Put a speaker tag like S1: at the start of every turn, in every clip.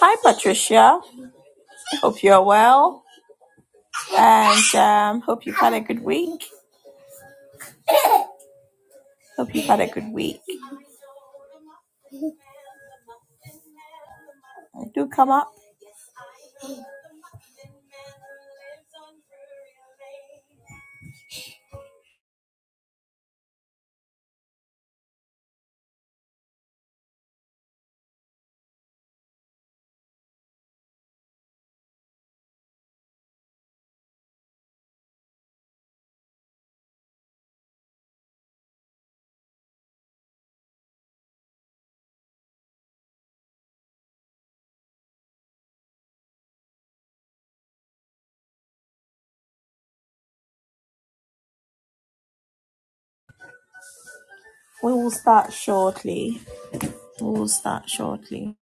S1: Hi, Patricia. Hope you're well and um, hope you've had a good week. Hope you've had a good week. Do come up. We will start shortly. We will start shortly.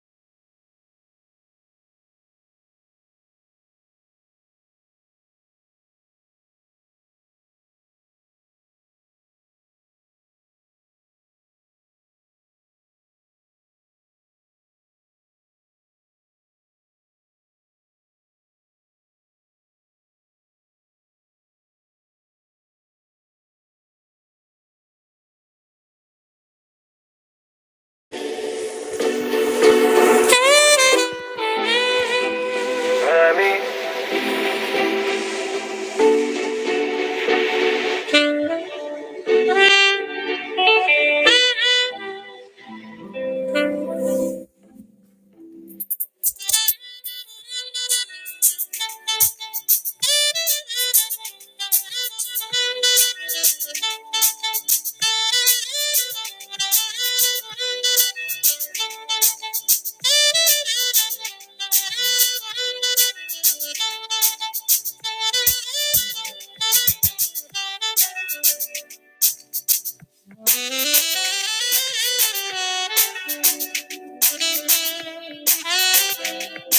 S1: Thank you.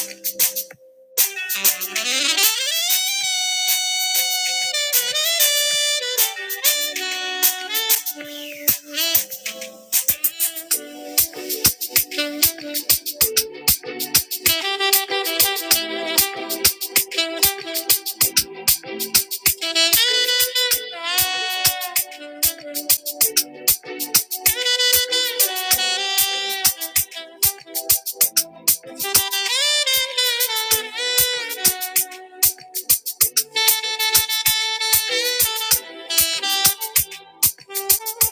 S1: Thank you.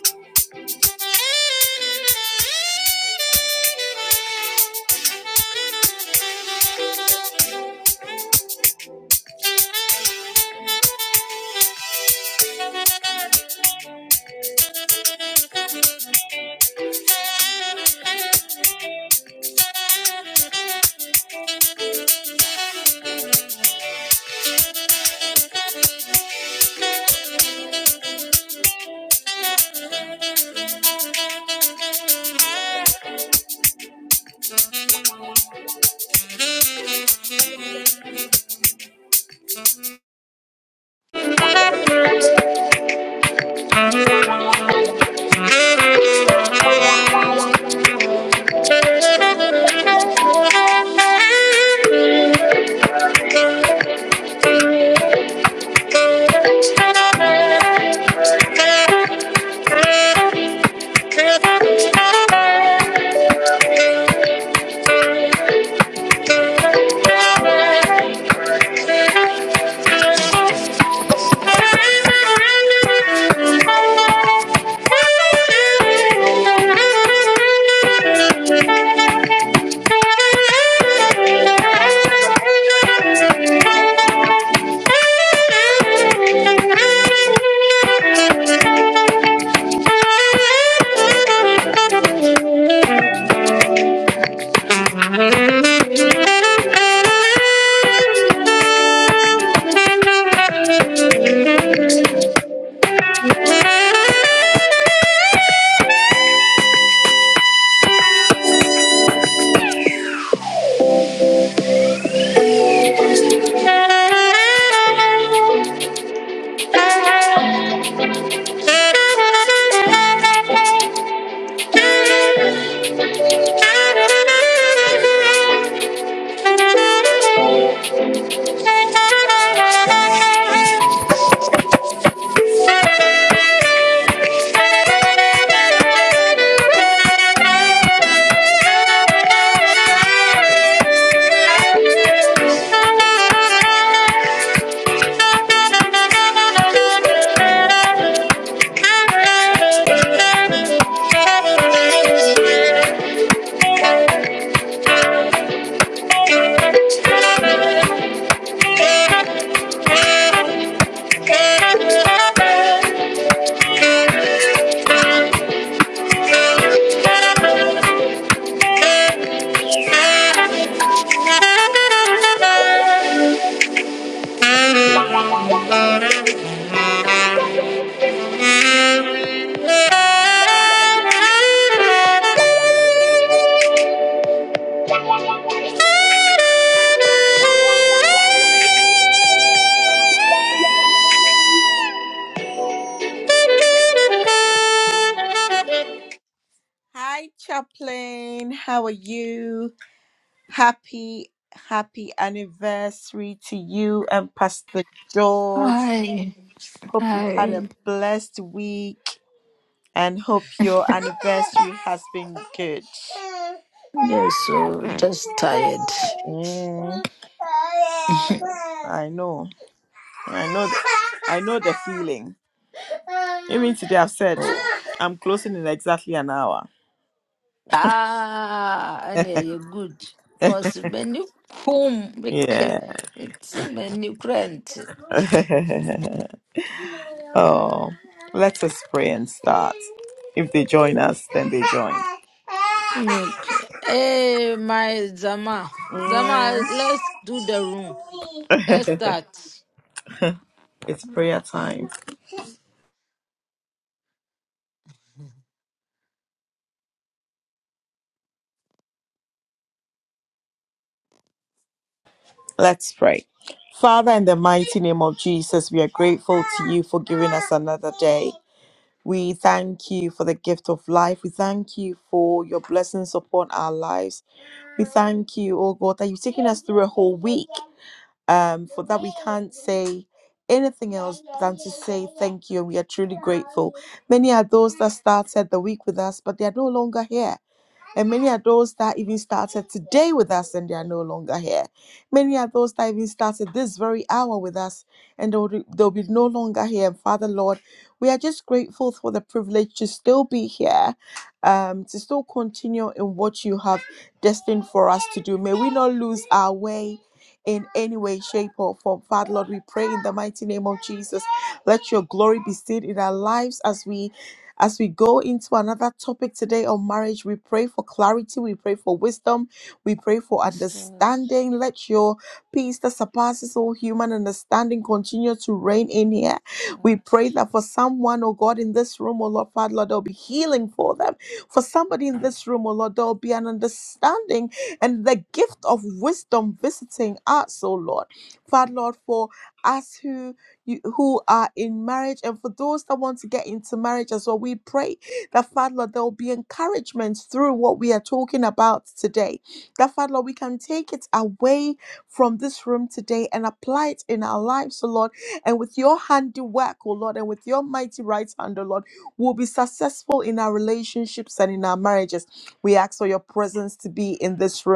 S1: Thank Thank you. Thank you. Thank you. Thank you. Thank you. Hi, Chaplain. How are you? Happy, happy anniversary to you and Pastor George.
S2: I
S1: Hope you've had a
S2: I
S1: blessed week and hope your anniversary has been good.
S2: yeah, so just tired.
S1: Mm, I know. I know. The, I know the feeling. Even today, I've said
S2: Oh
S1: I'm closing in exactly an hour.
S2: ah, and yeah, you're good. Cause many home make
S1: Yeah.
S2: it's many grant.
S1: Oh, let us pray and start. If they join us, then they join.
S2: Okay. Hey, my Zama, Zama,
S1: Mm.
S2: let's do the room. Let's start.
S1: it's prayer time. Let's pray. Father, in the mighty name of Jesus, we are
S2: Okay.
S1: grateful to you for giving us another day. We thank you for the gift of life. We thank you for your blessings upon our lives. We thank you, oh God, that you've taken us through a whole week. um, for that we can't say anything else than to say thank you and we are truly grateful many are those that started the week with us but they are no longer here and many are those that even started today with us and they are no longer here. Many are those that even started this very hour with us and they'll, they'll be no longer here. And Father, Lord, we are just grateful for the privilege to still be here, um, to still continue in what you have destined for us to do. May we not lose our way. In any way, shape, or form. Father, Lord, we pray in the mighty name of Jesus. Let your glory be seen in our lives as we as we go into another topic today on marriage, we pray for clarity, we pray for wisdom, we pray for
S2: Let's start.
S1: understanding. Let your peace that surpasses all human understanding continue to reign in here. We
S2: start.
S1: pray that for someone, oh God, in this room, oh Lord, Father, Lord, there'll be healing for them. For somebody in this room, oh Lord, there'll be an understanding and the gift of wisdom visiting us, oh Lord. Father, Lord, for us who you, who are in marriage and for those that want to get into marriage as well. We pray that, Father, Lord, there will be encouragement through what we are talking about today. That, Father, Lord, we can take it away from this room today and apply it in our lives, oh Lord. And with your handiwork, oh Lord, and with your mighty right hand, oh Lord, we'll be successful in our relationships and in our marriages. We ask for your presence to be in this room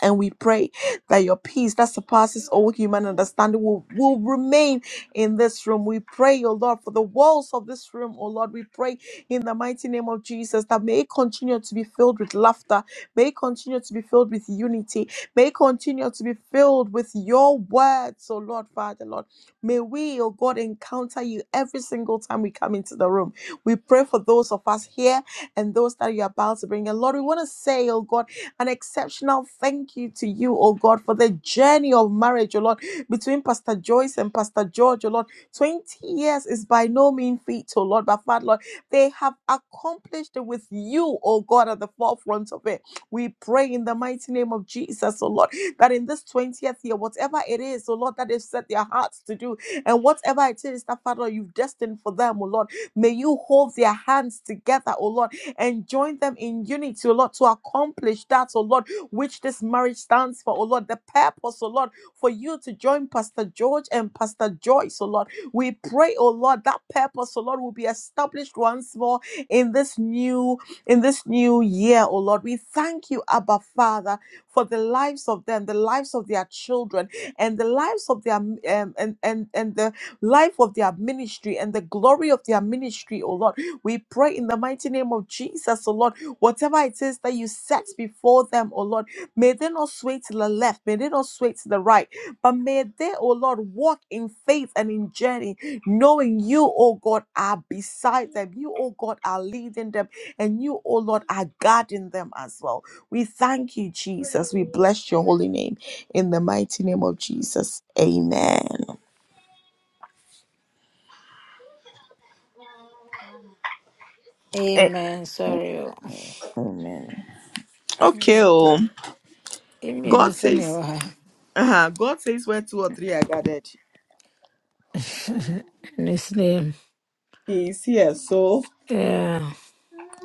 S1: and we pray that your peace that surpasses all human understanding will, will remain in this room. We pray, oh Lord, for the walls of this room, oh Lord. We pray in the mighty name of Jesus that may it continue to be filled with laughter, may it continue to be filled with unity, may it continue to be filled with your words, oh Lord, Father, Lord. May we, oh God, encounter you every single time we come into the room. We pray for those of us here and those that you're about to bring. And Lord, we want to say, oh God, an exceptional thank you to you, oh God, for the journey of marriage, oh Lord, between Pastor Joyce and Pastor George, oh Lord. 20 years is by no mean feat, oh Lord, but Father, Lord, they have accomplished it with you, oh God, at the forefront of it. We pray in the mighty name of Jesus, oh Lord, that in this 20th year, whatever it is, oh Lord, that they've set their hearts to do, and whatever it is that, Father, you've destined for them, oh Lord, may you hold their hands together, oh Lord and join them in unity, oh Lord, to accomplish that, oh Lord, which this marriage stands for, oh Lord, the purpose, oh Lord, for you to join Pastor George and Pastor Joyce, oh Lord. We pray, oh Lord, that purpose, oh Lord, will be established once more in this new, in this new year, oh Lord. We thank you, Abba Father, for the lives of them, the lives of their children, and the lives of their um, and and and the life of their ministry and the glory of their ministry, oh Lord. We pray in the mighty name of Jesus, oh Lord, whatever it is that you set before them, oh Lord, may they not sway to the left, may they not sway to the right, but may they, oh Lord, walk in faith and in journey, knowing you, oh God, are beside them, you, oh God, are leading them, and you, oh Lord, are guarding them as well. We thank you, Jesus. We bless your holy name in the mighty name of Jesus. Amen.
S2: Amen. Sorry. oh.
S1: Amen. Okay,
S2: Mm, the-
S1: oh, God
S2: Amen. funny,
S1: says,
S2: oh,
S1: uh-huh, God says where two or three are gathered,
S2: In His name.
S1: He is here. So
S2: Yeah.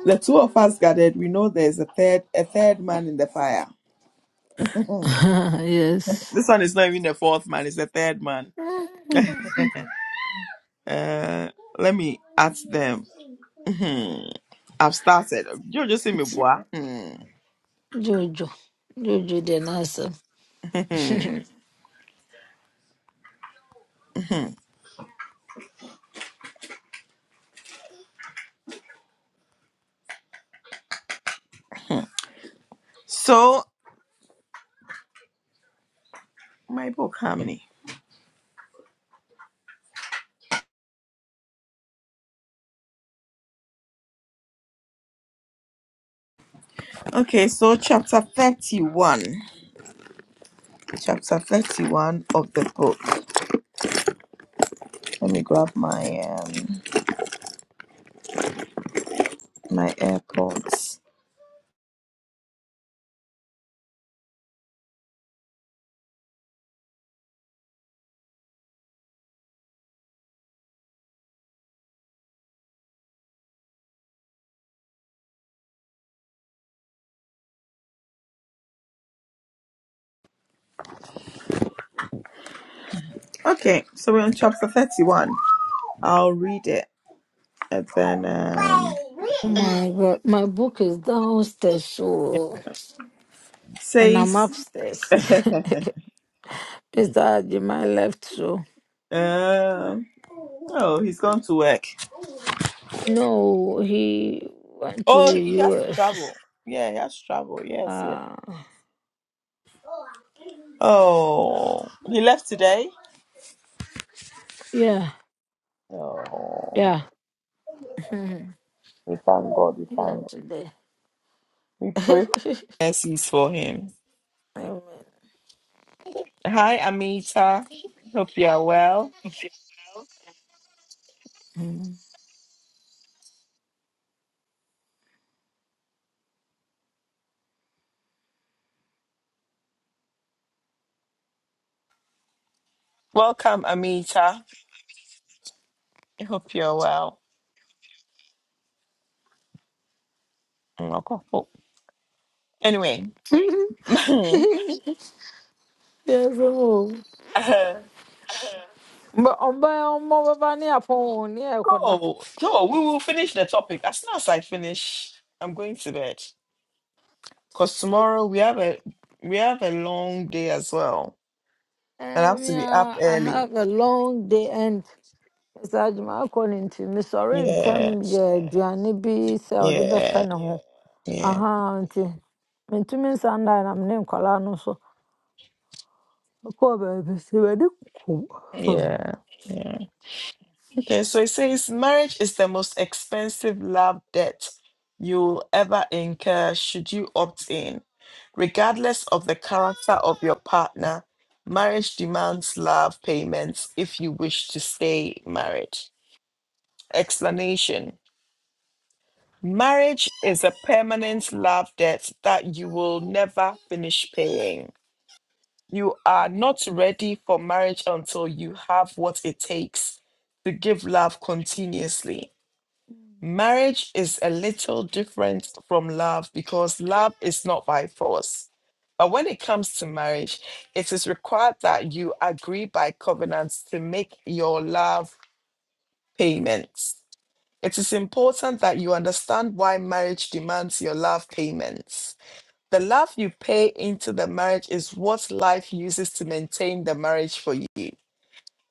S1: the two of us gathered, we know there's a third, a third man in the fire.
S2: yes.
S1: This one is not even the fourth man; it's the third man. Uh, let me ask them. Mhm. I've started. You just see me, boy. Mhm.
S2: Jojo. Jojo the nurse.
S1: Mhm. so my book, how many? Okay, so chapter thirty-one, chapter thirty-one of the book. Let me grab my um. my AirPods. Okay, so we're on chapter 31. I'll read it and then um
S2: oh my god. My book is downstairs so and I'm
S1: says
S2: upstairs. Mr. Jemai left so
S1: um oh he's gone to work.
S2: no, he went to
S1: Oh
S2: the
S1: he has to
S2: US.
S1: travel. Yeah, he has to travel, yes, yes.
S2: Uh
S1: Oh he left today.
S2: yeah, yeah. Mhm. he left today. Amen.
S1: Well, welcome Amita. I hope you're well. Anyway,
S2: Mm.
S1: uh,
S2: yes, But on by on mobile bunny upon near Koda.
S1: go go, we will finish the topic. As soon as I finish, I'm going to bed. Because tomorrow we have a we have a long day as well. And I have
S2: Um,
S1: to be up
S2: yeah, I
S1: early.
S2: have a long day and it's a jama to me. Sorry, and tell
S1: Yeah.
S2: me, yeah, Johnny B. Sell the best
S1: Yeah.
S2: channel.
S1: Yeah.
S2: Aha, auntie. And to me, Sunday, I'm named Colano, so I call baby. See where the cool.
S1: Yeah. Yeah. Okay, so it says marriage is the most expensive love debt you'll ever incur should you opt in. Regardless of the character of your partner, marriage demands love payments if you wish to stay married. Explanation. Marriage is a permanent love debt that you will never finish paying. You are not ready for marriage until you have what it takes to give love continuously. Love.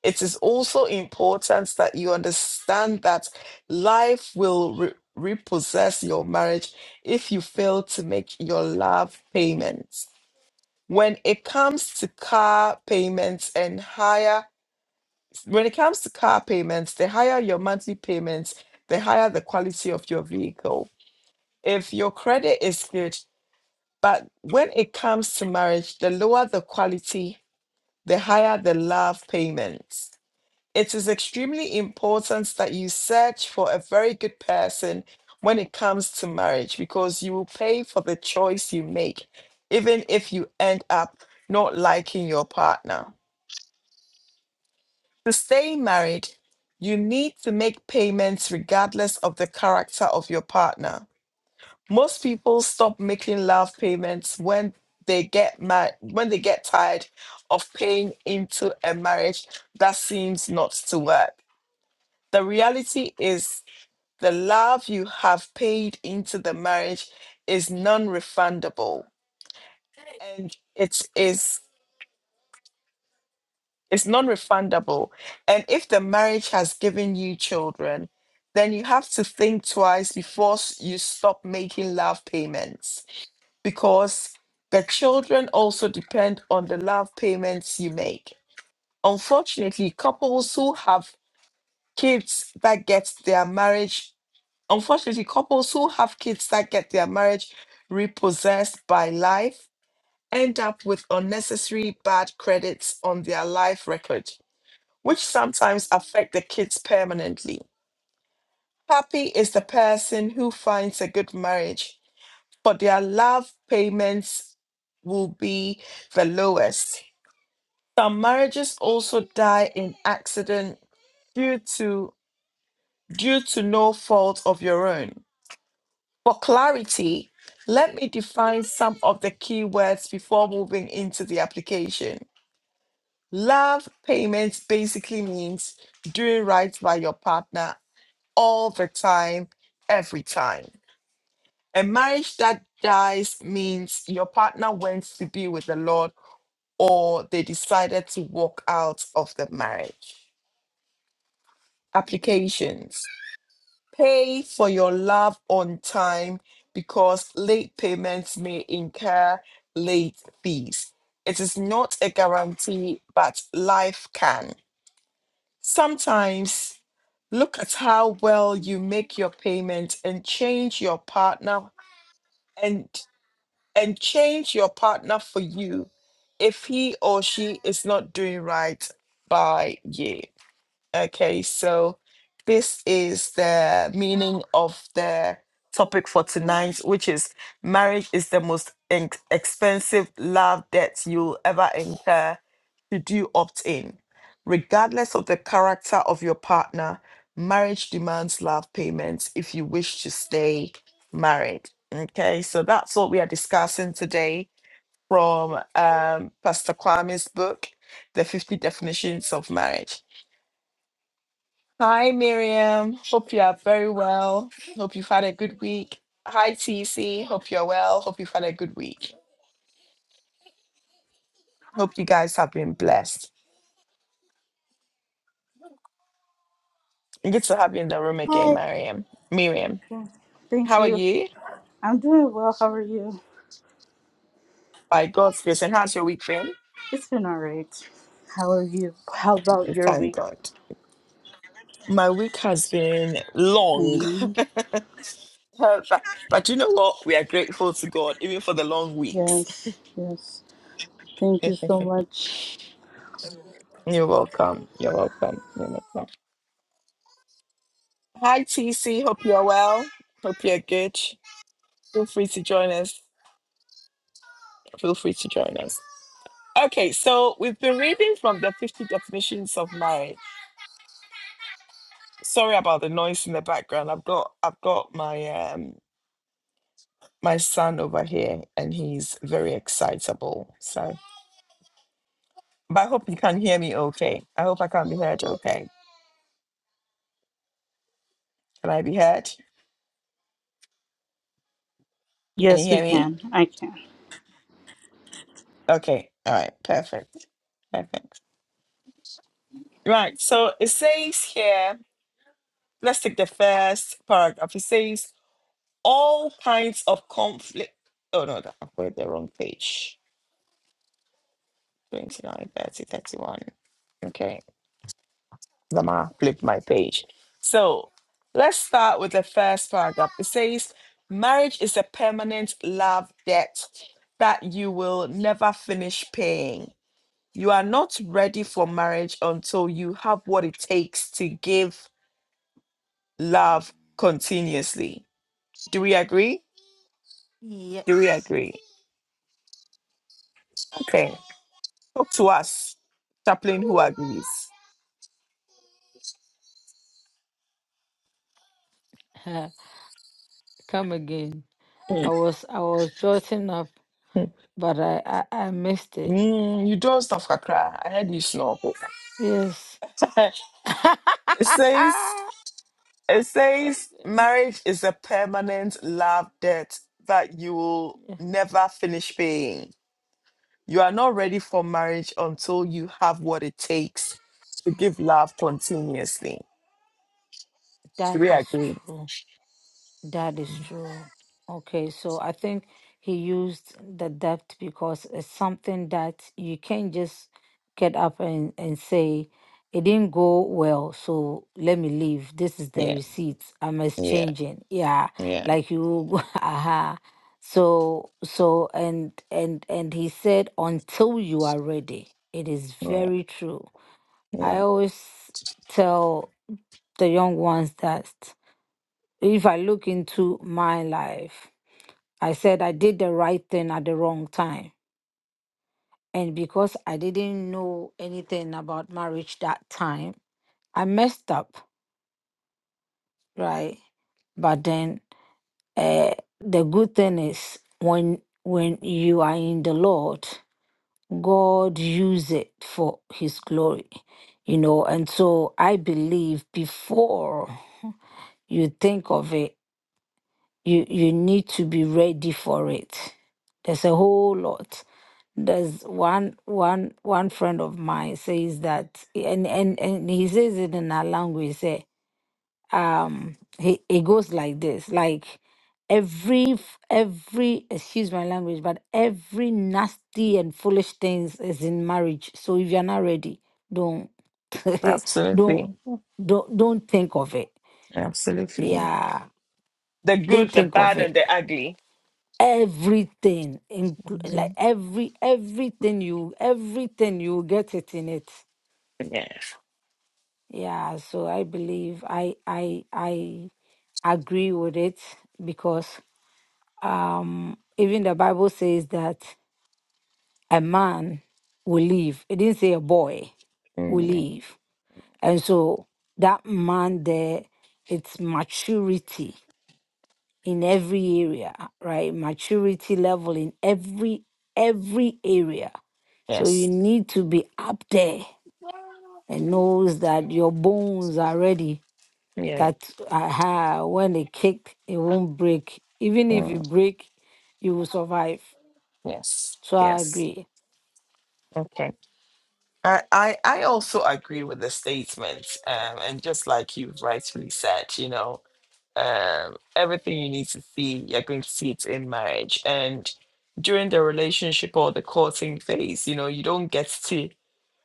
S1: It is also important that you understand that life will re- repossess your marriage if you fail to make your love payments. When it comes to car payments and higher when it comes to car payments, the higher your monthly payments, the higher the quality of your vehicle. If your credit is good, but when it comes to marriage, the lower the quality, the higher the love payments. It is extremely important that you search for a very good person when it comes to marriage because you will pay for the choice you make, even if you end up not liking your partner. To stay married, you need to make payments regardless of the character of your partner. Most people stop making love payments when they get mad when they get tired of paying into a marriage that seems not to work. The reality is the love you have paid into the marriage is non-refundable and it is It's non refundable. And if the marriage has given you children, then you have to think twice before s- you stop making love payments because the children also depend on the love payments you make. Unfortunately, couples who have kids that get their marriage, unfortunately, couples who have kids that get their marriage repossessed by life end up with unnecessary bad credits on their life record which sometimes affect the kids permanently. Happy is the person who finds a good marriage, for their love payments will be the lowest. Some marriages also die in accident due to due to no fault of your own. For clarity, let me define some of the key words before moving into the application. Love payments basically means doing right by your partner all the time, every time. A marriage that dies means your partner went to be with the Lord or they decided to walk out of the marriage. Applications Pay for your love on time because late payments may incur late fees. It is not a guarantee, but life can. Sometimes Look at how well you make your payment and change your partner and and change your partner for you if he or she is not doing right by you Okay, so this is the meaning of the topic for tonight, which is marriage is the most en- expensive love debt you'll ever incur should you opt in. Regardless of the character of your partner, marriage demands love payments if you wish to stay married. Okay, so that's what we are discussing today from um, Pastor Kwame's book, The 50 Definitions of Marriage. Hi, Miriam. Hope you are very well. Hope you've had a good week. Hi, TC. Hope you're well. Hope you've had a good week. Hope you guys have been blessed. And Good to have you in the room again,
S3: Hi,
S1: Miriam. Miriam,
S3: thank
S1: how are
S3: you.
S1: you?
S3: I'm doing well. How are you?
S1: By God's grace. And how's your week been?
S3: It's been all right. How are you? How about
S1: We
S3: your
S1: Thank
S3: week?
S1: God. My week has been long,
S3: Mhm.
S1: but, but you know what? We are grateful to God, even for the long weeks.
S3: Yes, yes. Thank you so much.
S1: You're welcome. You're welcome. You're welcome. Hi, TC. Hope you're well. Hope you're good. Feel free to join us. Feel free to join us. Okay, so we've been reading from the 50 definitions of marriage. Sorry about the noise in the background. I've got I've got my um my son over here and he's very excitable. So but I hope you can hear me okay. I hope I can be heard okay. Can I be heard? Can you
S3: Yes, we
S1: hear me?
S3: can. I can.
S1: Okay. All right. Perfect. Perfect. Right. So it says here, let's take the first paragraph. It says all kinds of conflict. Oh no, that- I put the wrong page. Twenty nine, thirty, thirty one. 30, 31. Okay. Zama flipped my page. So let's start with the first paragraph. It says, marriage is a permanent love debt that you will never finish paying. You are not ready for marriage until you have what it takes to give love continuously. Do we agree? Do we
S2: Yes.
S1: agree? Okay. Talk to us, chaplain who agrees.
S2: Uh, Come again. I
S1: Mm,
S2: was I was jotting up,
S1: mm,
S2: but I I, I missed it.
S1: mm, you don't stuff kakra. I heard you snore.
S2: Yes.
S1: It says it says marriage is a permanent love debt that you will
S2: yeah.
S1: never finish paying. You are not ready for marriage until you have what it takes to give love continuously. Do
S2: That
S1: we
S2: is
S1: agree?
S2: true. That is true. Okay, so I think he used the depth because it's something that you can't just get up and, and say, it didn't go well, so let me leave. This is the receipt. I'm exchanging. Yeah, like you, aha. So, so, and, and, and he said, until you are ready. It is very true. I always tell the young ones that. If I look into my life, I said I did the right thing at the wrong time. And because I didn't know anything about marriage that time, I messed up, right? But then uh, the good thing is when when you are in the Lord, God use it for his glory. You know, and so I believe before you think of it, you you need to be ready for it there's a whole lot there's one one one friend of mine says that and and and he says it in our language he say um he it goes like this like every f- every excuse my language but every nasty and foolish things is in marriage so if you're not ready don't don't
S1: Absolutely.
S2: don't don't think of it
S1: Absolutely.
S2: yeah
S1: The good,
S2: don't
S1: the
S2: think of
S1: bad, and
S2: it
S1: the ugly.
S2: everything inclu- like
S1: Mhm.
S2: every everything you everything you get it in it
S1: Yes.
S2: yeah so i believe i i i agree with it because um even the bible says that a man will leave it didn't say a boy will leave and so that man there it's maturity in every area, right? Maturity level in every every area. So you need to be up there and knows that your bones are ready. That aha, when they kick, it won't break. Even if you break, you will survive.
S1: Yes.
S2: So I
S1: Yes.
S2: agree.
S1: Okay. I, I I also agree with the statement, um, and just like you've rightfully said, you know, um, everything you need to see, you're going to see it in marriage, and during the relationship or the courting phase, you know, you don't get to,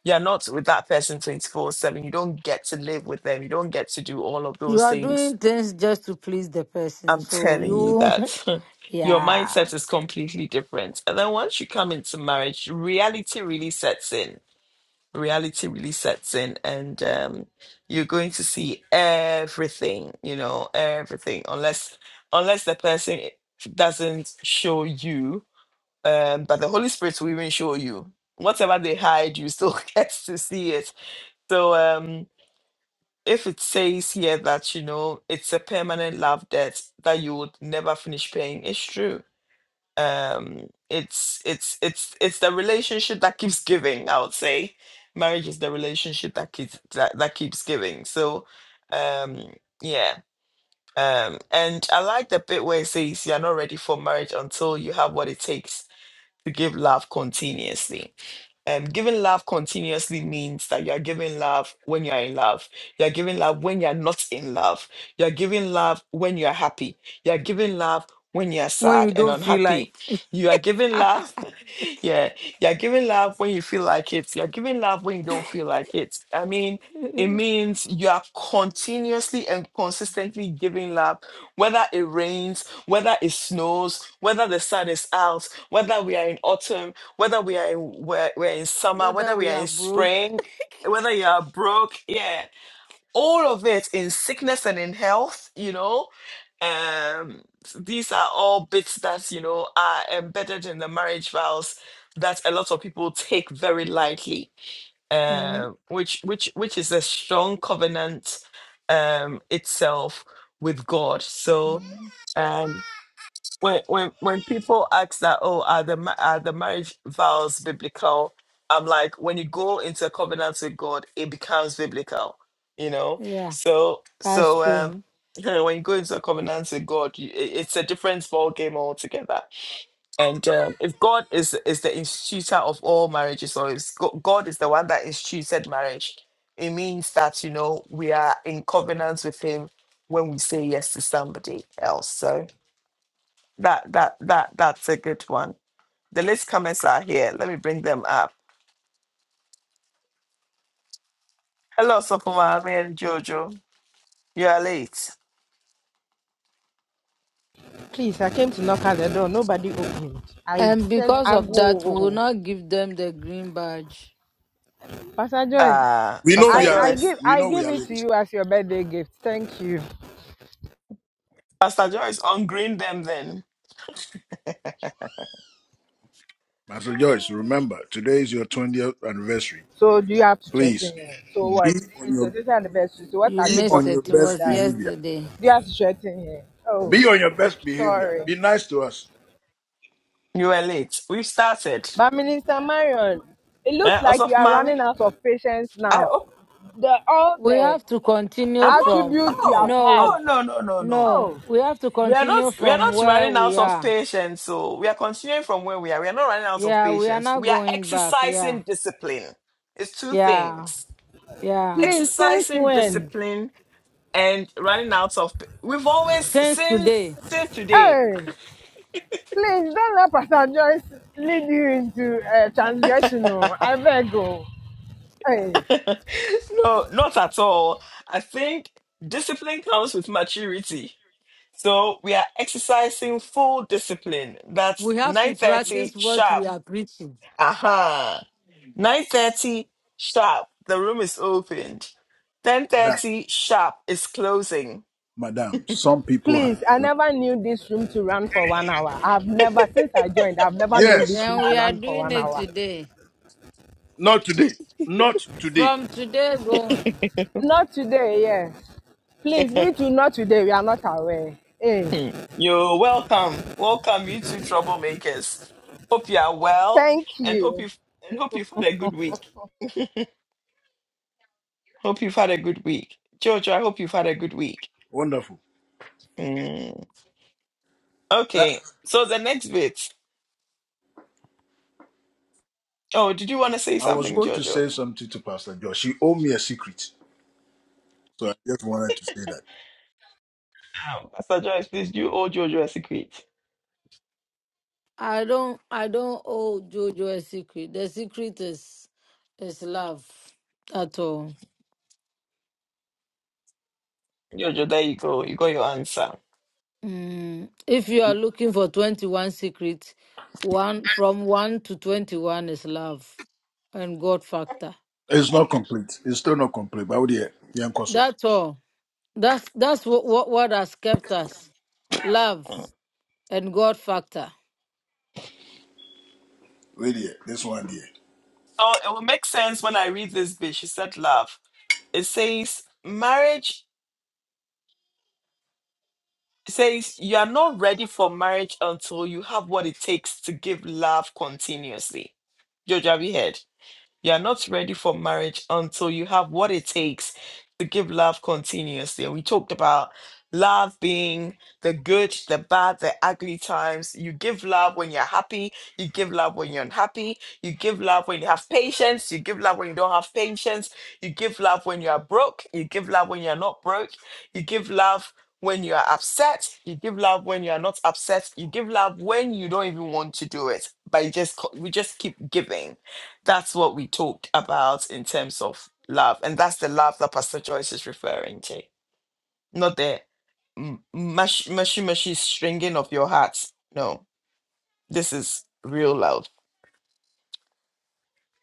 S1: you're not with that person twenty four seven. You don't get to live with them. You don't get to do all of
S2: You
S1: those
S2: are
S1: things.
S2: doing things just to please the person.
S1: I'm
S2: So
S1: telling you
S2: you,
S1: that your
S2: yeah,
S1: mindset is completely different, and then once you come into marriage, reality really sets in reality really sets in and um you're going to see everything you know everything unless unless the person doesn't show you um but the holy spirit will even show you whatever they hide you still get to see it so um if it says here that you know it's a permanent love debt that you would never finish paying it's true um it's it's it's it's the relationship that keeps giving i would say marriage is the relationship that keeps that, that keeps giving so um yeah um and i like the bit where it says you're not ready for marriage until you have what it takes to give love continuously um, giving love continuously means that you are giving love when you are in love. You are giving love when you are not in love. You are giving love when you are happy. You are giving love when you are
S2: when
S1: sad
S2: you
S1: and
S2: don't feel
S1: unhappy.
S2: like
S1: You are giving love. yeah. You are giving love when you feel like it. You are giving love when you don't feel like it. I mean, it means you are continuously and consistently giving love, whether it rains, whether it snows, whether the sun is out, whether we are in autumn, whether we are in we're, we're in summer,
S2: whether
S1: whether we
S2: we
S1: are
S2: are
S1: in
S2: broke.
S1: spring, whether you are broke, yeah, all of it in sickness and in health, you know. Um, these are all bits that you know are embedded in the marriage vows that a lot of people take very lightly.
S2: Mhm.
S1: Um, which which which is a strong covenant um itself with God. So.
S2: mm
S1: um, when when when people ask that oh are the ma- are the marriage vows biblical i'm like when you go into a covenant with god it becomes biblical you know
S2: Yeah,
S1: so
S2: that's
S1: so
S2: true.
S1: um yeah, when you go into a covenant with god you, i- it's a different ball game altogether and um, if god is is the instituter of all marriages or is Go- god is the one that instituted marriage it means that you know we are in covenant with him when we say yes to somebody else so that that that that's a good one. The list comments are here. Let me bring them up. Hello, Sopumami and Jojo. You are late.
S4: Please, I came to knock at the door. Nobody opened. I
S2: And
S4: said,
S2: because
S4: I
S2: of that, we will
S4: go.
S2: not give them the green badge.
S4: Pastor Joyce,
S1: Uh
S5: We know
S1: Pastor
S5: we
S4: I,
S5: are
S4: I
S5: late.
S1: Joyce.
S4: give
S5: We
S4: I
S5: know we
S4: give
S5: are
S4: it to
S5: late.
S4: you as your birthday gift. Thank you.
S1: Pastor Joyce, ungreen them then.
S5: Pastor Joyce, remember, today is your 20th anniversary.
S4: So do you have to threaten
S5: Please
S4: here? So
S5: be
S4: what?
S5: on
S4: It's your
S5: your
S4: sister anniversary. So what
S2: You
S4: has
S5: be
S4: it
S2: missed
S4: got
S5: on
S4: to
S5: your
S2: it. It
S4: do with
S5: best
S2: was
S4: that?
S5: behavior.
S2: yesterday.
S4: Do you have to threaten here? Oh,
S5: Be on your best behavior.
S4: sorry.
S5: Be nice to us.
S1: You are late. We've started.
S4: But Minister Marion, it looks
S1: Uh,
S4: like you are
S1: Osofumami,
S4: running out of patience
S1: I
S4: now.
S1: op-
S4: The all
S2: We
S4: the
S2: have to continue
S1: I'm not
S2: from.
S4: attributes you have
S1: oh
S4: had.
S2: No,
S1: oh no no no no.
S2: no.
S4: Oh,
S2: We have to
S1: We are not
S2: continue
S1: we are
S2: from
S1: not
S2: where
S1: running out
S2: we
S1: of
S2: are.
S1: patience, so we are continuing from where we are. We are not running out of
S2: Yeah, we are
S1: patience.
S2: not
S1: We are
S2: going back. Yeah,
S1: exercising discipline. It's two
S2: yeah,
S1: things.
S2: yeah.
S4: please, since
S1: Exercising
S4: when?
S1: discipline and running out of p- we've always
S2: Since
S1: since
S2: today,
S1: since today
S4: Hey. Please don't let Pastor Joyce lead you into uh, transgression. oh. I beg you. Hey,
S1: no not at all i think discipline comes with maturity so we are exercising full discipline that's
S2: we have to
S1: 9.30
S2: practice what
S1: sharp
S2: we are preaching.
S1: aha 9.30 sharp the room is opened
S5: Madam,
S1: 10.30 sharp is closing
S5: madam some people have
S4: please, I
S5: work.
S4: never knew this room to run for one hour. I've never, since I joined, I've never known this
S5: Yes.
S2: Then
S4: room to
S2: we are
S4: run for
S2: doing
S4: one
S2: it
S4: hour.
S2: today.
S5: Not today. Not today.
S2: From today going.
S4: Not today, yeah. Please, we do not today. We are not aware. Hey,
S1: Hmm. You're welcome. Welcome, you two troublemakers. Hope you are well
S4: thank
S1: and hope
S4: you.
S1: you've and hope you've had a good week. Hope you've had a good week. Jojo, I hope you've had a good week.
S5: Wonderful.
S1: Hmm.
S5: I,
S1: Okay. So the next bit. Oh, did you want to say
S5: I was
S1: something,
S5: going to
S1: Jojo?
S5: say something to Pastor Joyce. She owed me a secret. So I just wanted to say that.
S1: Oh, Pastor Joyce, please do owe Jojo a secret.
S2: I don't I don't owe Jojo a secret. The secret is is love at all.
S1: Jojo, there you go. You got your answer.
S2: Mm. If you are looking for twenty one secrets, one from one to twenty one is love and God factor.
S5: It's not complete. It's still not complete. But oh dear, young Koso.
S2: That's all. That's that's what what, what has kept us. Love and God factor.
S5: Wait here. This one here.
S1: So it will make sense when I read this bit. She said love. It says marriage It says you are not ready for marriage until you have what it takes to give love continuously. Georgia, have you heard? You are not ready for marriage until you have what it takes to give love continuously. And we talked about love being the good, the bad, the ugly times. You give love when you're happy, you give love when you're unhappy, you give love when you have patience, you give love when you don't have patience, you give love when you are broke, you give love when you're not broke, you give love when you are upset, you give love when you are not upset, you give love when you don't even want to do it, but you just co- we just keep giving. That's what we talked about in terms of love. And that's the love that Pastor Joyce is referring to. Not the mm, mush, mushy, mushy stringing of your heart. No, this is real love.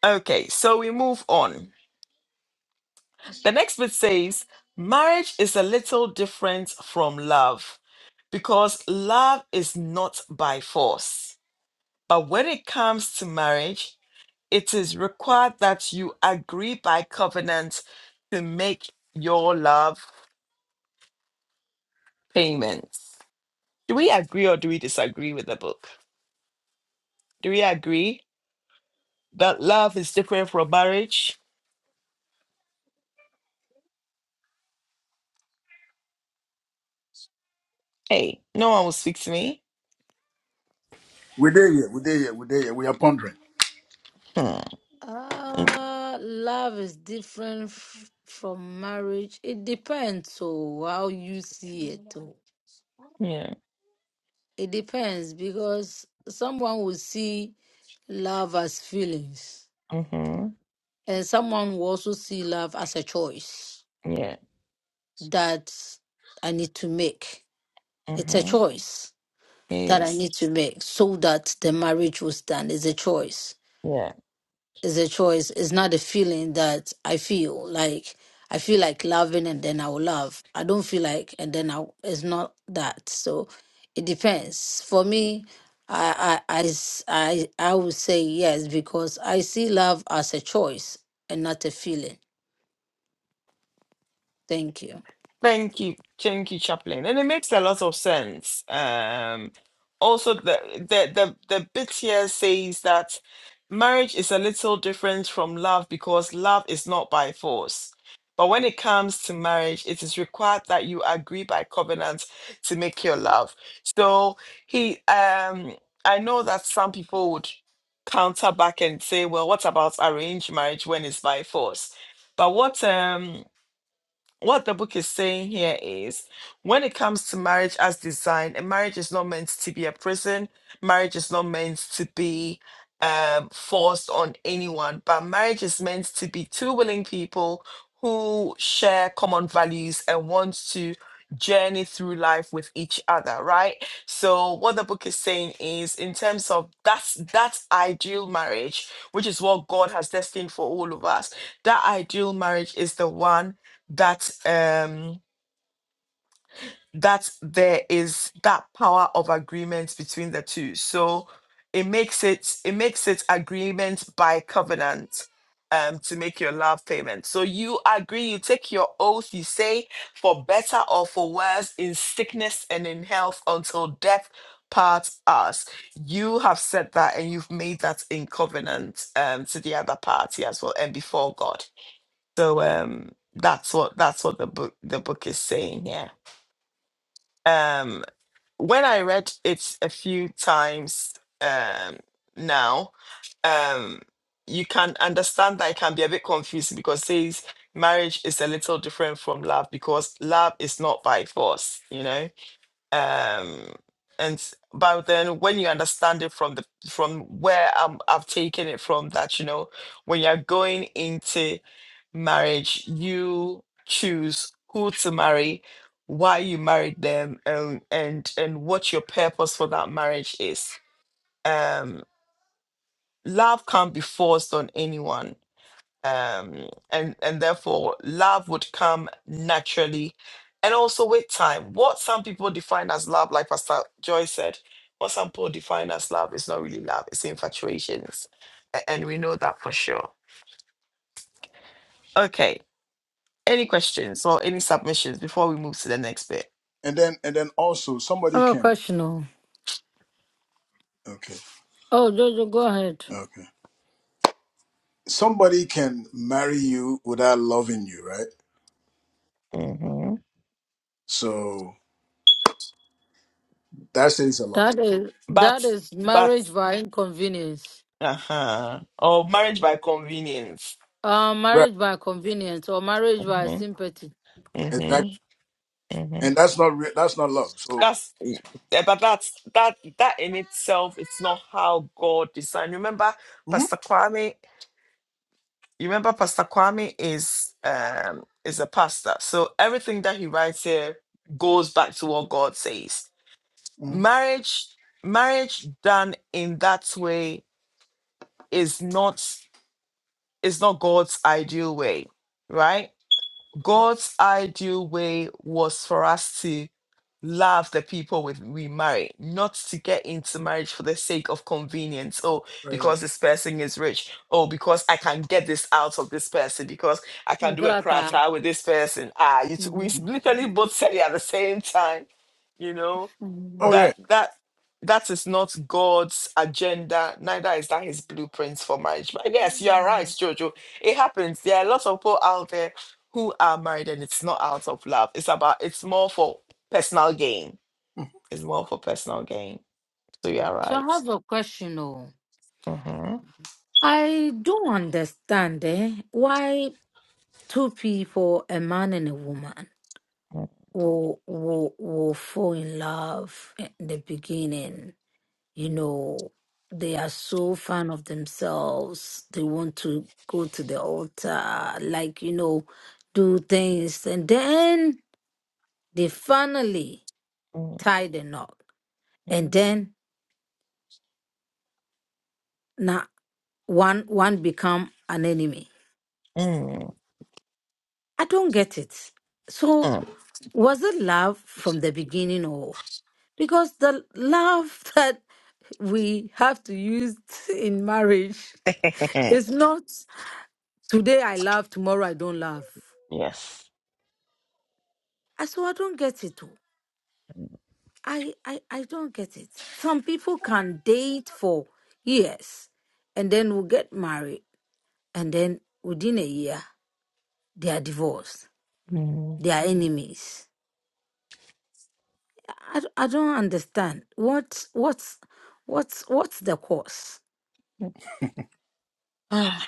S1: Okay, so we move on. The next bit says marriage is a little different from love because love is not by force. But when it comes to marriage, it is required that you agree by covenant to make your love payments. Do we agree or do we disagree with the book? Do we agree that love is different from marriage? Hey, no one will speak to me.
S5: We're there here. We're there here. We're there here. We are pondering.
S1: Hmm.
S2: Uh love is different f- from marriage. It depends on how you see it. oh.
S1: Yeah.
S2: It depends because someone will see love as feelings, and someone will also see love as a choice that I need to make. It's a choice that I need to make so that the marriage will stand. It's a choice. is a choice. It's not a feeling that I feel like I feel like loving and then I will love. I don't feel like and then I it's not that. So it depends. For me, I I I s- I, I would say yes because I see love as a choice and not a feeling. Thank you.
S1: Thank you, thank you, Chaplain. And it makes a lot of sense. Um, also, the, the the the bit here says that marriage is a little different from love because love is not by force. But when it comes to marriage, it is required that you agree by covenant to make your love. So he, um, I know that some people would counter back and say, "Well, what about arranged marriage when it's by force?" But what um what the book is saying here is when it comes to marriage as design, a marriage is not meant to be a prison, marriage is not meant to be um, forced on anyone, but marriage is meant to be two willing people who share common values and want to journey through life with each other right so what the book is saying is in terms of that's that ideal marriage which is what god has destined for all of us that ideal marriage is the one that um that there is that power of agreement between the two so it makes it it makes it agreement by covenant um to make your love payment so you agree you take your oath you say for better or for worse in sickness and in health until death parts us you have said that and you've made that in covenant um to the other party as well and before god so um, that's what that's what the book the book is saying here. Um, when I read it a few times um, now, um, you can understand that it can be a bit confusing because it says marriage is a little different from love because love is not by force, you know um and s- but then when you understand it from the from where I'm, i've taken it from that you know when you're going into marriage you choose who to marry why you married them and and and what your purpose for that marriage is um love can't be forced on anyone um, and and therefore love would come naturally and also with time what some people define as love like pastor joy said what some people define as love is not really love it's infatuations A- and we know that for sure okay any questions or any submissions before we move to the next bit
S5: And then and then also
S2: I
S5: somebody
S2: have a
S5: can
S2: question. Oh,
S5: okay.
S2: oh Jojo, go ahead.
S5: Okay. Somebody can marry you without loving you, right?
S1: Mhm.
S5: So that says a lot.
S2: That is that
S1: but
S2: is
S1: but
S2: marriage by inconvenience.
S1: uh-huh or marriage by convenience
S2: Uh,
S5: Right.
S2: marriage by convenience or marriage by
S1: hmm
S2: sympathy.
S5: Exactly.
S1: hmm
S5: And that's not re- that's not love. So
S1: that's eh, but that's that that in itself it's not how god designed remember
S5: Mhm.
S1: pastor kwame you remember pastor kwame is um is a pastor so everything that he writes here goes back to what god says
S5: Mhm.
S1: marriage marriage done in that way is not is not god's ideal way right god's ideal way was for us to. love the people with we marry, not to get into marriage for the sake of convenience. Oh,
S5: Right, right.
S1: because this person is rich. Oh, because I can get this out of this person. Because I can do a crash
S2: Grata.
S1: out with this person. Ah, you t- we
S2: hmm
S1: literally both said it at the same time. You know,
S5: Oh
S2: Um,
S5: yeah.
S1: that that that is not God's agenda, neither is that his blueprints for marriage. But yes, you are right,
S2: Mm.
S1: Jojo. It happens. There are lots of people out there who are married and it's not out of love. It's about it's more for personal gain. It's more for personal gain. So you are
S2: So I
S1: right.
S2: have a question. Oh,
S1: Mhm.
S2: I don't understand eh, why two people, a man and a woman, will, will, will fall in love in the beginning. You know, they are so fan of themselves. They want to go to the altar, like, you know, do things. And then they finally tie the knot. And then, now one one become an enemy. I don't get it. So was it love from the beginning or because the love that we have to use in marriage is not today I love, tomorrow I don't love. I so I don't get it. oh. I, I I don't get it. Some people can date for years and then will get married and then within a year they are divorced. They are enemies. I, d- I don't understand. What's what's what's what's the cause?
S1: I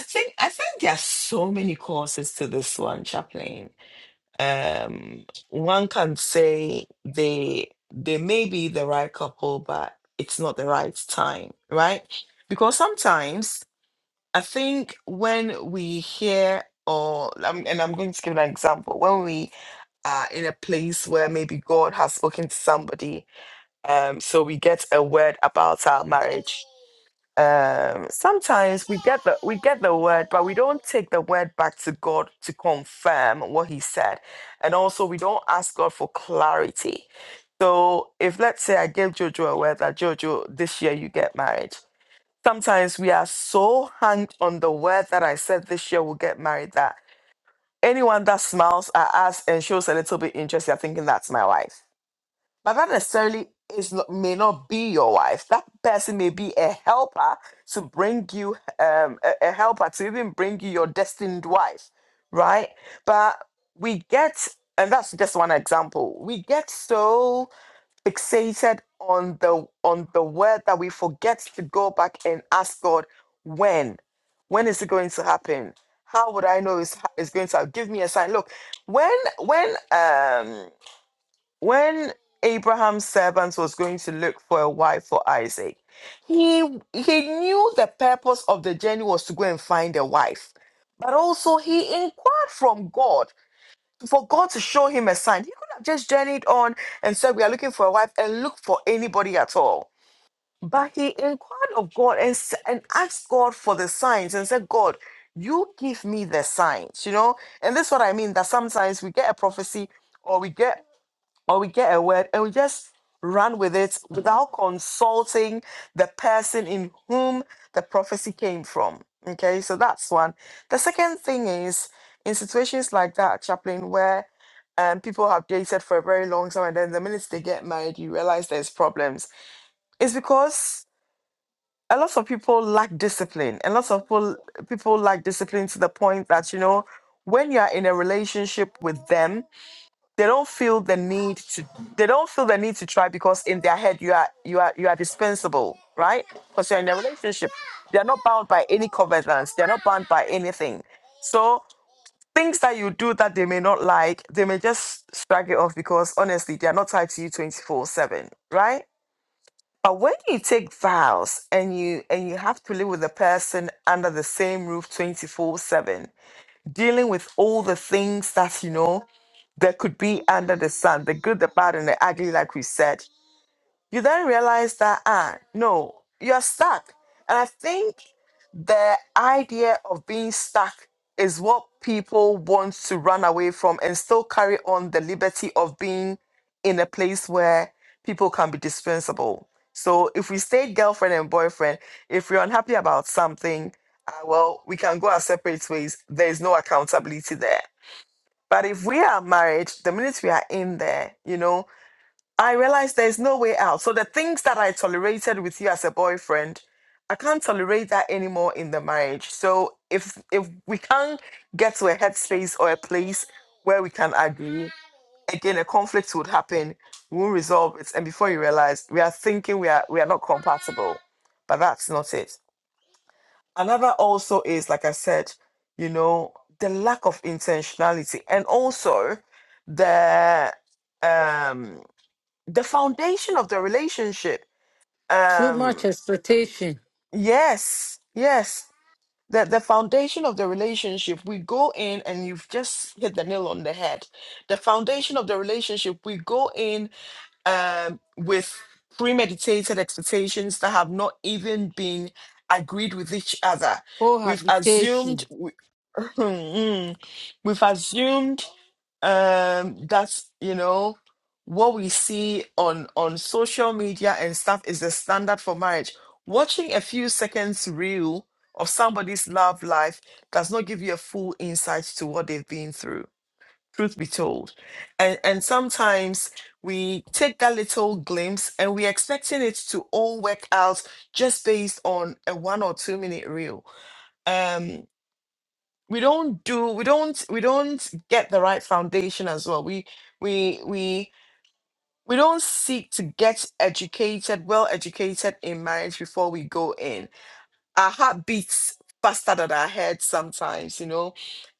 S1: think I think there are so many causes to this one, Chaplain. um one can say they they may be the right couple but it's not the right time right because sometimes i think when we hear or um, and i'm going to give an example when we are in a place where maybe god has spoken to somebody um so we get a word about our marriage um sometimes we get the we get the word but we don't take the word back to god to confirm what he said and also we don't ask god for clarity so if let's say i gave jojo a word that jojo this year you get married sometimes we are so hung on the word that i said this year we'll get married that anyone that smiles at us and shows a little bit interest you're thinking that's my wife but that necessarily is not, may not be your wife. That person may be a helper to bring you um, a, a helper to even bring you your destined wife, right? But we get, and that's just one example. We get so fixated on the on the word that we forget to go back and ask God when, when is it going to happen? How would I know it's, it's going to happen? Give me a sign. Look, when when um when Abraham's servant was going to look for a wife for Isaac, he he knew the purpose of the journey was to go and find a wife. But also he inquired from God for God to show him a sign. He could have just journeyed on and said, We are looking for a wife and look for anybody at all. But he inquired of God and, s- and asked God for the signs and said, God, you give me the signs, you know? And this is what I mean that sometimes we get a prophecy or we get or we get a word and we just run with it without consulting the person in whom the prophecy came from. Okay, so that's one. The second thing is in situations like that, chaplain, where um, people have dated for a very long time and then the minute they get married, you realize there's problems. It's because a lot of people lack discipline, and lots of people people lack discipline to the point that you know when you are in a relationship with them they don't feel the need to they don't feel the need to try because in their head you are you are you are dispensable right because you're in a relationship they're not bound by any covenants they're not bound by anything so things that you do that they may not like they may just shrug it off because honestly they're not tied to you 24 7 right but when you take vows and you and you have to live with a person under the same roof 24 7 dealing with all the things that you know that could be under the sun, the good, the bad, and the ugly, like we said, you then realize that, ah, no, you're stuck. And I think the idea of being stuck is what people want to run away from and still carry on the liberty of being in a place where people can be dispensable. So if we stay girlfriend and boyfriend, if we're unhappy about something, uh, well, we can go our separate ways. There is no accountability there but if we are married, the minute we are in there, you know, I realize there's no way out. So the things that I tolerated with you as a boyfriend, I can't tolerate that anymore in the marriage. So if if we can't get to a headspace or a place where we can agree, again a conflict would happen. We won't resolve it. And before you realize, we are thinking we are we are not compatible. But that's not it another also is like i said you know the lack of intentionality and also the um the foundation of the relationship
S2: Too much
S1: um
S2: expectation,
S1: yes yes the the foundation of the relationship we go in and you've just hit the nail on the head the foundation of the relationship we go in um, with premeditated expectations that have not even been agreed with each other we've assumed
S2: cohabitation.
S1: we, we've assumed um that you know what we see on on social media and stuff is the standard for marriage watching a few seconds reel of somebody's love life does not give you a full insight to what they've been through truth be told and and sometimes we take that little glimpse and we're expecting it to all work out just based on a one or two minute reel Um, we don't do we don't we don't get the right foundation as well we we we we don't seek to get educated well educated in marriage before we go in our heart beats faster than our head sometimes you know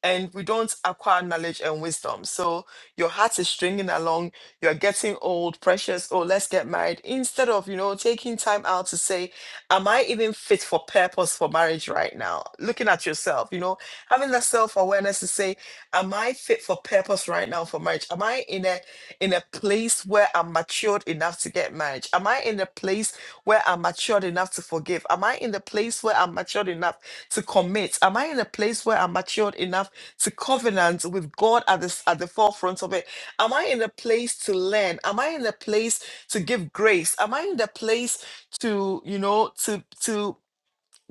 S1: and we don't acquire knowledge and wisdom so your heart is stringing along you're getting old precious oh let's get married instead of you know taking time out to say am I even fit for purpose for marriage right now? Looking at yourself, you know, having that self-awareness to say, am I fit for purpose right now for marriage? Am I in a in a place where I'm matured enough to get married? Am I in a place where I'm matured enough to forgive? Am I in the place where I'm matured enough to commit? Am I in a place where I'm matured enough to covenant with God at the at the forefront of it? Am I in a place to learn? Am I in a place to give grace? Am I in the place to you know to to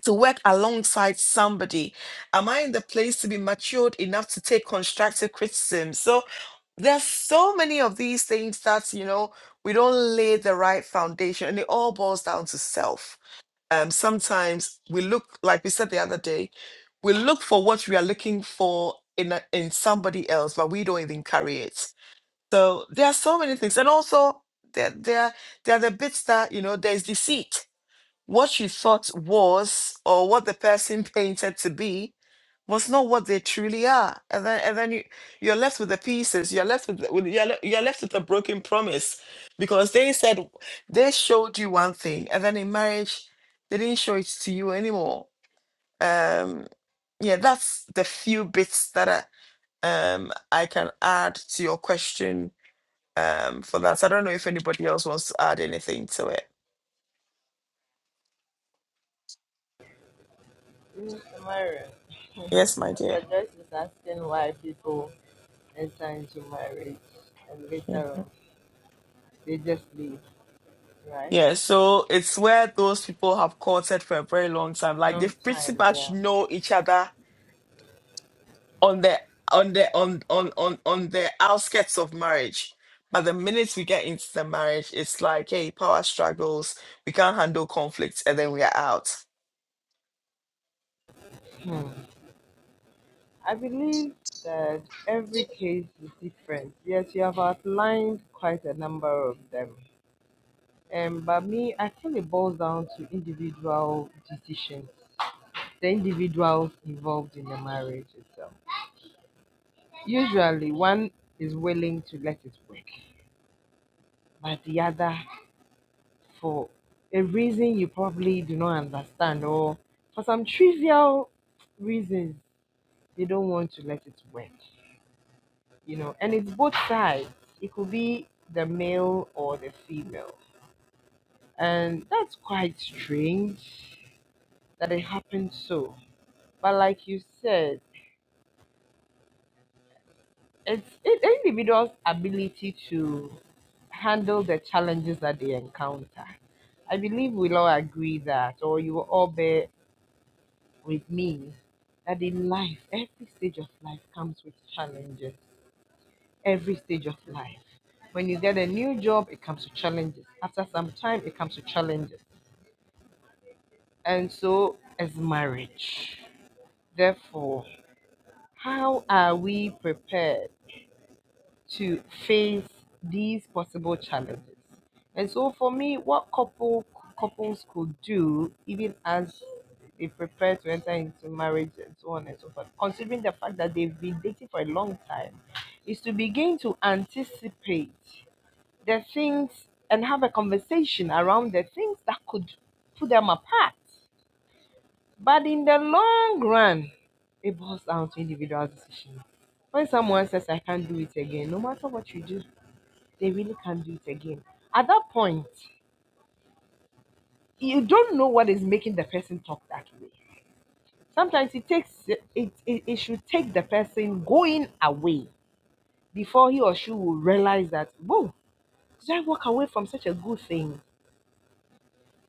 S1: to work alongside somebody am i in the place to be matured enough to take constructive criticism so there's so many of these things that you know we don't lay the right foundation and it all boils down to self um sometimes we look like we said the other day we look for what we are looking for in a, in somebody else but we don't even carry it so there are so many things and also there there there are the bits that you know there's deceit what you thought was, or what the person painted to be, was not what they truly are. And then, and then you, you're left with the pieces. You're left with, the- with you're, le- you're left with a broken promise, because they said they showed you one thing, and then in marriage, they didn't show it to you anymore. Um, yeah, that's the few bits that I, um I can add to your question um for that. So I don't know if anybody else wants to add anything to it. Yes, my dear.
S4: They just leave.
S1: Yeah, so it's where those people have courted for a very long time. Like they pretty much know each other on the on the on on on on the outskirts of marriage. But the minute we get into the marriage, it's like, hey, power struggles, we can't handle conflicts, and then we are out.
S4: I believe that every case is different. Yes, you have outlined quite a number of them. Um, but me, I think it boils down to individual decisions, the individuals involved in the marriage itself. Usually, one is willing to let it work, but the other, for a reason you probably do not understand, or for some trivial reasons, they don't want to let it work. You know, and it's both sides. It could be the male or the female, and that's quite strange. Away before he or she will realize that, whoa, Should I walk away from such a good thing?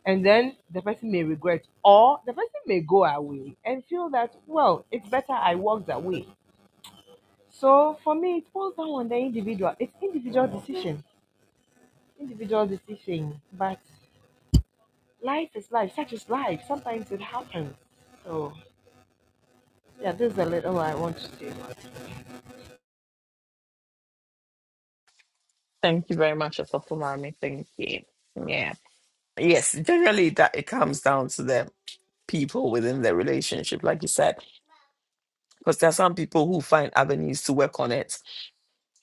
S4: And then the person may regret, or the person may go away and feel that, well, it's better I walked away. So for me, it falls down on the individual. It's individual decision, individual decision. But,
S1: Yes, generally that it comes down to the people within the relationship, like you said, because there are some people who find avenues to work on it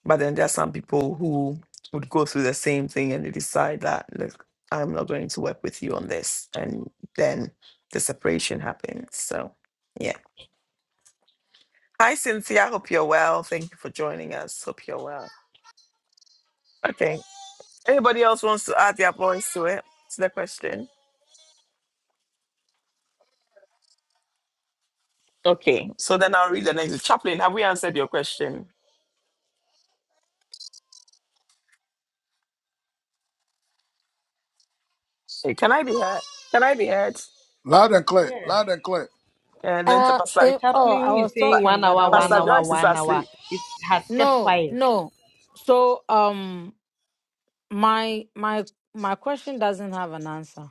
S1: But then there are some people who would go through the same thing and they decide that, look, I'm not going to work with you on this. And then the separation happens. So, yeah. Hi, Cynthia. Hope you're well. Thank you for joining us. Hope you're well. Okay. Anybody else wants to add their voice to it, to the question? Okay. So then I'll read the next. Chaplain, have we answered your question? Hey, can I be heard? Can I be heard?
S5: Mm-hmm. Loud and clear. Loud and clear.
S1: And then to
S2: Uh,
S1: Pastor,
S2: eh, oh, I was
S1: Pa-
S2: talking, but I
S4: our
S2: was
S1: Pastor
S2: um
S1: Joyce is asleep.
S2: no no. So um my my my question doesn't have an answer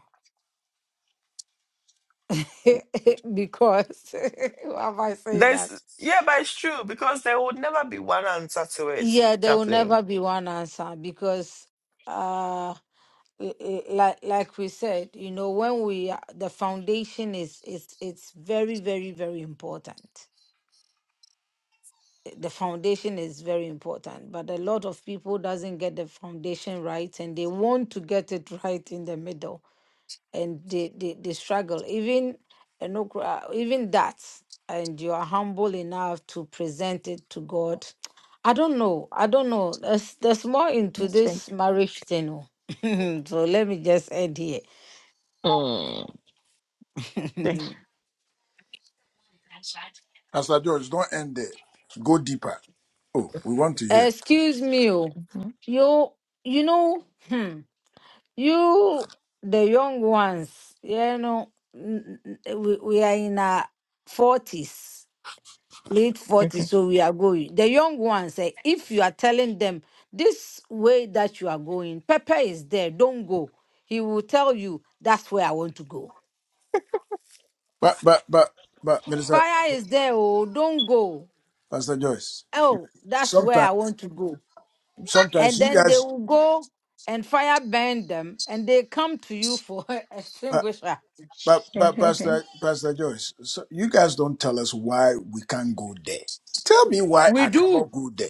S2: because why am I saying that?
S1: There's yeah, but it's true because there would never be one answer to it,
S2: Yeah, there will
S1: Chaplain.
S2: never be one answer because uh l- l- like like we said you know when we are- the foundation is is it's very very very important Eh, the foundation is very important but a lot of people doesn't get the foundation right and they want to get it right in the middle and they they, they struggle even eh, no cra- even that and you are humble enough to present it to god i don't know i don't know there's there's more into this marriage thing oh. so let me just end here
S1: Think-
S5: Pastor George, don't end there. Go deeper. Oh, we want to hear.
S2: Excuse me. oh. You, you know, hmm, you, the young ones, you know, n- n- we, we are in our 40s, late 40s, so we are going. The young ones, eh, if you are telling them this way that you are going, Pepper is there, don't go. He will tell you, that's where I want to go.
S5: But but but but Minister
S2: Fire is there, oh, don't go.
S5: Pastor Joyce,
S2: Oh, that's where I
S5: sometimes
S2: want to go.
S5: sometimes
S2: and
S5: you
S2: then they
S5: guys
S2: will go and fire burn them and they come to you for
S5: uh,
S2: extinguisher.
S5: But but Pastor Pastor Joyce, so you guys don't tell us why we can't go there. Tell me why
S2: We
S5: I cannot
S2: do.
S5: go there.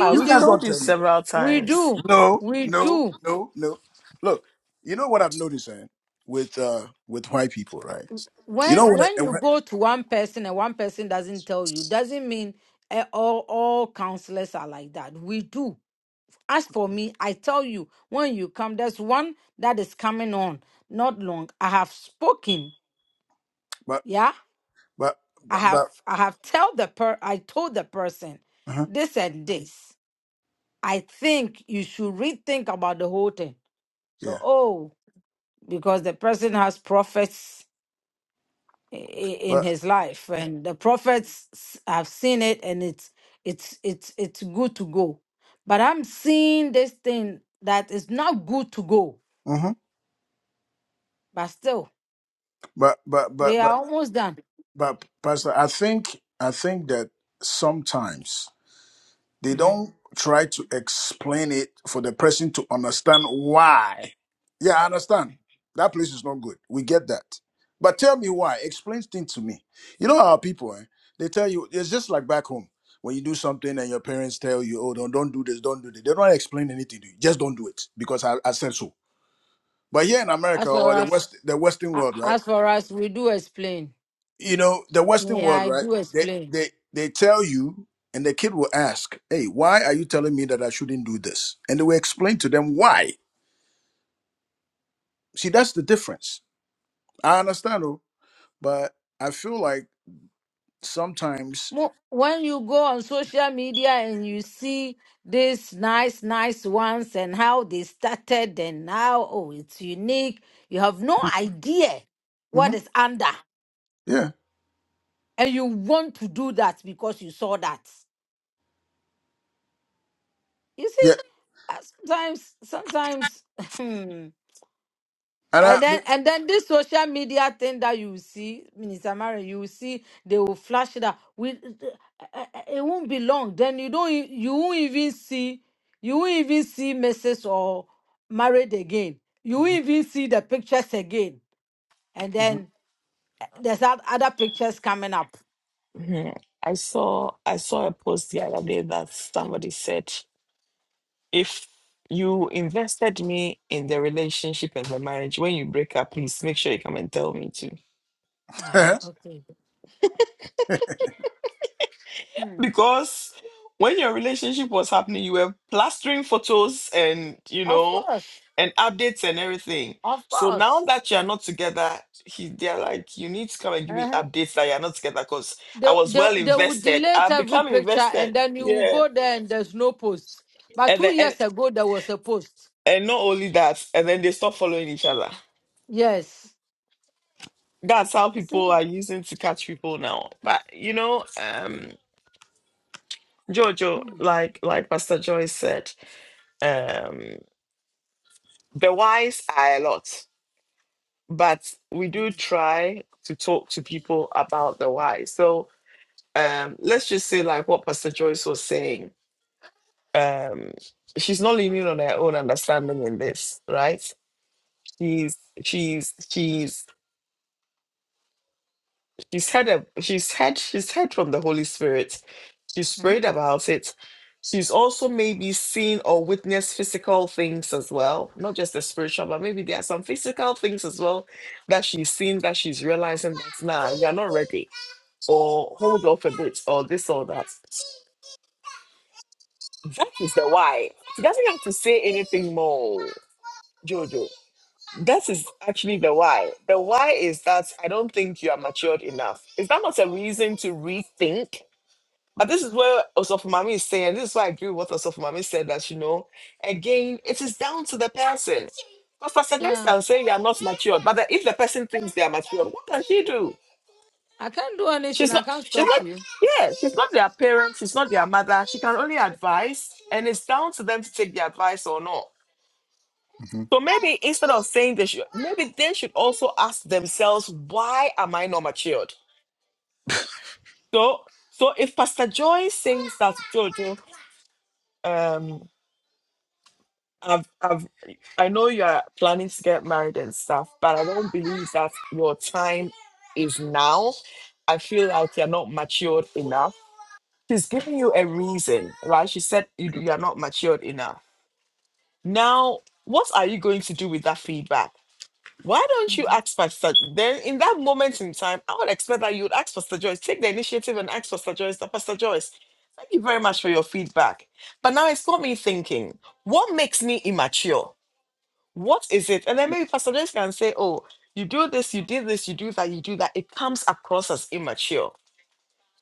S1: Ah,
S5: You
S1: we've
S5: guys
S2: you.
S1: told
S5: don't
S1: you
S5: tell me that.
S1: several
S2: We
S1: times.
S2: do.
S5: No,
S2: We
S5: no,
S2: do.
S5: no, no. Look, you know what I've noticed eh, with uh with white people, right? You
S2: When
S5: know what? I,
S2: when
S5: and
S2: you
S5: what-
S2: go to one person and one person doesn't tell you, doesn't mean eh, all all counselors are like that. We do. As for me, I tell you, when you come, there's one that is coming on not long. I have spoken.
S5: but
S2: Yeah.
S5: but
S2: I
S5: but
S2: have
S5: but
S2: I have tell the per I told the person
S5: uh
S2: this and this. I think you should rethink about the whole thing. So,
S5: yeah.
S2: oh, because the person has prophets i- i- in
S5: But
S2: his life, and the prophets s- have seen it, and it's it's it's it's good to go. But I'm seeing this thing that is not good to go,
S5: mhm.
S2: but still
S5: but but but
S2: they are
S5: but
S2: almost done.
S5: but Pastor, I think I think that sometimes They
S2: Mhm.
S5: don't try to explain it for the person to understand why. Yeah, I understand. That place is not good. We get that. But tell me why. Explain things to me. You know our people, eh? They tell you it's just like back home. When you do something and your parents tell you, oh, don't, don't do this, don't do that. They don't explain anything to you. Just don't do it because I, I said so. But here in America
S2: As for
S5: or the
S2: us,
S5: West the Western
S2: a-
S5: world, right?
S2: as for us, we do explain.
S5: you know the western
S2: Yeah,
S5: world
S2: I
S5: right
S2: do
S5: they
S2: explain.
S5: they they tell you and the kid will ask hey why are you telling me that i shouldn't do this and they will explain to them why see that's the difference i understand though, but i feel like sometimes
S2: Mo- when you go on social media and you see these nice, nice ones and how they started and now, oh, it's unique. You have no idea what
S5: Mhm.
S2: is under,
S5: yeah
S2: and you want to do that because you saw that. You
S5: yeah
S2: see, uh, sometimes, sometimes.
S5: and i
S2: And then and then this social media thing that you see, Minister Mary, you will see they will flash it up. We eh, eh, eh, eh, it won't be long. Then you don't e- you won't even see you won't even see messages or married again. You won't even see the pictures again. And
S5: Mhm,
S2: then eh, there's that other pictures coming up.
S1: Oh, I saw a post that said too.
S5: mhm,
S2: Ah, okay. Hmm.
S1: Because when your relationship was happening, you were plastering photos and you
S2: Of
S1: know
S2: course.
S1: and updates and everything.
S2: Of
S1: So now
S2: course.
S1: that you are not together, he they're like, you need to come and give me updates that you're not together because
S2: They,
S1: I was
S2: they,
S1: well
S2: they will
S1: invested.
S2: delete
S1: I've
S2: every
S1: become
S2: picture and
S1: invested.
S2: then you will
S1: Yeah.
S2: go there and there's no post. But
S1: And
S2: two
S1: then and
S2: years ago, there was a post.
S1: And not only that, and then they stop following each other.
S2: Yes.
S1: That's how
S2: You see?
S1: people are using to catch people now. But you know, um, Jojo, like like Pastor Joyce said, um, the whys are a lot, but we do try to talk to people about the why. So um, let's just say like what Pastor Joyce was saying. Um, she's not leaning on her own understanding in this, right? She's she's she's She's heard a, she's heard she's heard from the Holy Spirit. She's
S2: Mhm.
S1: prayed about it. She's also maybe seen or witnessed physical things as well, not just the spiritual, but maybe there are some physical things as well that she's seen that she's realizing that nah, you're not ready, or hold off a bit, or this or that. That is the why. She doesn't have to say anything more, Jojo. That is actually the why. The why is that I don't think you are matured enough. Is that not a reason to rethink? But this is where Osofumami is saying, this is why I agree with what Osofumami said that, you know, again, it is down to the person. Because Pastor Grace
S2: Yeah.
S1: can say you are not matured, but the- if the person thinks they are matured, what can she do?
S2: I can't do anything.
S1: She's
S2: I
S1: not,
S2: can't
S1: she's
S2: stop
S1: not,
S2: you.
S1: yeah, she's not their parent, she's not their mother. She can only advise, and it's down to them to take the advice or not. So maybe instead of saying they should, maybe they should also ask themselves, why am I not matured? So, so if Pastor Joy says that Jojo, um, have have I know you are planning to get married and stuff, but I don't believe that your time is now. I feel like you're not matured enough. She's giving you a reason, right? She said you, you are not matured enough. Now, what are you going to do with that feedback? Why don't you ask Pastor? Then, in that moment in time, I would expect that you would ask Pastor Joyce, take the initiative and ask Pastor Joyce, that Pastor Joyce, thank you very much for your feedback. But now it's got me thinking, what makes me immature? What is it? And then maybe Pastor James can say, oh, you do this, you did this, you do that, you do that. It comes across as immature.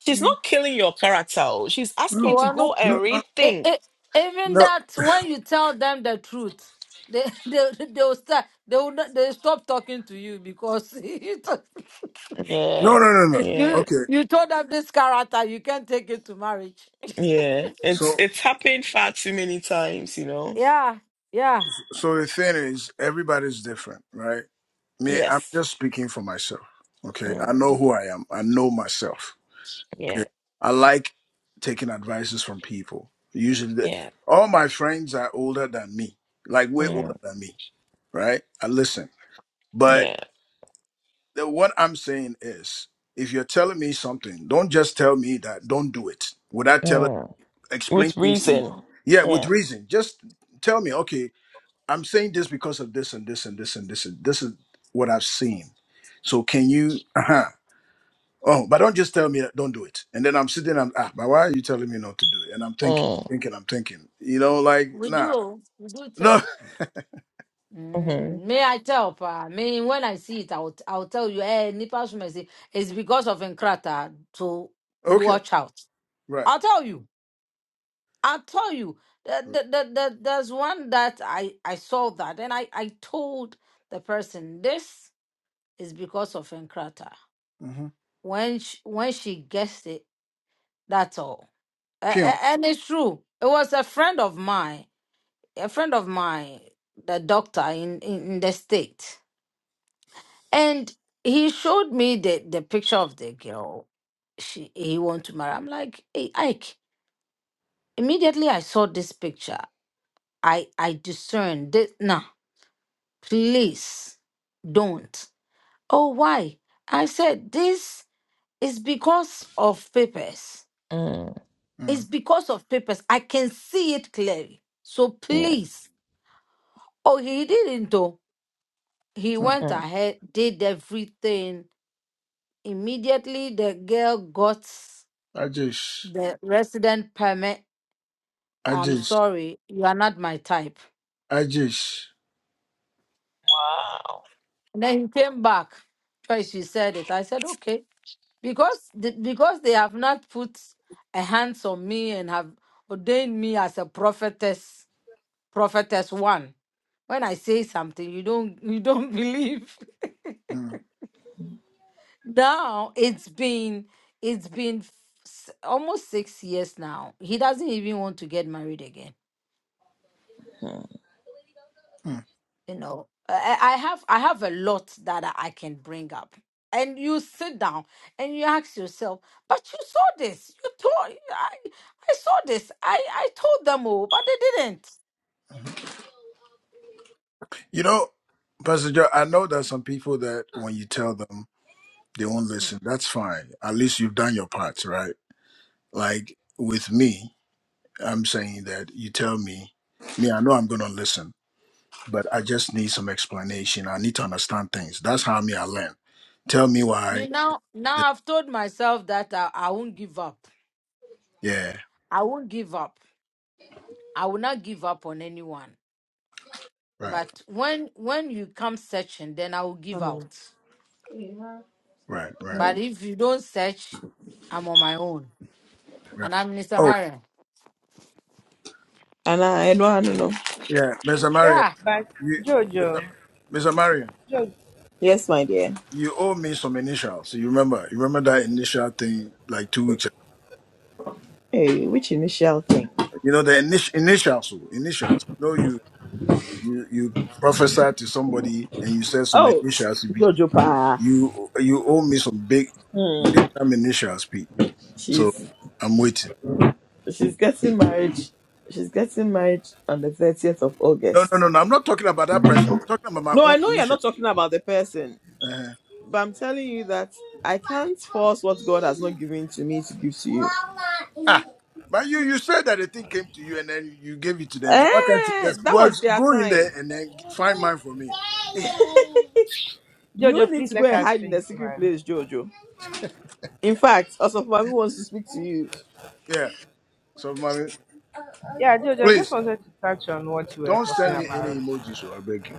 S1: She's not killing your character. oh. She's asking
S5: mhm. no
S1: you
S2: Oh,
S1: to
S2: I
S1: go
S2: know.
S1: and
S5: no no
S2: Eh,
S1: rethink.
S2: eh, even
S5: no
S2: that, when you tell them the truth, they they they will start. They will not, they stop talking to you because you to-
S1: Yeah.
S5: no no no
S1: Yeah.
S2: you
S5: okay
S2: you told them this character. You can't take it to marriage.
S1: Yeah.
S5: so
S1: It's it's happened far too many times, you know.
S2: Yeah. Yeah.
S5: so the thing is everybody's different right me i'm
S1: Yes.
S5: just speaking for myself okay i know who i am i know myself Okay. I like taking advices from people. Usually, the,
S1: Yeah.
S5: all my friends are older than me, like way
S1: Mm,
S5: older than me, right? I listen. But
S1: yeah.
S5: the, what I'm saying is, if you're telling me something, don't just tell me that, don't do it. Without telling,
S1: Mm.
S5: explain
S1: With
S5: things to me.
S1: reason.
S5: Yeah, with reason. Just tell me, okay, I'm saying this because of this and this and this and this and this is what I've seen. So can you? Uh huh. Oh, but don't just tell me don't do it. And then I'm sitting and ah, but why are you telling me not to do it? And I'm thinking, thinking, I'm thinking. You know, like
S2: We
S5: nah,
S2: do. We do
S5: no,
S2: tell. Mm, may I tell, pa? Me, when I see it, I'll I'll tell you. Hey, nippers mercy. It's because of Enkrata. To
S5: okay,
S2: watch out.
S5: right,
S2: I'll tell you. I'll tell you. The,
S5: right,
S2: the, the, the, there's one that I I saw that, and I I told the person this is because of Enkrata.
S5: mm-hmm.
S2: When she, when she gets it, that's all. A-
S5: pew,
S2: a- and it's true. It was a friend of mine. A friend of mine, the doctor in in, in the state. And he showed me the, the picture of the girl she he want to marry. I'm like, hey, Ike. Immediately I saw this picture. I I discerned this. Nah, please don't. Oh, why? I said this is because of papers.
S5: mm-hmm.
S2: It's because of papers. I can see it clearly. So please. Oh, he didn't though. He went ahead, did everything. Immediately the girl got
S5: I just,
S2: the resident permit.
S5: I
S2: I'm
S5: just,
S2: sorry, you are not my type.
S5: I just.
S2: And then he came back. Twice you said it. I said, okay. Because the, because they have not put a hands on me and have ordained me as a prophetess, prophetess one. When I say something, you don't you don't believe.
S5: mm,
S2: now it's been it's been s- almost six years now. He doesn't even want to get married again. you know i I have i have a lot that i I can bring up and you sit down and you ask yourself but you saw this you told i i saw this i i told them all but they didn't
S5: Mm-hmm. You know, Pastor Joe, I know there's some people that when you tell them they won't
S2: Hmm.
S5: listen. That's fine. At least you've done your part, right? Like with me, I'm saying that you tell me, me, I know I'm gonna listen, but I just need some explanation. I need to understand things. That's how me I learn. Tell me
S2: me
S5: why.
S2: now now
S5: th-
S2: i've told myself that i, I won't give up
S5: Yeah,
S2: i won't give up i will not give up on anyone
S5: right,
S2: but when when you come searching then i will give out
S5: right, right,
S2: but if you don't search i'm on my own
S5: right.
S2: and i'm mr
S5: Oh,
S2: Marion.
S1: And I no, I don't know.
S5: yeah, Miss Maria,
S4: but
S5: you,
S4: Jojo,
S5: Miss Maria,
S4: Jojo,
S1: Yes, my dear.
S5: you owe me some initials. You remember? You remember that initial thing like two weeks ago?
S1: Hey, which initial thing?
S5: You know the init- initials, oh, initials. You know you you you prophesy to somebody and you say some
S1: Oh,
S5: initials. You be-
S1: Jojo Pa.
S5: you you owe me some big big time initials, Pete. So
S1: She's
S5: I'm waiting.
S1: She's getting married. She's getting married on the 30th of
S5: No,
S1: August.
S5: no, no, no. I'm not talking about that person. I'm talking about
S1: No,
S5: my own
S1: I know you're
S5: initial.
S1: not talking about the person,
S5: Uh,
S1: but I'm telling you that I can't force what God has not given to me to give to you.
S5: ah, but you you said that the thing came to you and then you gave it to them. So why can't you
S1: Eh,
S5: just
S1: that
S5: well
S1: was their
S5: go in there
S1: time.
S5: and then find mine for me? Hey,
S1: You
S4: Jojo,
S1: need
S4: please
S1: to go
S4: let
S1: and
S4: us
S1: hide in
S4: think,
S1: the secret
S4: man.
S1: place, Jojo. In fact, also Mami wants to speak to you.
S5: yeah. So mommy,
S4: Yeah, Jojo, I just
S5: please
S4: wanted to touch on what you were
S5: don't
S4: talking
S5: send me
S4: about.
S5: any emojis. So I beg you.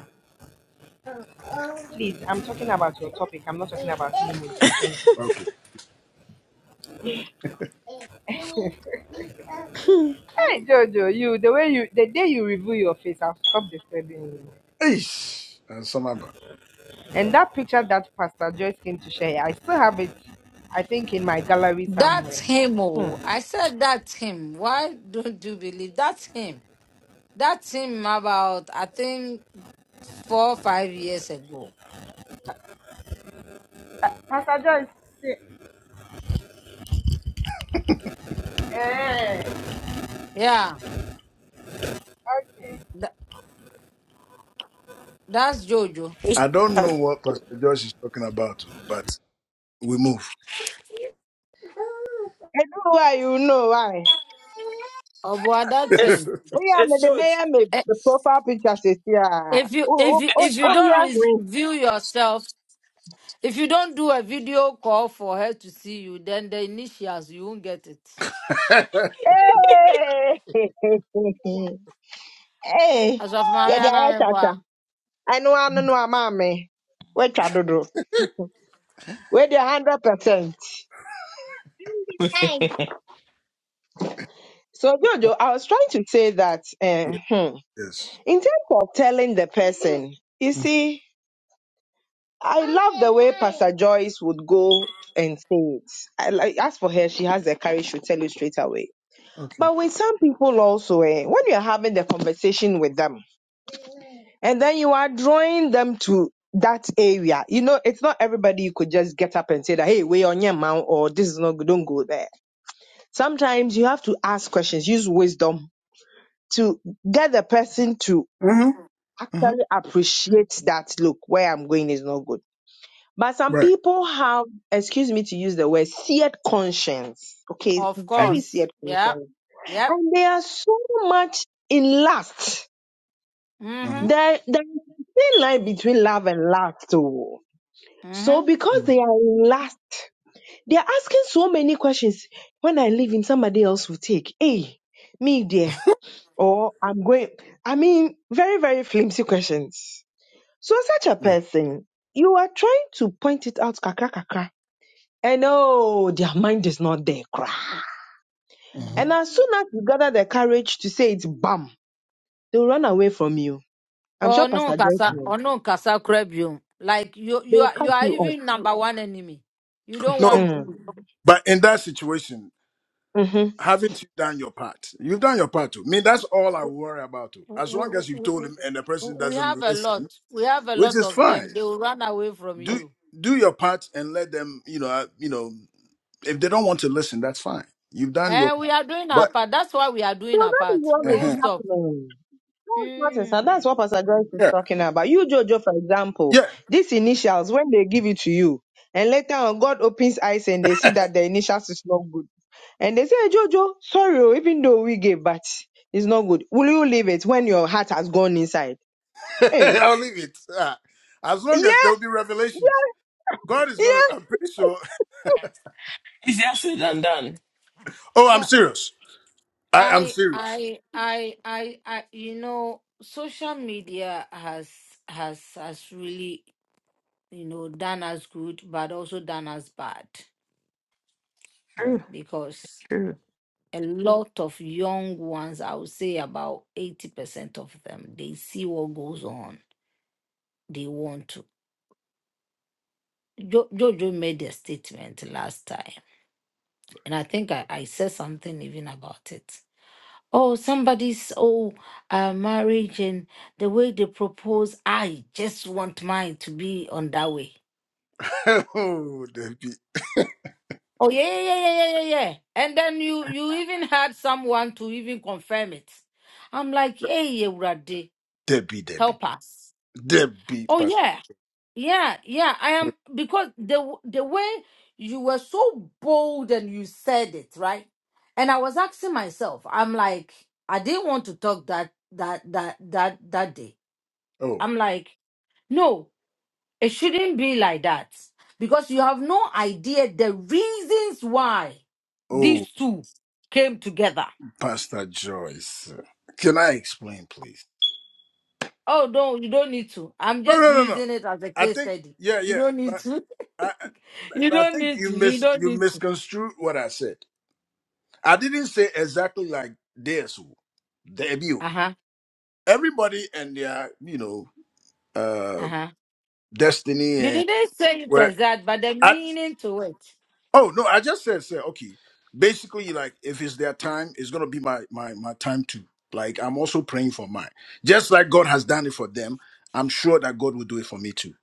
S4: Please, I'm talking about your topic. I'm not talking about emojis. Thank you.
S5: Okay.
S4: Hey, Jojo, you the way you the day you reveal your face, I'll stop disturbing you.
S5: Hey, and some
S4: And that picture that Pastor Joyce came to share, I still have it, I think, in my gallery somewhere.
S2: That's him,
S4: Hmm.
S2: oh. I said that's him. Why don't you believe that's him? That's him about, I think, four or five years ago. Yeah,
S4: Okay.
S2: tha- that's Jojo.
S5: I don't know what Pastor Josh is talking about, oh, but we move.
S4: I know why you know why.
S2: Oh, boy,
S5: yes.
S2: that's him.
S4: Oh yeah, me the bear me
S2: Eh,
S4: the profile picture says yeah.
S2: If you if
S4: Oh oh
S2: you
S4: oh
S2: if you
S4: oh,
S2: don't
S4: yeah, green.
S2: review yourself, if you don't do a video call for her to see you, then the initials you won't get it.
S4: Hey, hey,
S2: As of
S4: yeah, the eye
S2: Mariana
S4: tata. I know I know no mammy. Wait, I do. Wait, the hundred percent. So, Jojo, I was trying to say that uh, hmm,
S5: yes.
S4: in terms of telling the person, you
S5: Mm,
S4: see, I love the way Pastor Joyce would go and say it. I, like, as for her, she has the courage to tell you straight away.
S5: Okay.
S4: But with some people also, eh, when you're having the conversation with them and then you are drawing them to that area, you know, it's not everybody you could just get up and say that, hey, we're on your mount or this is not good, don't go there. Sometimes you have to ask questions, use wisdom to get the person to
S5: hmm hmm
S4: actually appreciate that look where i'm going is not good but some
S5: Right.
S4: people have excuse me to use the word seared conscience okay
S2: Of
S5: hmm
S4: very
S2: course.
S4: seared
S2: Yep.
S4: conscience
S2: Yep.
S4: and they are so much in lust
S5: hmm
S2: Mm-hmm.
S4: there there is a thin line between love and lust too so
S2: Mm-hmm.
S4: because
S5: hmm
S4: they are in lust they are asking so many questions when i leave him somebody else will take hey me there or i'm going i mean very very flimsy questions So such a person, you are trying to point it out kakra kakra. And oh, their mind is not there, cry.
S5: hmm
S2: mm-hmm.
S4: And as soon as you gather the courage to say it, bam, they'll run away from you. I'm sure
S2: Oh no,
S4: Pastor Joyce
S2: Kasa.
S4: knows.
S2: Oh no, Kasa Krebio. Like you,
S4: They
S2: you
S4: will
S2: are,
S4: cut
S2: you are
S4: you off.
S2: even number one enemy. You don't
S5: No,
S2: want
S4: Mm.
S2: good.
S5: but in that situation,
S4: Mm.
S5: haven't you done your part? You've done your part too. I mean, that's all I worry about too.
S2: We,
S5: As
S2: we,
S5: long as you've
S2: we,
S5: told him and the
S2: we
S5: person
S2: we have
S5: doesn't
S2: a lot.
S5: listen,
S2: We have a
S5: which
S2: lot
S5: is
S2: of them.
S5: fine.
S2: They will run away from
S5: Do
S2: you.
S5: do your part and let them. You know, uh, you know, if they don't want to listen, that's fine. You've done your.
S2: And
S5: part.
S2: we are doing our
S5: But
S2: part. That's why we are doing our
S4: This is
S2: part.
S4: what
S2: We
S4: is
S2: won't
S5: uh
S2: stop.
S4: happening. That's what is, and
S2: Mm.
S4: that's what Pastor Joyce is
S5: yeah,
S4: talking about. You, Jojo, for example,
S5: yeah.
S4: these initials, when they give it to you, and later on God opens eyes and they see that the initials is not good And they say, "Hey, Jojo, sorry, oh, even though we gave, but it's not good. Will you leave it when your heart has gone inside? Hey,
S5: I'll leave it. Ah, As long as there
S4: yeah,
S5: will be revelations, God is gonna.
S4: yeah.
S5: I'm pretty sure.
S1: Easier said than done.
S5: Oh, I'm
S2: So
S5: serious. I, I'm
S2: I,
S5: serious.
S2: I, I, I, I. You know, social media has has has really you know done us good, but also done us bad because a lot of young ones, I would say about 80% of them, they see what goes on. They want to. Jo- Jojo made a statement last time, and I think I, I said something even about it. Oh, somebody's oh uh, marriage and the way they propose, I just want mine to be on that way.
S5: oh, Debbie,
S2: Oh yeah, yeah, yeah, yeah, yeah, yeah. yeah. And then you you even had someone to even confirm it. I'm like, hey, Rade,
S5: Debbie, Debbie,
S2: help us.
S5: Debbie.
S2: Oh
S5: Pas-
S2: yeah. Yeah, yeah, I am because the w- the way you were so bold and you said it, right? And I was asking myself, I'm like, I didn't want to talk that that that that that day.
S5: oh,
S2: I'm like, no, it shouldn't be like that because you have no idea the reasons why
S5: oh,
S2: these two came together.
S5: Pastor Joyce. Can I explain, please?
S2: Oh, no, you don't need to. I'm
S5: No,
S2: just
S5: no, no, no.
S2: using it as a
S5: I
S2: case
S5: think.
S2: study.
S5: Yeah,
S2: You
S5: yeah.
S2: don't need
S5: But
S2: to.
S5: I, I
S2: You
S5: but I
S2: don't
S5: think
S2: need
S5: you
S2: to. You
S5: mis
S2: don't
S5: you
S2: need to.
S5: misconstrued what I said. I didn't say exactly like this. Debbie.
S2: Uh-huh.
S5: Everybody and their, you know. uh,
S2: Uh-huh.
S5: destiny
S2: You
S5: and
S2: didn't say it
S5: where
S2: as that, but the
S5: I
S2: meaning to it.
S5: oh no, I just said said okay. Basically, like if it's their time, it's gonna be my my my time too. Like I'm also praying for mine. Just like God has done it for them, I'm sure that God will do it for me too.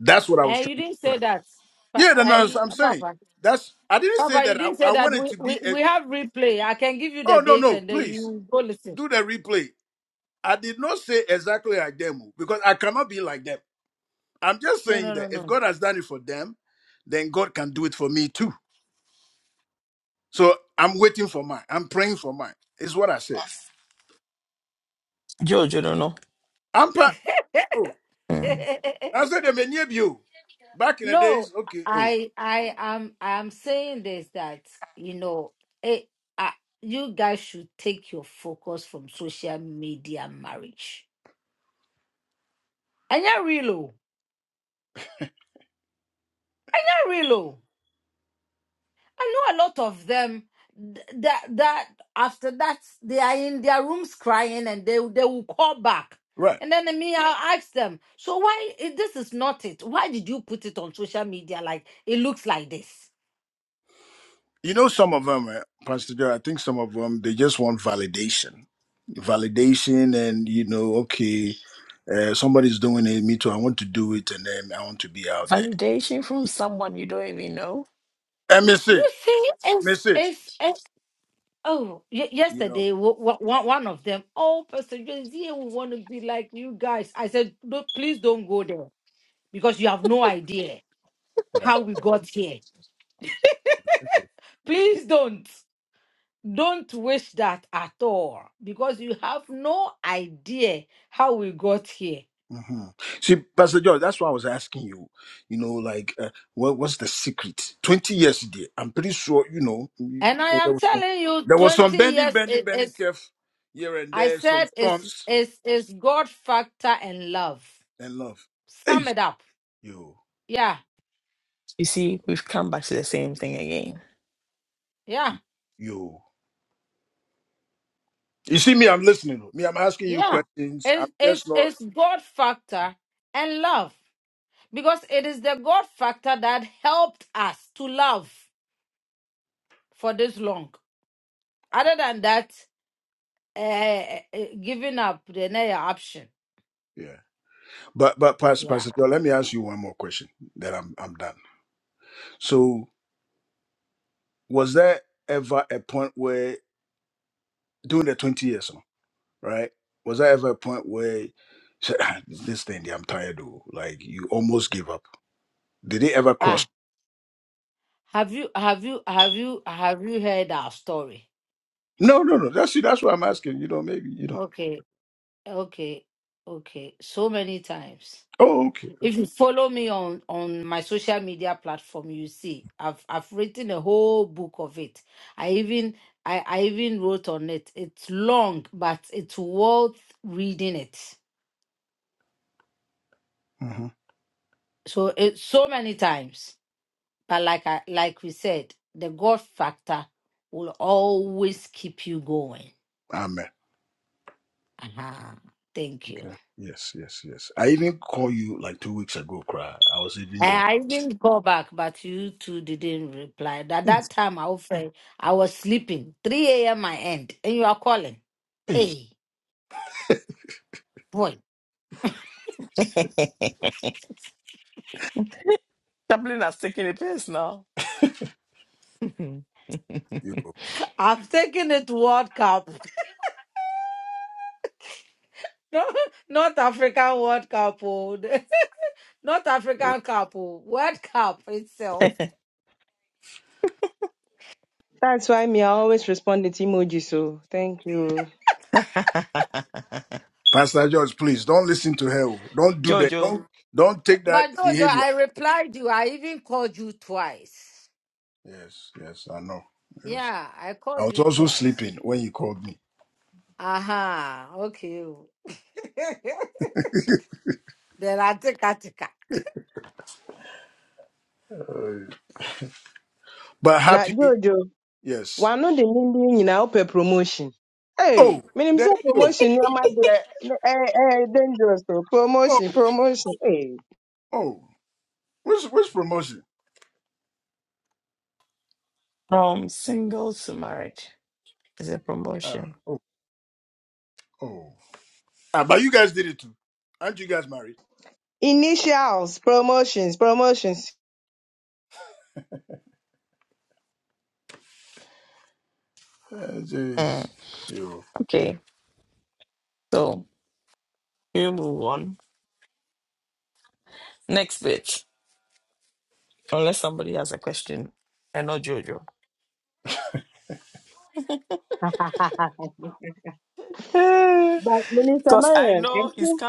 S5: That's what I was
S2: And
S5: trying
S2: you
S5: to
S2: didn't
S5: put
S2: say
S5: out.
S2: that. Pa-
S5: Yeah, then that's
S2: I,
S5: I'm saying.
S2: Papa,
S5: That's I didn't say
S2: Papa, you
S5: that I,
S2: didn't say
S5: I
S2: that.
S5: wanted
S2: We,
S5: to be
S2: we,
S5: a
S2: we have replay. I can give you the
S5: oh no
S2: date
S5: no
S2: and then
S5: please
S2: you go listen.
S5: do the replay. I did not say exactly like them oh, because I cannot be like them. I'm just
S2: No,
S5: saying
S2: no, no,
S5: that if
S2: no.
S5: God has done it for them, then God can do it for me too. So I'm waiting for mine. I'm praying for mine. Is what I said. I'm pa- oh, I said they may need you. Back in the
S2: no,
S5: days, okay, oh,
S2: I I am I'm saying this that you know it, I, you guys should take your focus from social media marriage. And you're real, oh. You're real. oh. I know a lot of them th- that that after that they are in their rooms crying and they they will call back.
S5: right.
S2: And then me, I'll ask them, so why i- this is not it? Why did you put it on social media like it looks like this?
S5: You know, some of them, eh, Pastor Joe, I think some of them, they just want validation. Validation and, you know, okay, uh, somebody's doing it, me too, I want to do it, and then I want to be out there. And me
S2: You
S5: see,
S2: see,
S5: me
S2: it's
S5: see,
S2: it's, it's oh y-
S5: you know.
S2: yesterday w- w- one one of them, oh Pastor James, you want to be like you guys. I said, no, please don't go there because you have no idea
S5: right.
S2: how we got here. Please don't. Don't waste that at all because you have no idea how we got here.
S5: hmm See, Pastor George, that's why I was asking you. You know, like, uh, what what's the secret? Twenty years, dear. I'm pretty sure. You know, you-
S2: And I
S5: there
S2: am
S5: was some,
S2: telling you,
S5: there was
S2: 20
S5: some bending,
S2: years
S5: bending,
S2: it
S5: bending,
S2: is
S5: curve here and
S2: I
S5: there, some
S2: said it's
S5: storms
S2: it's it's God factor and love.
S5: and love. Hey,
S2: Sum it up.
S5: yo,
S2: Yeah, yeah,
S5: yo. You see me? I'm listening. Me, I'm asking you
S2: yeah.
S5: questions. I'm
S2: It's
S5: just
S2: it's
S5: not.
S2: it's God factor and love. Because it is the God factor that helped us to love for this long. Other than that, uh, giving up the another option.
S5: Yeah. But but Pastor
S2: Yeah.
S5: Pastor George, let me ask you one more question. Then I'm I'm done. So, was there ever a point where during the twenty years? huh? right? Was there ever a point where you said, "Ah, this thing, I'm tired of, like you almost gave up? Did it ever
S2: Ah,
S5: cross?
S2: have you have you have you have you heard our story?
S5: No, no, no. That's that's what I'm asking. You know, maybe you know.
S2: Okay, okay, okay. So many times.
S5: Oh, okay.
S2: If you follow me on on my social media platform, you see I've I've written a whole book of it. I even I, I even wrote on it. It's long, but it's worth reading it.
S5: hmm
S2: So it so many times. But like I like we said, the God factor will always keep you going.
S5: Amen.
S2: Uh-huh. Thank you.
S5: Okay. Yes, yes, yes. I even called you like two weeks ago, cry. I was even
S2: And
S5: going,
S2: I didn't call back, but you two didn't reply. At that time, I was afraid I was sleeping. 3 a.m. I end, and you are calling.
S5: hey,
S2: Hey, boy.
S5: you,
S2: I've taken it to World Cup. No, not African World Cup. oh. Not African Cup. oh. World Cup itself.
S4: That's why me, I always respond with emoji, so thank you.
S5: Pastor George, please don't listen to her. oh. Don't do that.
S1: Jojo,
S5: Don't don't take that
S2: But Jojo,
S5: behavior.
S2: I replied you. I even called you twice.
S5: Yes, yes, I know. Yes.
S2: Yeah, I
S5: I
S2: called
S5: was
S2: you
S5: also
S2: twice.
S5: sleeping when you called me.
S2: Aha, okay. oh. Then I take
S5: Uh, But
S4: Now,
S5: happy,
S4: Jojo,
S5: yes.
S4: why not the Nindi in our promotion? Hey,
S5: Oh,
S4: me
S5: that
S4: himself
S5: you.
S4: promotion near my door. eh, eh, dangerous oh.
S5: Oh,
S4: promotion, promotion. Hey,
S5: oh. Which which promotion? Ah, oh, oh. Ah, but you guys did it too. Aren't you guys married?
S4: initials, promotions, promotions.
S5: Ah, jeez. You.
S4: But Minister Marion, I think.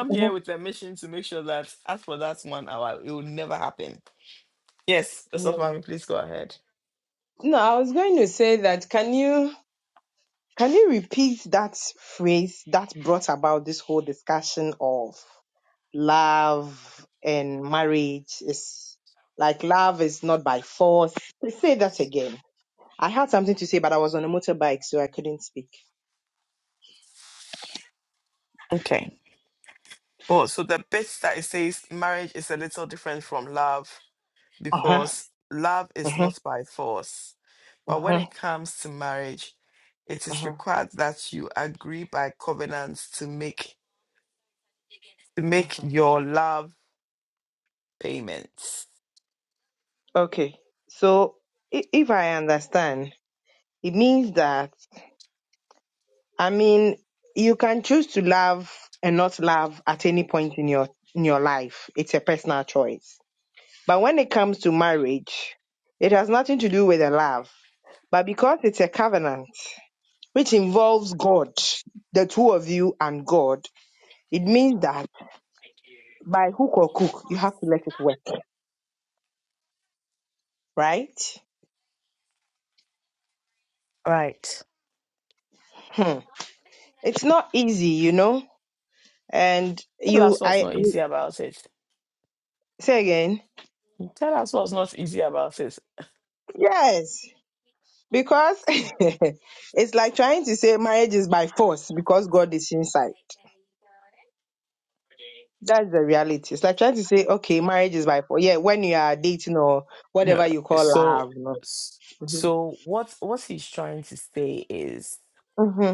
S4: Yeah. No, I was going to say that. Can you? Can you repeat that phrase that brought about this whole discussion of love and marriage? Is like love is not by force. Please Say that again. I had something to say, but I was on a motorbike, so I couldn't speak. Uh huh. Uh huh. Uh huh. Uh huh. Okay. So i- if I understand, it means that I mean you can choose to love and not love at any point in your in your life. It's a personal choice. But when it comes to marriage, it has nothing to do with the love. But because it's a covenant which involves God, the two of you and God, it means that by hook or crook, you have to let it work, right? Hmm. It's not easy, you know. And you, I you- say again, yes, because it's like trying to say marriage is by force because God is inside. That's the reality. It's like trying to say, okay, marriage is by force. Yeah, when you are dating or whatever you call love. No? Mm-hmm.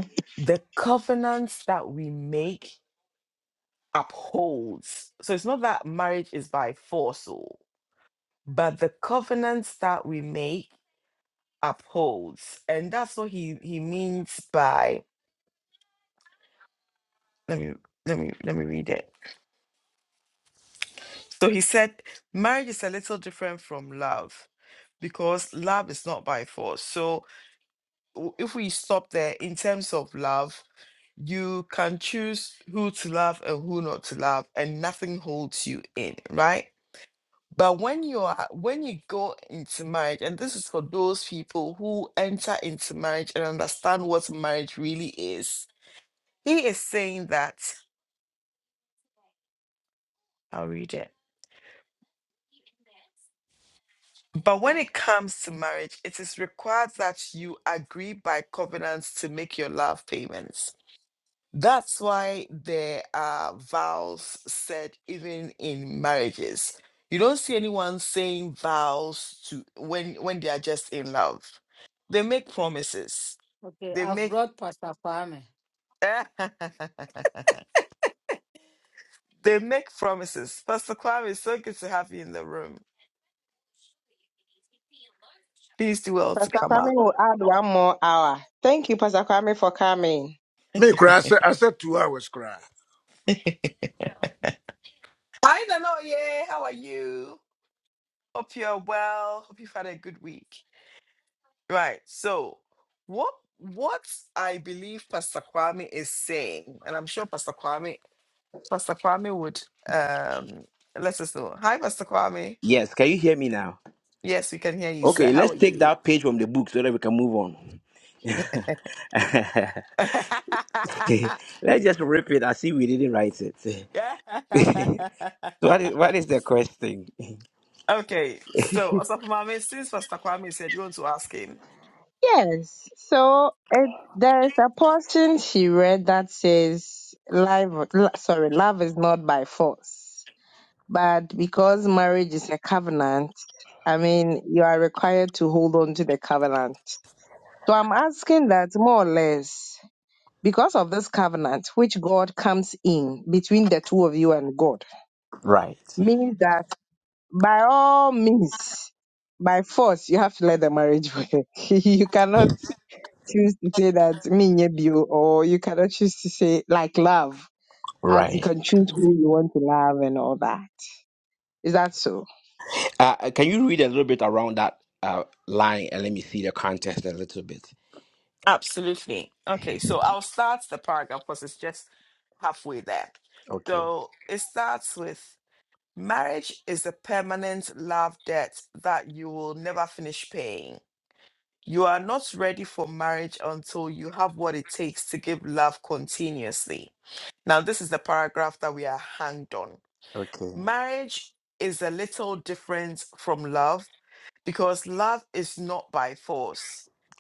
S2: Okay, I've brought Pastor Kwame.
S4: Pastor Kwame will add one more hour. Thank you, Pastor Kwame, for coming.
S5: Me cry. I said I said two hours cry.
S6: Yes, can you hear me now? Okay, let's take that page from the book so that we can move on. let's just rip it. I see we didn't write it. what is what is the question?
S4: Yes. So it, there is a portion she read that says, "Love, lo- sorry, love is not by force, but because marriage is a covenant, I mean, you are required to hold on to the covenant." So I'm asking that more or less. Because of this covenant, which God comes in between the two of you and God,
S6: Right,
S4: means that by all means, by force, you have to let the marriage work. you cannot choose to say that me nye bio, or you cannot choose to say like love, as you
S6: right.
S4: can choose who you want to love and all that. Is that so?
S6: Uh, uh, can you read a little bit around that uh, line and let me see the context a little bit? Okay, okay.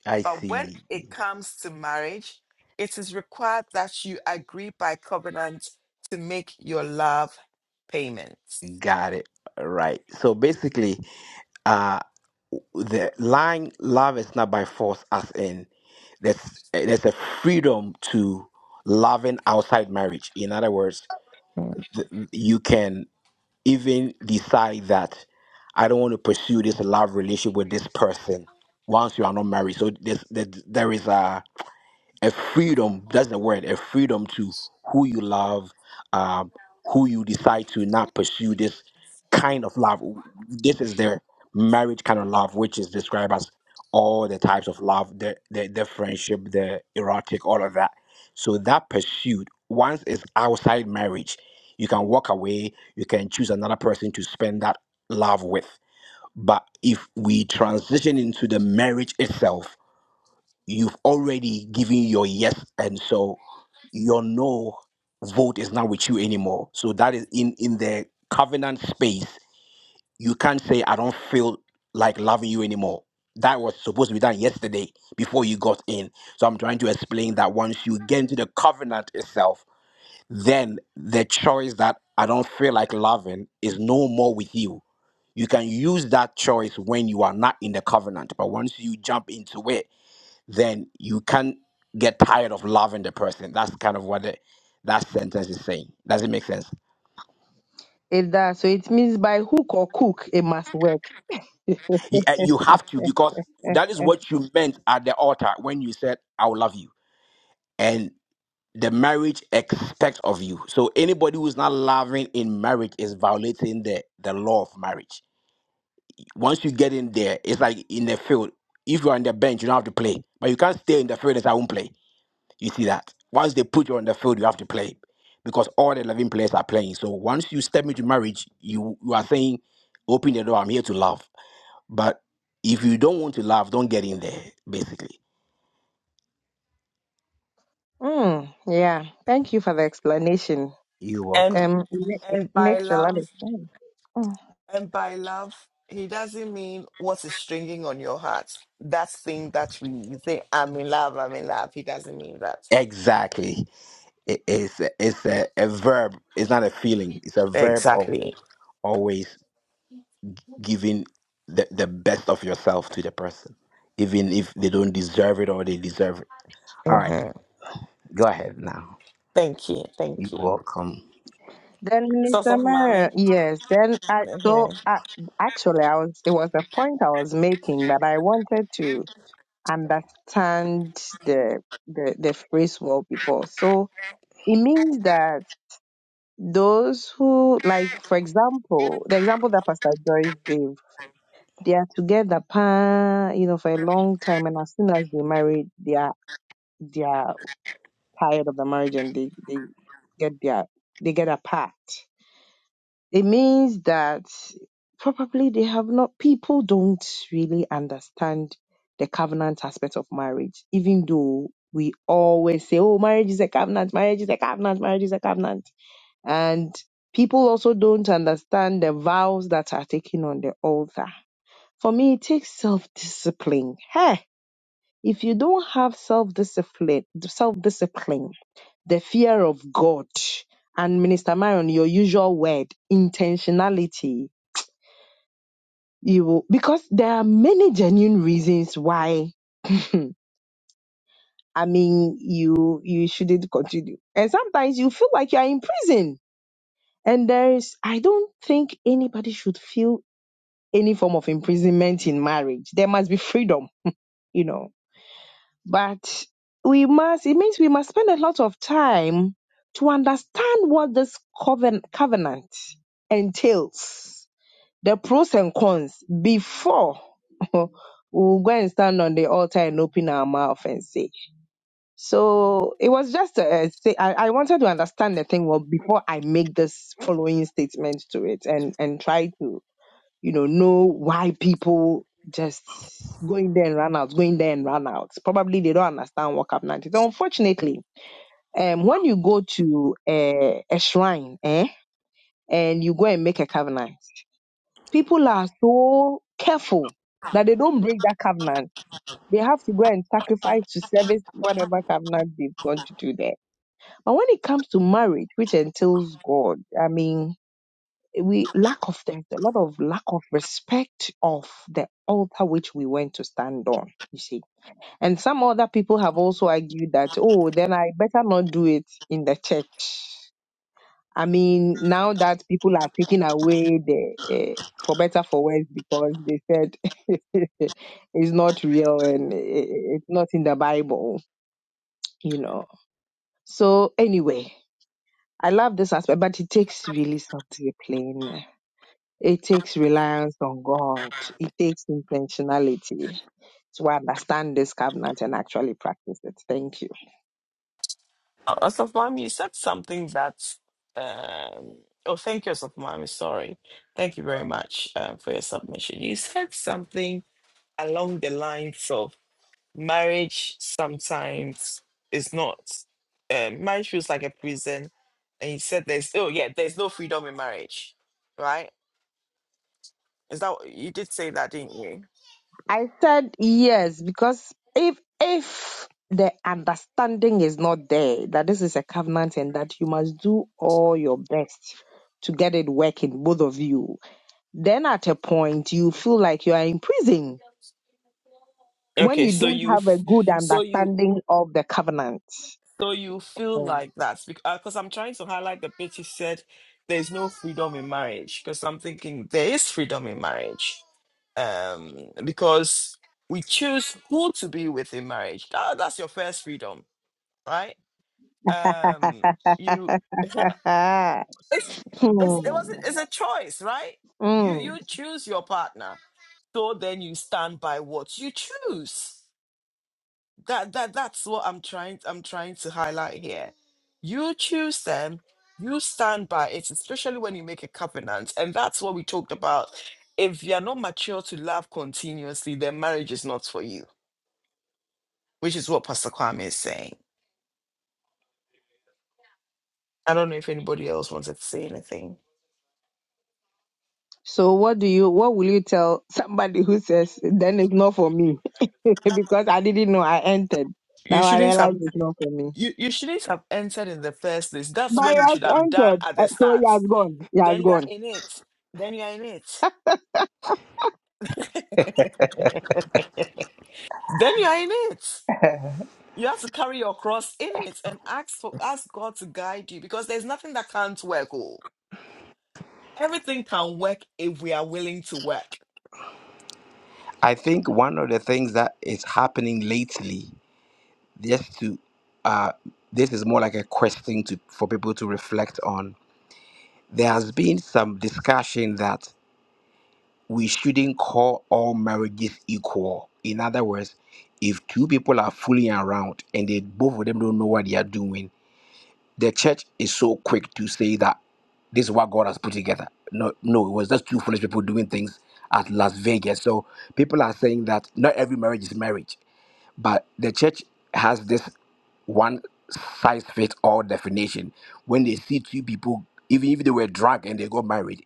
S6: I see. Got it. Right. So basically, uh, the line "love is not by force" as in there's eh, there's a freedom to loving outside marriage. In other words, th- you can even decide that I don't want to pursue this love relationship with this person once you are not married. So there's, there there is a a freedom that's the word a freedom to who you love um, who you decide to not pursue this kind of love this is their marriage kind of love which is described as all the types of love the, the, the friendship the erotic all of that so that pursuit once it's outside marriage you can walk away you can choose another person to spend that love with but if we transition into the marriage itself you've already given your yes and so your no vote is not with you anymore so that is in in the covenant space you can't say i don't feel like loving you anymore that was supposed to be done yesterday before you got in so i'm trying to explain that once you get into the covenant itself then the choice that i don't feel like loving is no more with you you can use that choice when you are not in the covenant but once you jump into it then you can't get tired of loving the person. That's kind of what the, that sentence is saying. Does it make sense?
S4: It does. So it means by hook or crook, it must work.
S6: You, uh, you have to, because that is what you meant at the altar when you said, I will love you. And the marriage expects of you. So anybody who's not loving in marriage is violating the, the law of marriage. Once you get in there, it's like in the field. If you are on the bench, you don't have to play. But you can't stay in the field and say, I won't play You see that? Once they put you on the field, you have to play because all the 11 players are playing. So once you step into marriage, you, you are saying, open the door, I'm here to love. But if you don't want to love, don't get in there, basically.
S4: Mm, yeah. Thank you for the explanation.
S6: You work.
S4: Um, it ma- it makes a lot of sense. Hmm.
S6: Exactly. It- it's a, it's a, a verb, it's not a feeling. It's a verb of always giving the, the best of yourself to the person, even if they don't deserve it or they deserve it. All right, go ahead now. You're welcome.
S4: Then Minister Mayor, yes. Then I so I, actually I was it was a point I was making, that I wanted to understand the the the phrase well before. So it means that those who like, for example, the example that Pastor Joyce gave, they are together, pa, you know, for a long time, and as soon as they marry, they are they are tired of the marriage and they they get their they get apart. It means that probably they have not, people don't really understand the covenant aspect of marriage, even though we always say, oh, marriage is a covenant, marriage is a covenant, marriage is a covenant. And people also don't understand the vows that are taken on the altar. For me, it takes self discipline. Hey, if you don't have self discipline, self discipline, the fear of God, and Minister Marion, your usual word, intentionality. You will, because there are many genuine reasons why I mean, you you shouldn't continue. And sometimes you feel like you are in prison. And there is, I don't think anybody should feel any form of imprisonment in marriage. There must be freedom, you know. But we must, it means we must spend a lot of time to understand what this coven, covenant entails the pros and cons before we'll go and stand on the altar and open our mouth and say. So it was just a, a say, I, I wanted to understand the thing well before I make this following statement to it and, and try to, you know, know why people just going there and run out, going there and run out. Probably they don't understand what Cup 90. So unfortunately, um, when you go to a, a shrine, eh, and you go and make a covenant. People are so careful that they don't break that covenant. They have to go and sacrifice to service whatever covenant they've gone to do there. But when it comes to marriage, which entails God, I mean, we lack of there's a lot of lack of respect of the altar which we went to stand on. You see, and some other people have also argued that oh, then I better not do it in the church I mean, now that people are taking away the uh, for better for worse because they said it's not real and i- i- it's not in the Bible, you know. So anyway, I love this aspect, but it takes really self-discipline. It takes reliance on God. It takes intentionality to understand this covenant and actually practice it. Thank you. I said yes because if if the understanding is not there that this is a covenant and that you must do all your best to get it working, both of you, then at a point you feel like you are in prison when you don't have a good understanding of the covenant. Hmm. So what do you what will you tell somebody who says then it's not for me? because I didn't know I entered. Now I realize it's not for me. But he has entered. eh, So he has gone. He has gone.
S6: I think one of the things that is happening lately, just to, uh, this is more like a question to for people to reflect on. There has been some discussion that we shouldn't call all marriages equal. In other words, if two people are fooling around and they both of them don't know what they are doing, the church is so quick to say that this is what God has put together. No, no, it was just two foolish people doing things at Las Vegas. So people are saying that not every marriage is marriage But the church has this one size fits all definition. When they see two people, even if they were drunk and they got married,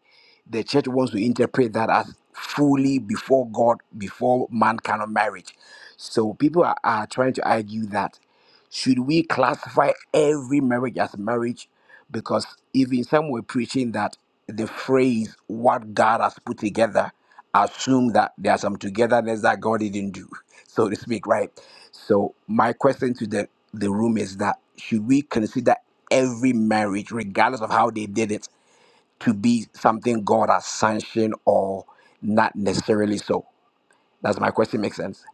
S6: the church wants to interpret that as fully before God, before man cannot marriage. So people are, are trying to argue that should we classify every marriage as marriage? Because even some were preaching that the phrase what God has put together assume that there are some togetherness that God didn't do, so to speak, right? So my question to the, the room is that should we consider every marriage, regardless of how they did it, to be something God has sanctioned or not necessarily so? Does my question make sense?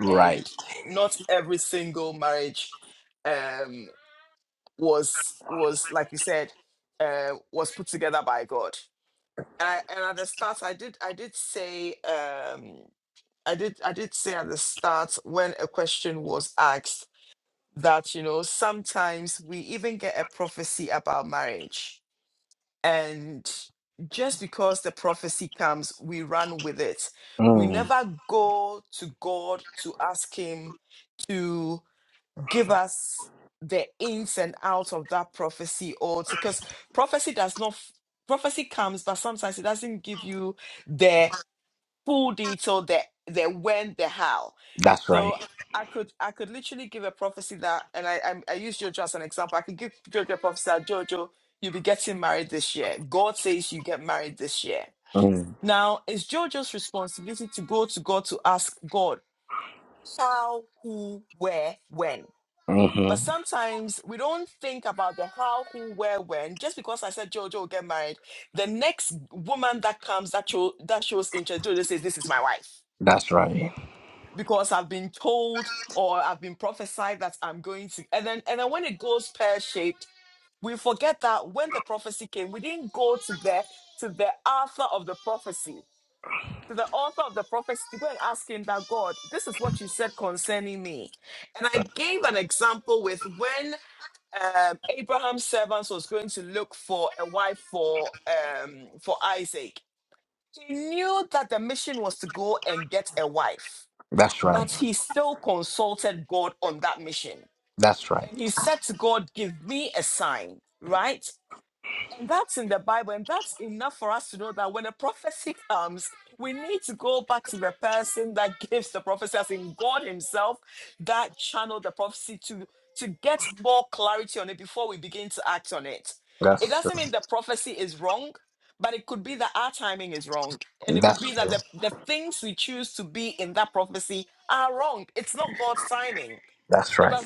S6: Right. Mm, that's right. Mm, hmm That's right. That's right. That's right. That's true. That's true. That's right.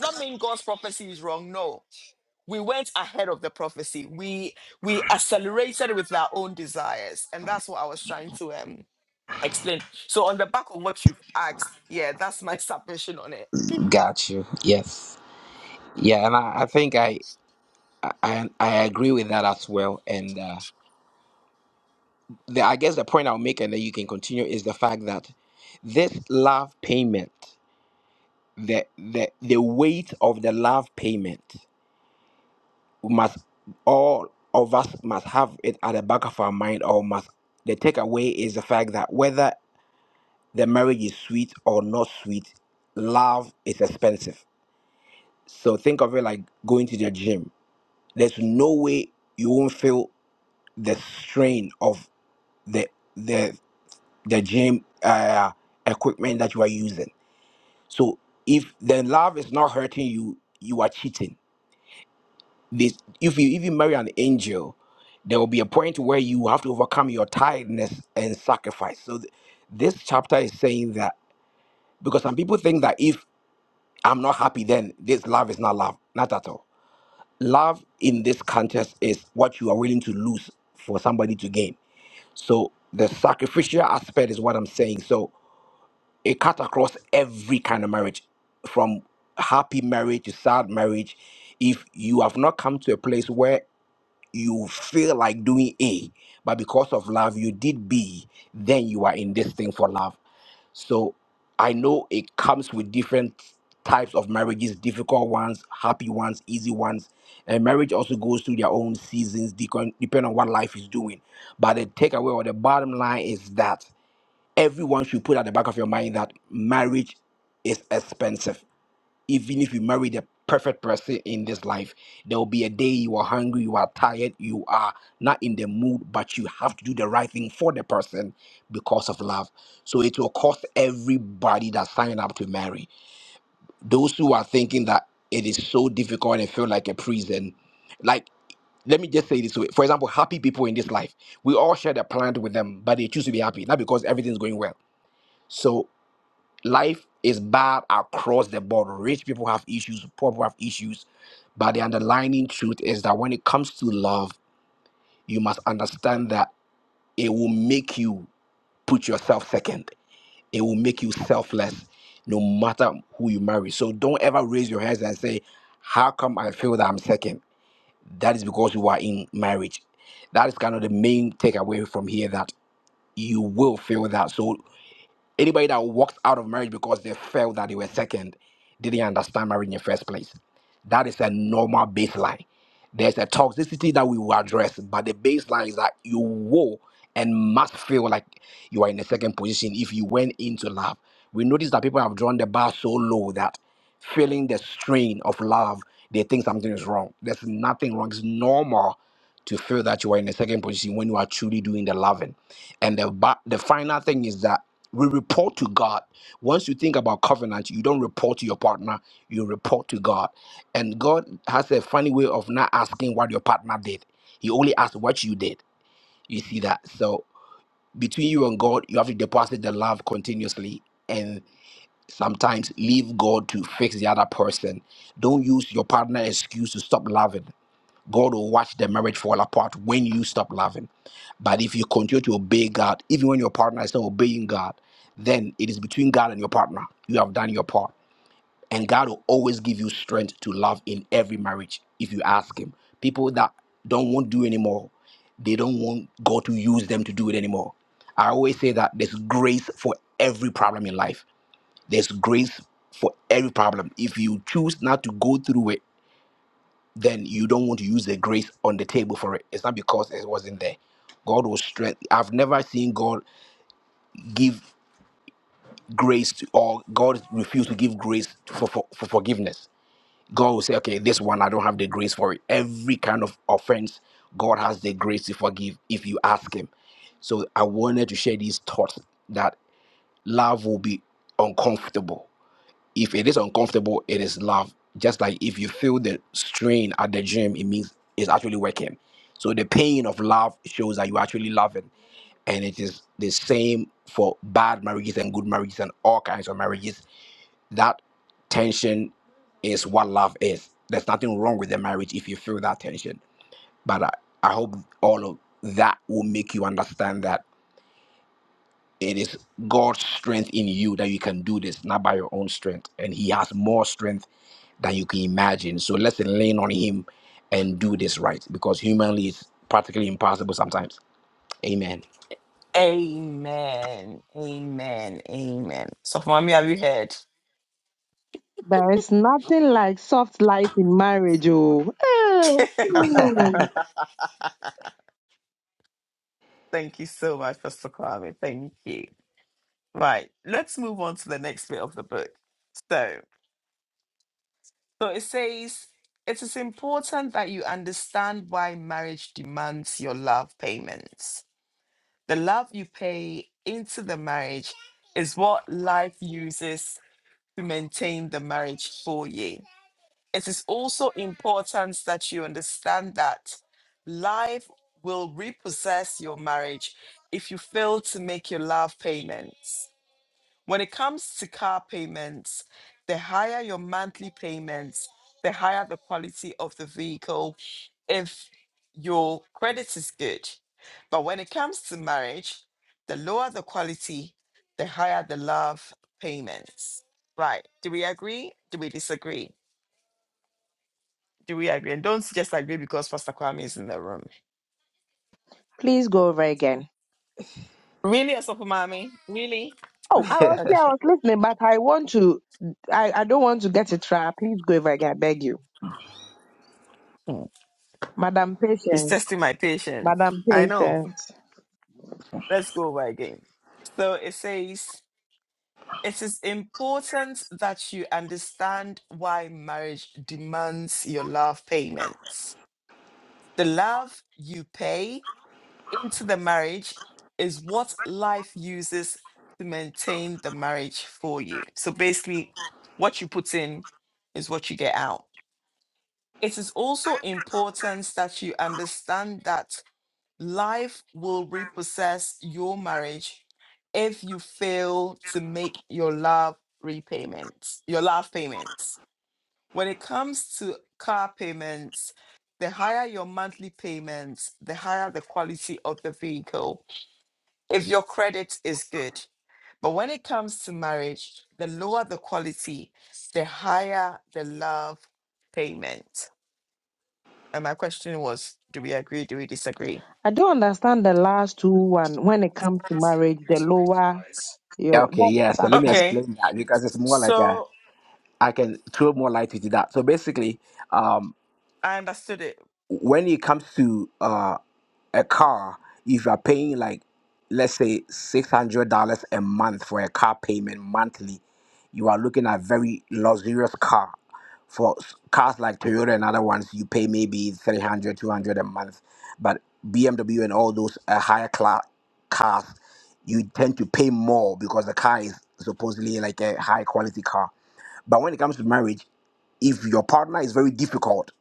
S6: Got you. Yes. Yeah, and I, I think I, I I agree with that as well. And uh, the I guess the point I'll make and then you can continue is the fact that this love payment, the the the weight of the love payment must all of us must have it at the back of our mind or must the takeaway is the fact that whether the marriage is sweet or not sweet, love is expensive. So think of it like going to the gym. There's no way you won't feel the strain of the the. the gym uh, equipment that you are using. So if the love is not hurting you, you are cheating. This if you even marry an angel, there will be a point where you have to overcome your tiredness and sacrifice. So th- this chapter is saying that because some people think that if I'm not happy, then this love is not love. Not at all. Love in this context is what you are willing to lose for somebody to gain. So the sacrificial aspect is what I'm saying. So it cut across every kind of marriage from happy marriage to sad marriage if you have not come to a place where you feel like doing a but because of love you did b then you are in this thing for love so i know it comes with different types of marriages difficult ones happy ones easy ones and marriage also goes through their own seasons decon- depending on what life is doing but the takeaway or the bottom line is that everyone should put at the back of your mind that marriage is expensive. Even if you marry the perfect person in this life, there will be a day you are hungry, you are tired, you are not in the mood, but you have to do the right thing for the person because of love. So it will cost everybody that signed up to marry. Those who are thinking that it is so difficult and feel like a prison, like let me just say this way. For example, happy people in this life, we all share the planet with them, but they choose to be happy, not because everything's going well. So life is bad across the board. Rich people have issues, poor people have issues. But the underlying truth is that when it comes to love, you must understand that it will make you put yourself second. It will make you selfless no matter who you marry. So don't ever raise your hands and say, How come I feel that I'm second? second?" is because you are in marriage. That is kind of the main takeaway from here that you will feel that. So Anybody that walked out of marriage because they felt that they were second didn't understand marriage in the first place. That is a normal baseline. There's a toxicity that we will address, but the baseline is that you will and must feel like you are in the second position if you went into love. We notice that people have drawn the bar so low that feeling the strain of love, they think something is wrong. There's nothing wrong. It's normal to feel that you are in the second position when you are truly doing the loving. And the ba- the final thing is that we report to God. Once you think about covenant, you don't report to your partner, you report to God. And God has a funny way of not asking what your partner did, He only asks what you did. You see that? So between you and God, you have to deposit the love continuously and sometimes leave God to fix the other person. Don't use your partner excuse to stop loving. God will watch the marriage fall apart when you stop loving. But if you continue to obey God, even when your partner is not obeying God, then it is between God and your partner. You have done your part. And God will always give you strength to love in every marriage if you ask Him. People that don't want to do anymore, they don't want God to use them to do it anymore. I always say that there's grace for every problem in life. There's grace for every problem. If you choose not to go through it, then you don't want to use the grace on the table for it. It's not because it wasn't there. God will strength. I've never seen God give grace to, or God refuse to give grace for, for, for forgiveness. God will say, okay, this one, I don't have the grace for it. Every kind of offense, God has the grace to forgive if you ask Him. So I wanted to share these thoughts that love will be uncomfortable If it is uncomfortable, it is love. Just like if you feel the strain at the gym, it means it's actually working. So the pain of love shows that you actually love it. And it is the same for bad marriages and good marriages and all kinds of marriages. That tension is what love is. There's nothing wrong with the marriage if you feel that tension. But I, I hope all of that will make you understand that it is God's strength in you that you can do this, not by your own strength. And He has more strength that you can imagine. So let's lean on Him and do this right because humanly it's practically impossible sometimes. Amen.
S4: There is nothing like soft life in marriage, oh. Eh, Please go over again. Oh, I want I do, madam. I don't understand the last two one when it comes to marriage, the lower
S6: Yeah,
S4: your
S6: Okay,
S4: that,
S6: yeah. So
S4: that
S6: let me
S4: part.
S6: explain that because it's more like a I can throw more light into that. So basically, um, when it comes to uh, a car, if you are paying like let's say six hundred dollars a month for a car payment monthly, you are looking at very luxurious car. For s- cars like Toyota and other ones, you pay maybe 300, 200 a month. But BMW and all those uh, higher class cars, you tend to pay more because the car is supposedly like a high quality car. But when it comes to marriage, if your partner is very difficult,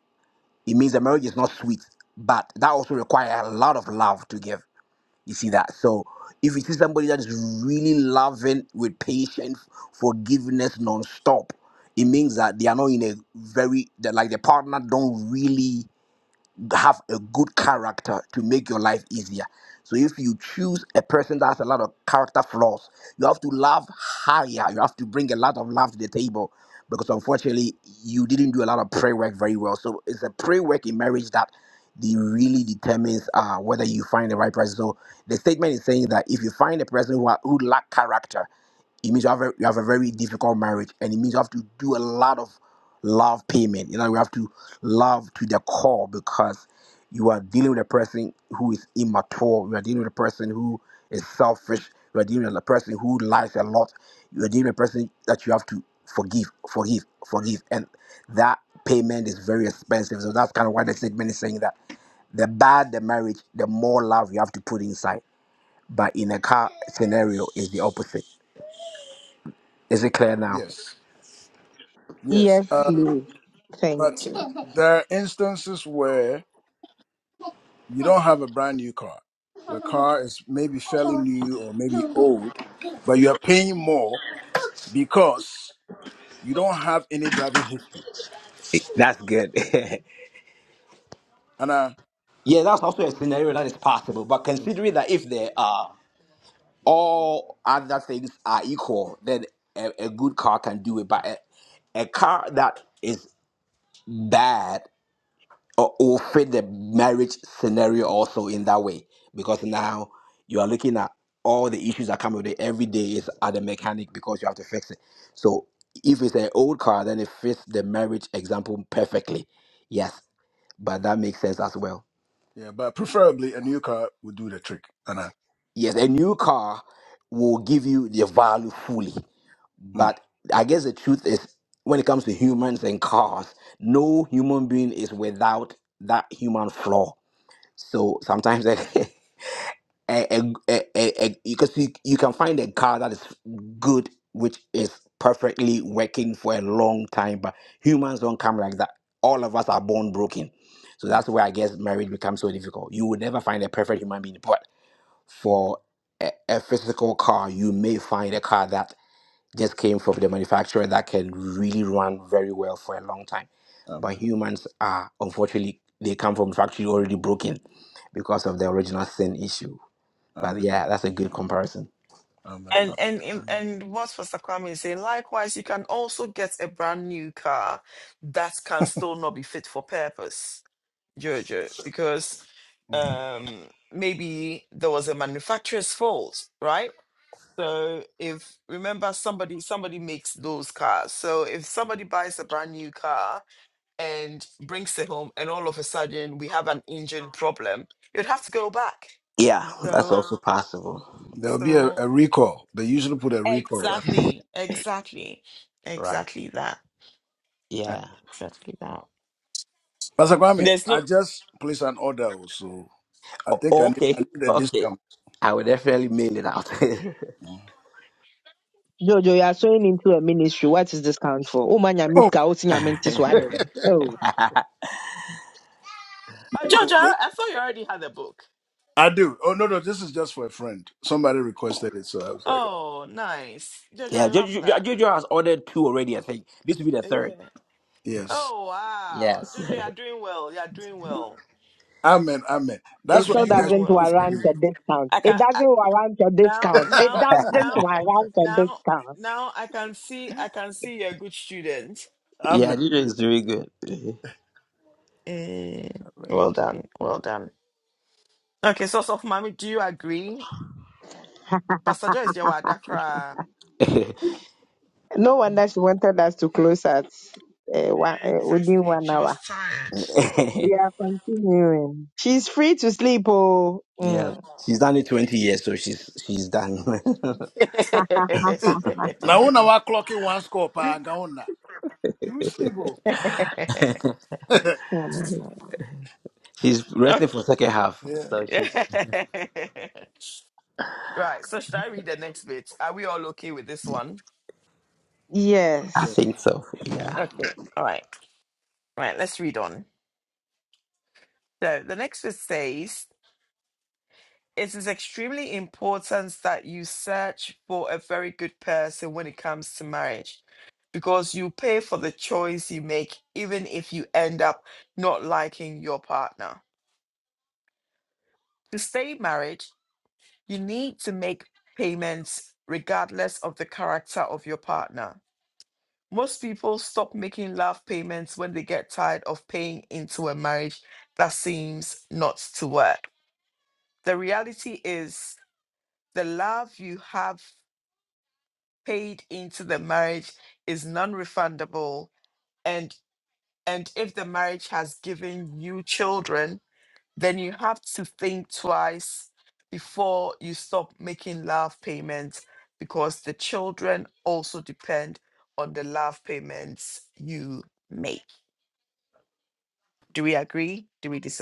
S6: it means the marriage is not sweet but that also requires a lot of love to give you see that? So if you see somebody that is really loving with patience, forgiveness non-stop, it means that they are not in a very that like the partner don't really have a good character to make your life easier. So if you choose a person that has a lot of character flaws, you have to love higher. You have to bring a lot of love to the table because unfortunately you didn't do a lot of prayer work very well. So it's a prayer work in marriage that the really determines uh, whether you find the right person. So the statement is saying that if you find a person who, are, who lack character, it means you have a, you have a very difficult marriage, and it means you have to do a lot of love payment. You know, you have to love to the core because you are dealing with a person who is immature. You are dealing with a person who is selfish. You are dealing with a person who lies a lot. You are dealing with a person that you have to forgive, forgive, forgive, and that payment is very expensive. So that's kind of why the statement is saying that the bad the marriage, the more love you have to put inside. But in a car scenario, it's the opposite. Is it clear now?
S5: Yes. Yes.
S4: Yes,
S5: Uh,
S4: please.
S5: but
S4: Thank you.
S5: there are instances where you don't have a brand new car. The car is maybe fairly new or maybe old, but you are paying more because you don't have any driving history.
S6: That's good.
S5: And uh,
S6: yeah, that's also a scenario that is possible. But considering that if there are all other things are equal, then a, a good car can do it. But a, a car that is bad uh, will fit the marriage scenario also in that way because now you are looking at all the issues that come with it every day is at the mechanic because you have to fix it. So if it's an old car, then it fits the marriage example perfectly. Yes, but that makes sense as well.
S5: Yeah, but preferably a new car would do the trick. And I,
S6: Yes, a new car will give you the value fully.
S5: mm,
S6: But I guess the truth is, when it comes to humans and cars, no human being is without that human flaw. So sometimes, a, a, a, a, a- because you, you can find a car that is good, which is perfectly working for a long time, but humans don't come like that. All of us are born broken. So
S5: yeah,
S6: that's where I guess marriage becomes so difficult. You will never find a perfect human being
S5: mm,
S6: for a, a physical car, you may find a car that just came from the manufacturer that can really run very well for a long time. But
S5: amen,
S6: humans are unfortunately they come from factory already broken because of the original sin issue. But
S5: amen,
S6: yeah, that's a good comparison.
S5: amen, amen. amen, Mm.
S6: Yeah, that's also possible.
S5: There will be a, a recall. They usually put a recall. And,
S6: Right.
S5: and-
S6: Yeah.
S5: Pastor Kwame, I just placed an order, also. I think I
S6: O-
S5: need,
S6: okay.
S5: I need a
S6: Okay.
S5: discount.
S6: I will definitely mail it out.
S5: Mm.
S4: Jojo, you are sowing into a ministry. What is this count for? Oh, man, you miss
S5: Oh,
S4: Kausi, you meant this one. Oh,
S5: oh, th- I do. Oh no, no, this is just for a friend. Somebody requested it, so I was like,
S6: yeah, Jojo, Jojo has ordered two already, I think. This will be the third.
S5: yes,
S6: Yes.
S5: amen, amen.
S4: it
S5: That's what
S4: still
S5: you guys
S4: doesn't
S5: pray for
S4: warrant
S5: me.
S4: a discount. It doesn't warrant a discount. It doesn't warrant a discount.
S6: Yeah,
S5: amen. amen.
S6: Nigeria is doing good.
S4: No wonder she wanted us to close at uh, one, uh, within one hour. We are continuing. She's free to sleep. Oh,
S6: yeah,
S4: Mm.
S6: she's done it twenty years, so she's she's done.
S5: Hey, now when I clocking one score, pa, gaona. You sleepo.
S4: Hmm.
S6: she's resting for second half,
S5: Yeah.
S6: so she's. I
S5: yeah.
S4: yes.
S6: think so. Yeah,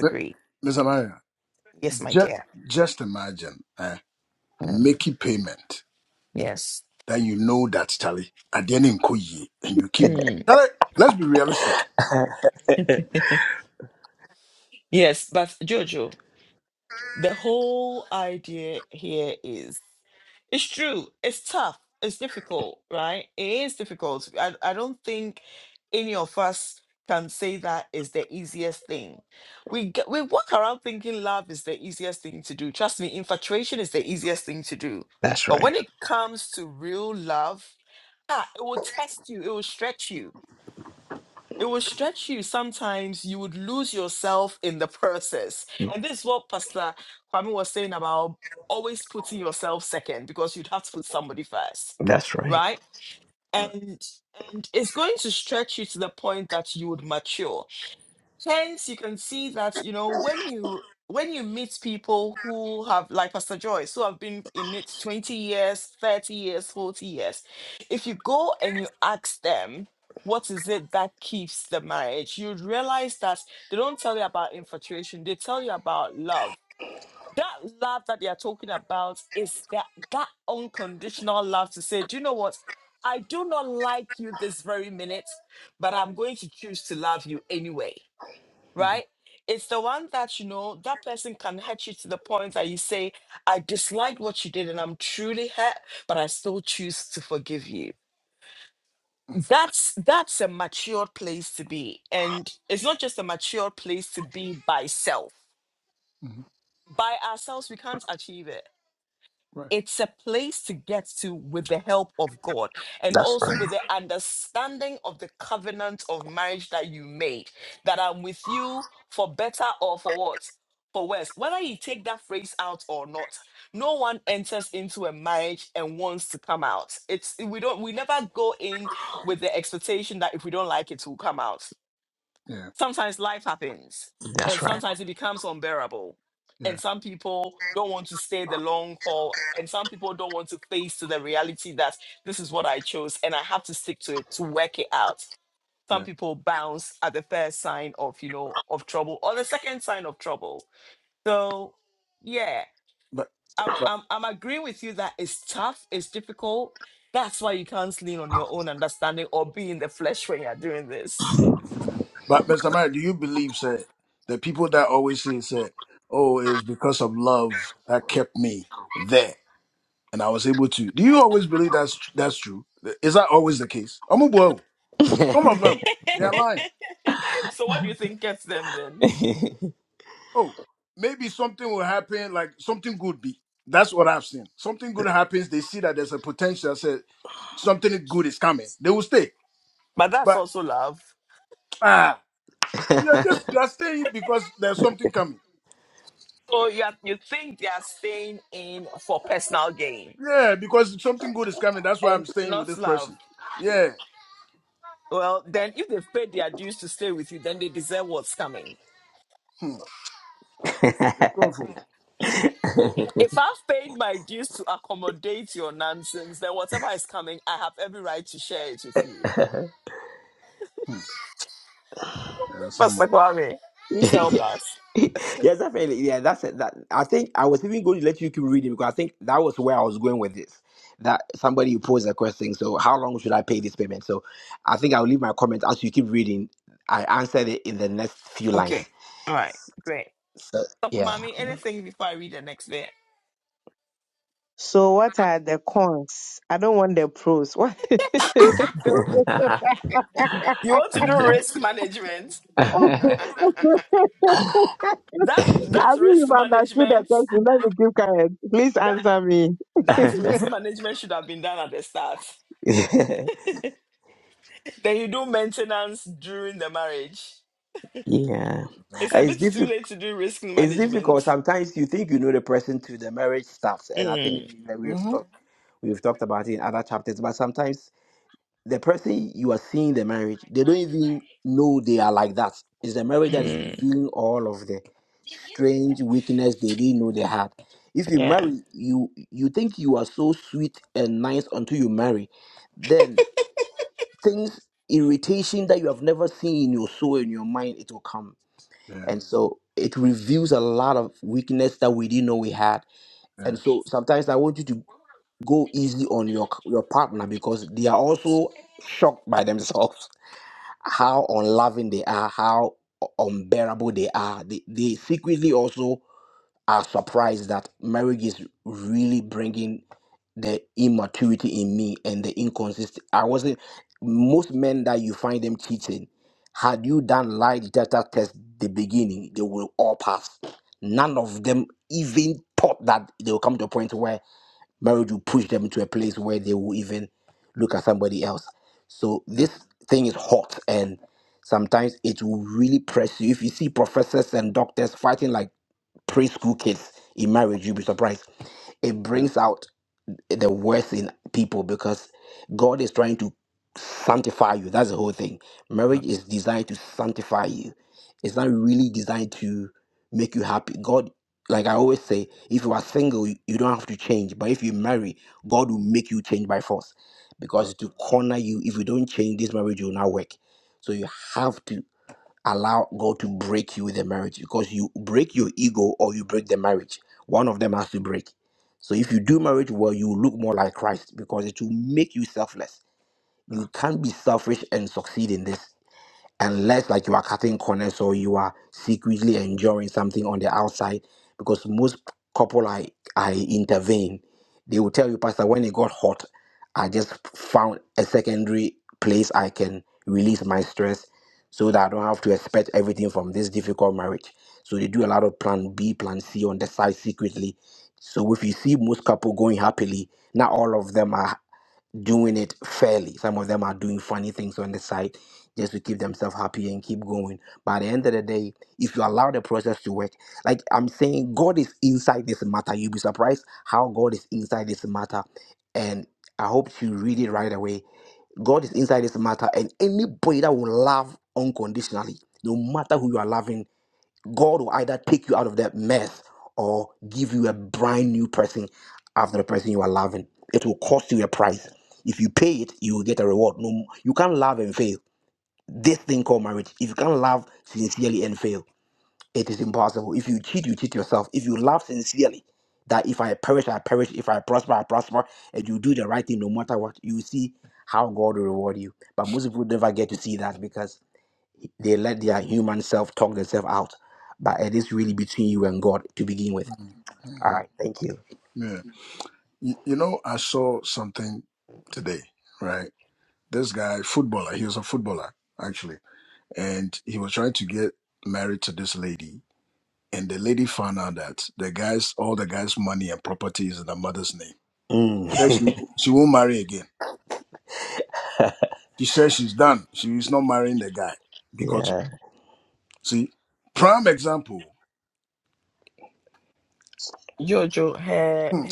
S5: But, Mr. Mayor, just, just imagine uh, making payment that you know that, Charlie, at the end in Koyi, and you keep. Charlie, let's be realistic.
S6: that's right. That's right.
S5: Right. hmm hmm Right.
S6: That's
S5: Yeah.
S6: right.
S5: Yeah. Yeah. But, but, but, Mr. Mayor, do you believe, say, the people that always say, say, oh, it was because of love that kept me there and I was able to. Do you always believe that's, tr- that's true? Is that always the case? I'm Some of
S6: That's
S5: them, they are lying. Oh, maybe something will happen, like something good be. That's what I've seen. Something good happens, they see that there's a potential, say something good is coming. They will stay. But ah, you're just you are staying because there's something coming. Yeah, because something good is coming. That's why I'm staying with this person. Yeah. Hmm. It's awful.
S6: right.
S5: Hmm. Yeah, someone.
S6: yes, definitely. Yeah, that's it. That I think I was even going to let you keep reading because I think that was where I was going with this. That somebody posed a question. So, how long should I pay this payment? So, I think I'll leave my comment as you keep reading. I answered it in the next few lines. So, yeah.
S4: So, what are the cons? I don't want the pros. What? I mean, you've understood the question. Let me keep quiet. Please answer me.
S6: yeah. It's difficult. It's difficult. Sometimes you think you know the person through the marriage starts, and I think that we've
S5: Mm-hmm.
S6: talked we've talked about it in other chapters. But sometimes the person you are seeing the marriage, they don't even know they are like that. It's the marriage that is revealing all of the strange weakness they didn't know they had. If you marry, you you think you are so sweet and nice until you marry, then things irritation that you have never seen in your soul in your mind it will come
S5: Yeah,
S6: and so it reveals a lot of weakness that we didn't know we had.
S5: yeah,
S6: And
S5: yeah,
S6: so sometimes I want you to go easy on your your partner because they are also shocked by themselves how unloving they are, how unbearable they are. They, they secretly also are surprised that marriage is really bringing the immaturity in me and the inconsistent. I wasn't. Most men that you find them cheating, had you done lie detector test the beginning, they will all pass. None of them even thought that they will come to a point where marriage will push them to a place where they will even look at somebody else. So this thing is hot and sometimes it will really press you. If you see professors and doctors fighting like preschool kids in marriage, you'll be surprised. It
S5: yeah.
S6: brings out the worst in people because God is trying to sanctify you. That's the whole thing. Marriage
S5: yeah,
S6: is designed to sanctify you, it's not really designed to make you happy. God, like I always say, if you are single, you you don't have to change. But if you marry, God will make you change by force because to corner you, if you don't change, this marriage will not work. So you have to allow God to break you with the marriage because you break your ego or you break the marriage. One of them has to break. So if you do marriage well, you will look more like Christ because it will make you selfless.
S5: yeah.
S6: You can't be selfish and succeed in this unless like you are cutting corners or you are secretly enjoying something on the outside because most couple i i intervene they will tell you pastor when it got hot i just found a secondary place i can release my stress so that i don't have to expect everything from this difficult marriage so they do a lot of plan b plan c on the side secretly so if you see most couple going happily not all of them are doing it fairly. Some of them are doing funny things on the side just to keep themselves happy and keep going. But at the end of the day, if you allow the process to work, like I'm saying, God is inside this matter. You'll be surprised how God is inside this matter. And I hope you read it right away. God is inside this matter, and anybody that will love unconditionally, no matter who you are loving God will either take you out of that mess or give you a brand new person after the person you are loving. It will cost you a price. If you pay it, you will get a reward. No, you can't love and fail. This thing called marriage. If you can't love sincerely and fail, it is impossible. If you cheat, you cheat yourself. If you love sincerely, that if I perish, I perish. If I prosper, I prosper. And you do the right thing no matter what, you see how God will reward you. But most people never get to see that because they let their human self talk themselves out. But it is really between you and God to begin with.
S5: Mhm.
S6: All right. Thank you.
S5: Mhm. You, you know, I saw something today, right? This guy, footballer, he was a footballer, actually, and he was trying to get married to this lady. And the lady found out that the guy's, all the guy's money and property is in the mother's name.
S6: Mm.
S5: Said she, she won't marry again. She says she's done. She is not marrying the guy because,
S6: Yeah.
S5: see, prime example. Hmm.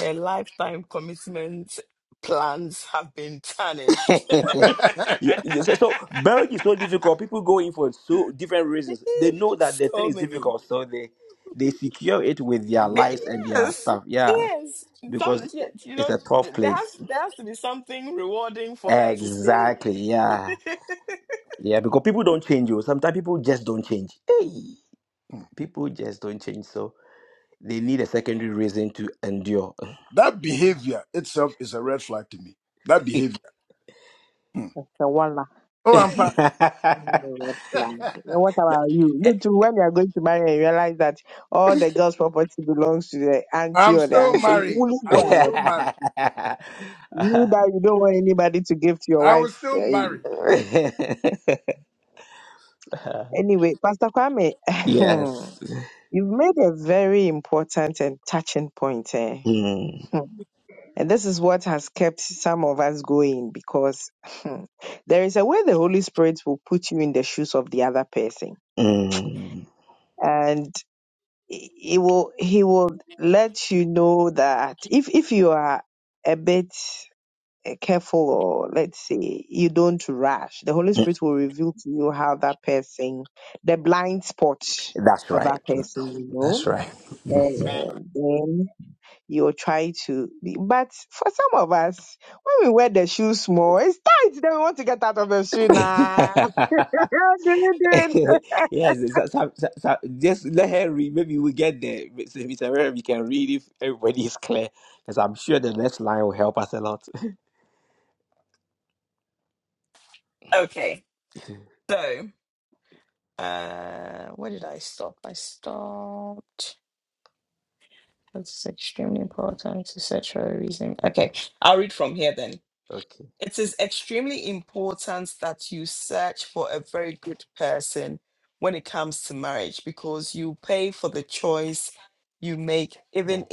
S6: yeah, yeah, so, so marriage is so difficult. People go in for so different reasons. They know that the thing is difficult, so they they secure it with their lives and their stuff. Yeah, because it's a tough place. Exactly. Yeah, yeah. Because people don't change. You sometimes people just don't change. Hey,
S5: Hmm.
S6: people just don't change. So they need a secondary reason to endure.
S5: that
S4: Mr.
S5: behavior itself is a red flag to me. That
S6: yes.
S5: behavior. Hmm.
S4: Walla.
S5: Oh, I'm pa.
S4: Red flag. Now, What about you? You too, when you're going to marry and realize that all the girl's property belongs to the auntie
S5: I'm
S4: or the
S5: still
S4: uncle,
S5: married.
S4: will you
S5: I
S4: go
S5: was
S4: ahead?
S5: still married.
S4: You that you don't want anybody to give to your
S5: I was
S4: wife.
S5: still
S4: eh.
S5: married.
S4: Anyway, Pastor Kwame, you've made a very important and touching point. Eh?
S6: Mm,
S4: And this is what has kept some of us going because there is a way the Holy Spirit will put you in the shoes of the other person.
S6: mm.
S4: And he will he will let you know that if if you are a bit eh, careful or let's say you don't rush, the Holy Spirit will reveal to you how that person the blind spot
S6: That's
S4: of
S6: right.
S4: that person, you know.
S6: That's right.
S4: And then you'll try to be. But for some of us, when we wear the shoes, small, it's tight. Then we want to get out of the shoe now. How do you do it?
S6: yes, so, so, so, so just let her read. Maybe we get there. Mr. Mr. Herrera, we can read if everybody is clear, because I'm sure the next line will help us a lot. Okay. Mm.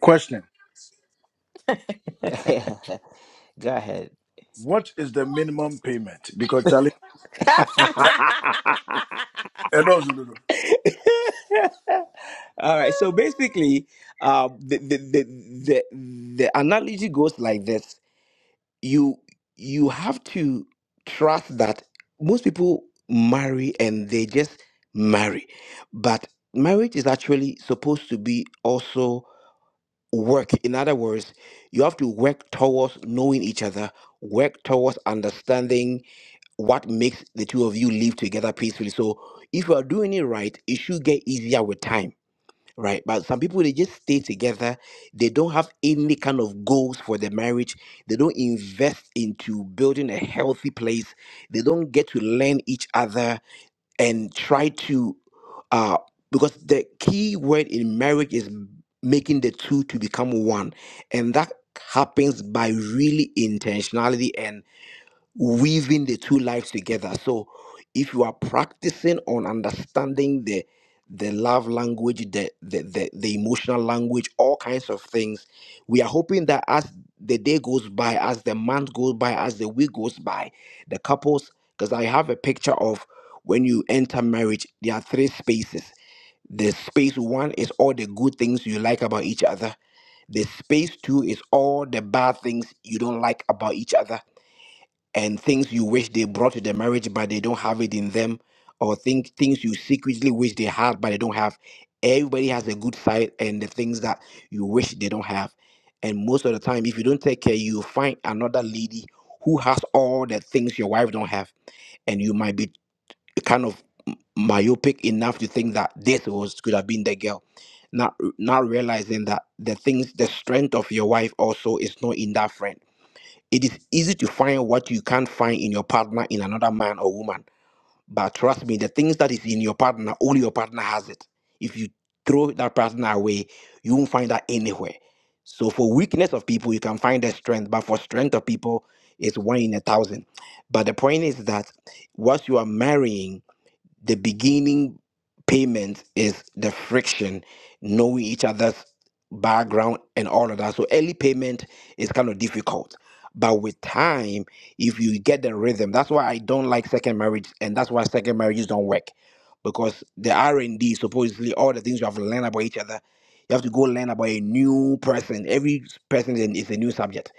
S5: Question:
S6: Go ahead.
S5: What is the minimum payment? Because Charlie, Eh, no, no, no, no.
S6: All right. So basically, uh, the, the the the the analogy goes like this: you you have to trust that most people marry and they just marry, but marriage is actually supposed to be also work. In other words, you have to work towards knowing each other, work towards understanding what makes the two of you live together peacefully. So if you are doing it right, it should get easier with time. Right, but some people they just stay together, they don't have any kind of goals for the marriage, they don't invest into building a healthy place, they don't get to learn each other, and try to uh because the key word in marriage is m- making the two to become one and that happens by really intentionality weaving the two lives together. So if you are practicing on understanding the the love language, the, the the the emotional language, all kinds of things, we are hoping that as the day goes by, as the month goes by, as the week goes by, the couples, because I have a picture of when you enter marriage, there are three spaces. The space one is all the good things you like about each other. The space two is all the bad things you don't like about each other and things you wish they brought to the marriage but they don't have it in them or think things you secretly wish they had but they don't have everybody has a good side and the things that you wish they don't have and most of the time if you don't take care you find another lady who has all the things your wife don't have and you might be kind of myopic enough to think that this was could have been the girl not not realizing that the things the strength of your wife also is not in that friend it is easy to find what you can't find in your partner in another man or woman. But trust me, the things that is in your partner, only your partner has it. If you throw that partner away, you won't find that anywhere. So for weakness of people, you can find the strength, but for strength of people, it's one in a thousand. But the point is that once you are marrying, the beginning payment is the friction, knowing each other's background and all of that. So early payment is kind of difficult. But with time, if you get the rhythm, that's why I don't like second marriage, and that's why second marriages don't work. Because the R and D, supposedly all the things you have learned about each other, you have to go learn about a new person. Every person is is a new subject.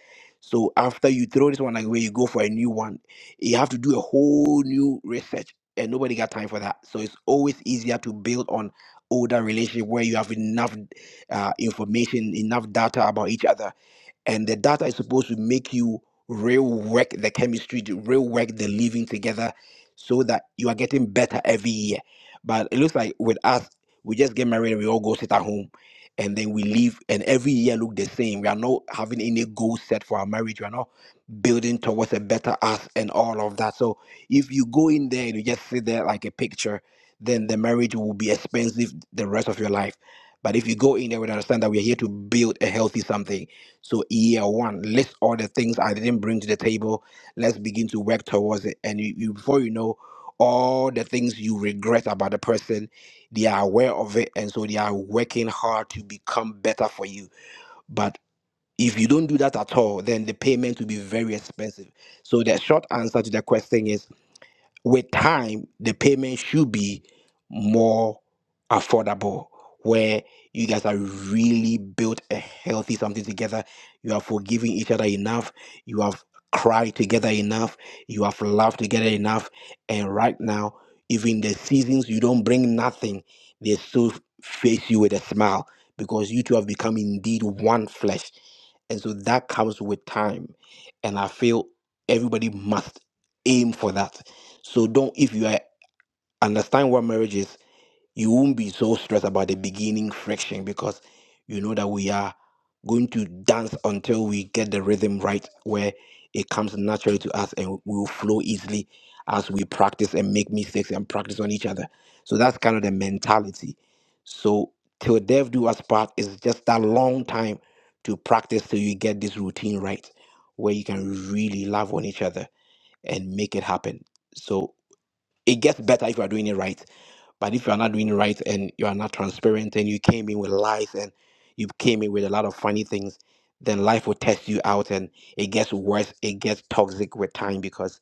S6: So after you throw this one away, you go for a new one. You have to do a whole new research and nobody got time for that. So it's always easier to build on older relationship where you have enough uh, information, enough data about each other, and the data is supposed to make you real work the chemistry, the real work the living together, so that you are getting better every year. But it looks like with us, we just get married and we all go sit at home. And then we leave, and every year look the same. We are not having any goal set for our marriage. We are not building towards a better us and all of that. So if you go in there and you just sit there like a picture, then the marriage will be expensive the rest of your life. But if you go in there and understand that we are here to build a healthy something, so year one, list all the things I didn't bring to the table. Let's begin to work towards it. And you, you before you know, all the things you regret about the person, they are aware of it, and so they are working hard to become better for you. But if you don't do that at all, then the payment will be very expensive. So the short answer to the question is with time the payment should be more affordable where you guys are really built a healthy something together you have forgiven each other enough you have cried together enough you have laughed together enough and right now even the seasons you don't bring nothing they still face you with a smile because you two have become indeed one flesh and so that comes with time and i feel everybody must aim for that so don't if you are, understand what marriage is, you won't be so stressed about the beginning friction because you know that we are going to dance until we get the rhythm right where it comes naturally to us and we will flow easily as we practice and make mistakes and practice on each other. So that's kind of the mentality. So till death do us part is just that long time to practice till you get this routine right where you can really love on each other and make it happen. So it gets better if you are doing it right. But if you are not doing it right and you are not transparent and you came in with lies and you came in with a lot of funny things, then life will test you out and it gets worse. It gets toxic with time because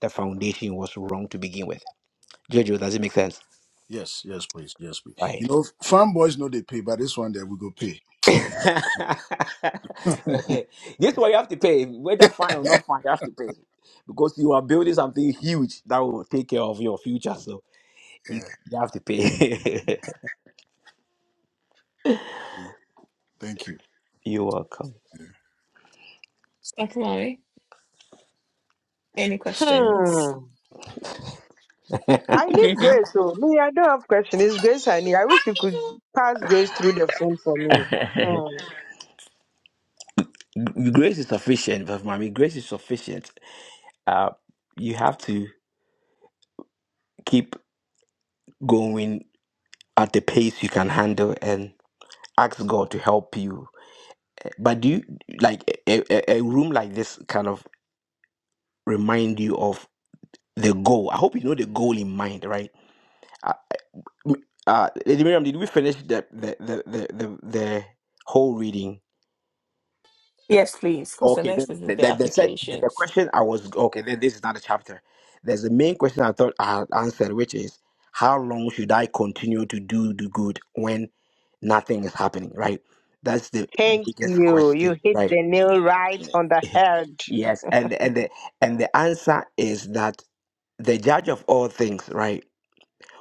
S6: the foundation was wrong to begin with. Jojo, does it make sense?
S5: yes, yes, please, yes, please.
S6: Right.
S5: You know, farm boys know they pay, but this one there we go pay.
S6: this one you have to pay, whether fine or
S5: yeah.
S6: not fine, you have to pay because you are building something huge that will take care of your future. So you,
S5: yeah.
S6: you have to pay.
S5: Thank you.
S6: You're welcome.
S5: Yeah.
S1: And
S4: Hmm. I need grace. So me, I don't have question. It's grace I need. I wish you could pass grace through the phone for me. Hmm.
S6: grace is sufficient, but mommy, grace is sufficient. Uh, you have to keep going at the pace you can handle and ask God to help you. But do you like a, a, a room like this kind of remind you of the goal? I hope you know the goal in mind, right? Uh, m- uh, Lady Miriam, did we finish the the the the, the, the whole reading? Okay, then the, the, the set the, the question I was okay. Then this is not a chapter. There's the main question I thought I had answered, which is how long should I continue to do the good when nothing is happening? Right. That's the
S4: Thank
S6: biggest
S4: you.
S6: question,
S4: You
S6: Mm.
S4: hit
S6: right?
S4: the nail right on the head.
S6: yes, and and the and the answer is that the judge of all things, right,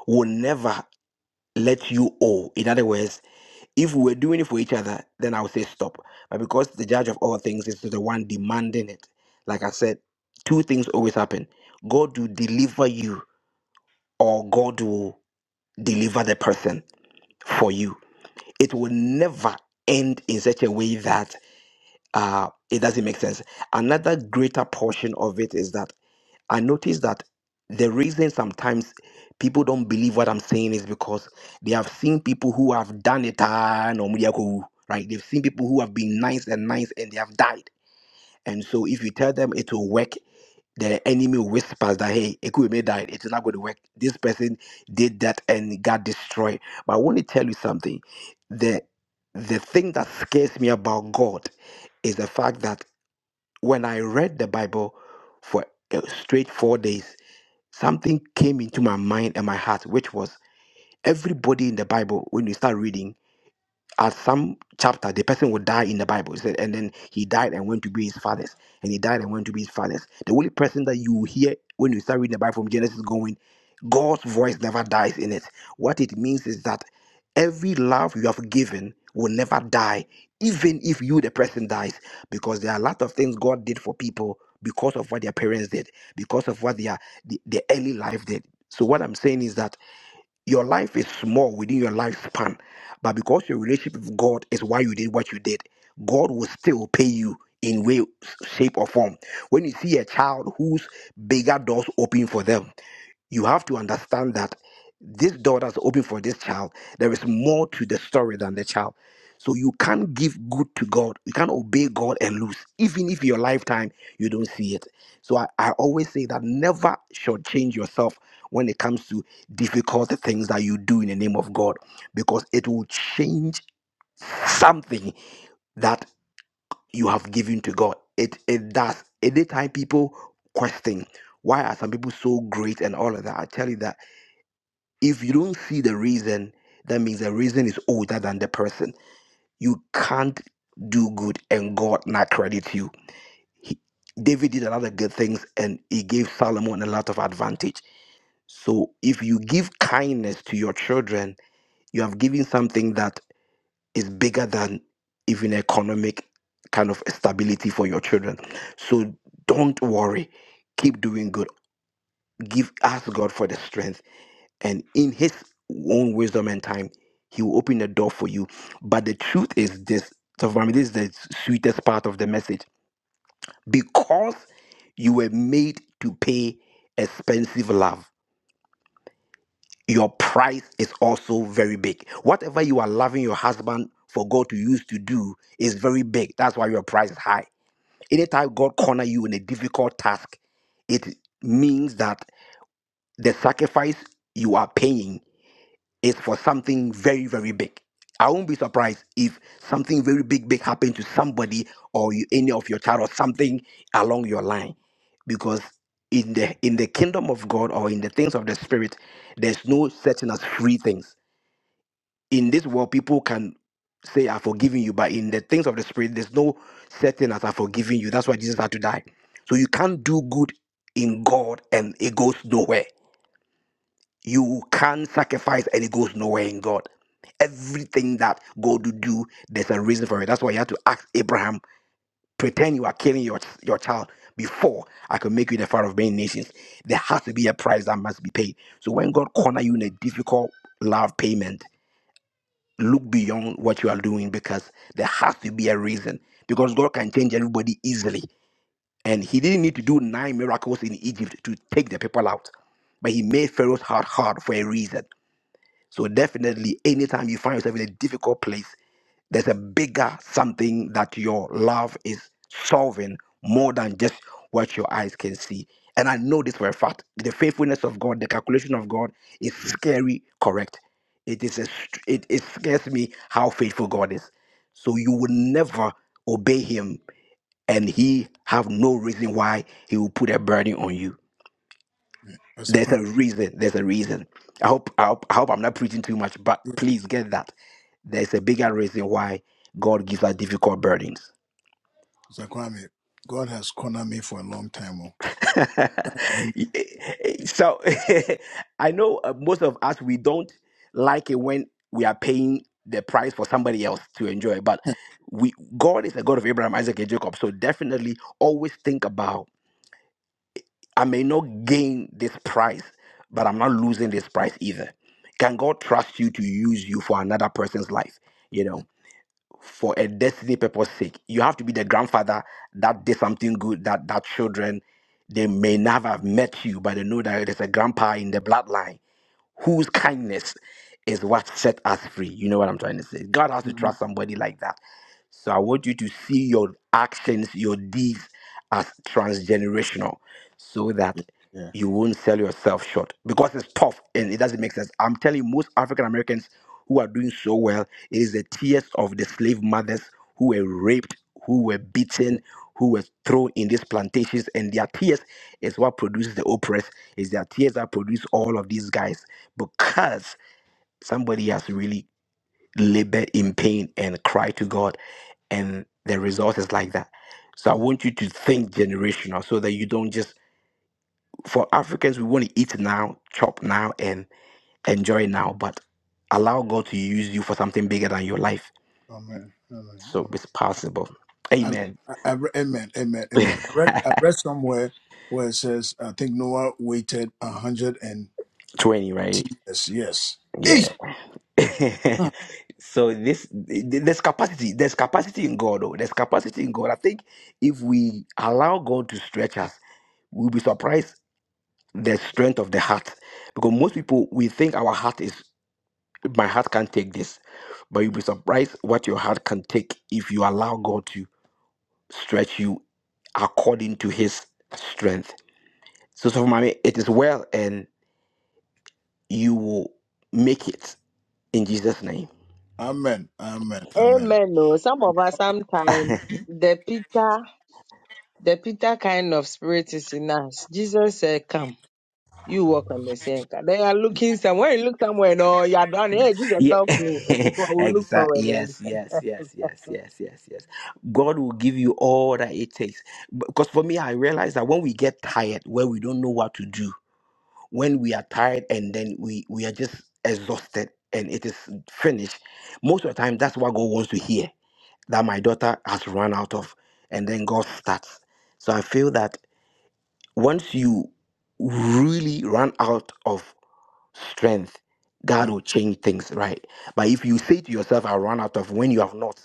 S6: will never let you owe. In other words, if we were doing it for each other, then I would say stop. But because the judge of all things is the one demanding it, like I said, two things always happen God will deliver you, or God will deliver the person for you. It will never end in such a way that uh, it doesn't make sense. Another greater portion of it is that I notice that the reason sometimes people don't believe what I'm saying is because they have seen people who have done it, ah, no, media ko, right? They've seen people who have been nice and nice and they have died. And so if you tell them it will work, the enemy whispers that, hey, Ekweme died. It's not going to work. This person did that and got destroyed. But I want to tell you something. The, the thing that scares me about God is the fact that when I read the Bible for uh, straight four days, something came into my mind and my heart, which was everybody in the Bible, when you start reading, at some chapter the person would die in the bible it said and then he died and went to be his fathers and he died and went to be his fathers the only person that you hear when you start reading the bible from genesis going god's voice never dies in it what it means is that every love you have given will never die even if you the person dies because there are a lot of things god did for people because of what their parents did because of what their the, the early life did so what i'm saying is that your life is small within your lifespan, but because your relationship with God is why you did what you did, God will still pay you in way, shape, or form. When you see a child whose bigger doors open for them, you have to understand that this door that's open for this child, there is more to the story than the child. So you can't give good to God. You can't obey God and lose, even if your lifetime you don't see it. So I, I always say that never shortchange yourself when it comes to difficult things that you do in the name of God, because it will change something that you have given to God. It it does. Anytime people question why are some people so great and all of that, I tell you that if you don't see the reason, that means the reason is older than the person. You can't do good and God not credit you. He, David did a lot of good things and he gave Solomon a lot of advantage. So if you give kindness to your children, you have given something that is bigger than even economic kind of stability for your children. So don't worry. Keep doing good. Give ask God for the strength and in his own wisdom and time he will open the door for you but the truth is this so for me this is the sweetest part of the message because you were made to pay expensive love your price is also very big whatever you are loving your husband for god to use to do is very big that's why your price is high anytime god corner you in a difficult task it means that the sacrifice you are paying is for something very, very big. I won't be surprised if something very big, big happened to somebody or you, any of your child or something along your line, because in the in the kingdom of God or in the things of the spirit, there's no such thing as free things. In this world, people can say I've forgiven you, but in the things of the spirit, there's no such as I've forgiven you. That's why Jesus had to die. So you can't do good in God and it goes nowhere you can't sacrifice and it goes nowhere in God. Everything that God will do, there's a reason for it. That's why you have to ask Abraham, pretend you are killing your, your child before I can make you the father of many nations. There has to be a price that must be paid. So when God corner you in a difficult love payment, look beyond what you are doing because there has to be a reason. Because God can change everybody easily. And he didn't need to do nine miracles in Egypt to take the people out. But he made Pharaoh's heart hard for a reason so definitely, anytime you find yourself in a difficult place, there's a bigger something that your love is solving more than just what your eyes can see. And I know this for a fact. The faithfulness of God, the calculation of God is scary correct. It is a, str- it, it scares me how faithful God is. So you will never obey him and he have no reason why he will put a burden on you.
S5: Yeah. Mr.
S6: There's
S5: Kwame,
S6: a reason. There's a reason. I hope, I hope I hope I'm not preaching too much, but
S5: yeah.
S6: please get that. There's a bigger reason why God gives us difficult burdens.
S5: Mr. Kwame, God has cornered me for a long time. oh.
S6: so I know uh, most of us we don't like it when we are paying the price for somebody else to enjoy, but we God is a God of Abraham, Isaac, and Jacob. So definitely always think about I may not gain this prize, but I'm not losing this prize either. Can God trust you to use you for another person's life? You
S5: Yeah.
S6: know, for a destiny purpose sake. You have to be the grandfather that did something good that that children they may never have met you, but they know that there's a grandpa in the bloodline whose kindness is what set us free. You know what I'm trying to say? God has to trust
S5: Mhm.
S6: somebody like that so I want you to see your actions, your deeds as transgenerational so that
S5: Yeah. Yeah.
S6: you won't sell yourself short because it's tough and it doesn't make sense. I'm telling you, most African Americans who are doing so well it is the tears of the slave mothers who were raped, who were
S5: Yeah.
S6: beaten, who were thrown in these plantations, and their tears is what produces the oppressed. It's their tears that produce all of these guys because somebody has really labored in pain and cried to God and the result is like that. So I
S5: Yeah.
S6: want you to think generational so that you don't just for Africans we want to eat now, chop now and enjoy now, but allow God to use you for something bigger than your life.
S5: Amen. Amen.
S6: So
S5: Amen.
S6: it's possible.
S5: I, re-
S6: Amen.
S5: I, I, re- amen. Amen. Amen. I read, I read somewhere where it says, I think Noah waited a hundred and
S6: 20,
S5: ten
S6: right?
S5: years. Yes.
S6: Yeah.
S5: Eesh.
S6: so this there's capacity. There's capacity in God. Oh. There's capacity in God. I think if we allow God to stretch us, we'll be surprised the strength of the heart because most people we think our heart is my heart can't take this but you'll
S5: Hmm.
S6: be surprised what your heart can take if you allow god to stretch you according to his strength so so for mommy it is well and you will make it in jesus name
S5: Amen. Amen. Amen.
S4: Amen. Oh, some of us sometimes the Peter, the Peter kind of spirit is in us. Jesus said, "Come." You walk on the same car. They are looking somewhere. You look somewhere. No, you are done. Hey, Jesus,
S6: yeah
S4: help me. It is what we look
S6: exactly
S4: for.
S6: yes
S4: to.
S6: yes yes yes yes yes yes god will give you all that it takes because for me i realize that when we get tired when we don't know what to do when we are tired and then we we are just exhausted and it is finished most of the time that's what god wants to hear that my daughter has run out of and then god starts so i feel that once you really run out of strength god
S5: Uh,
S6: will change things right but if you say to yourself i run out of when you have not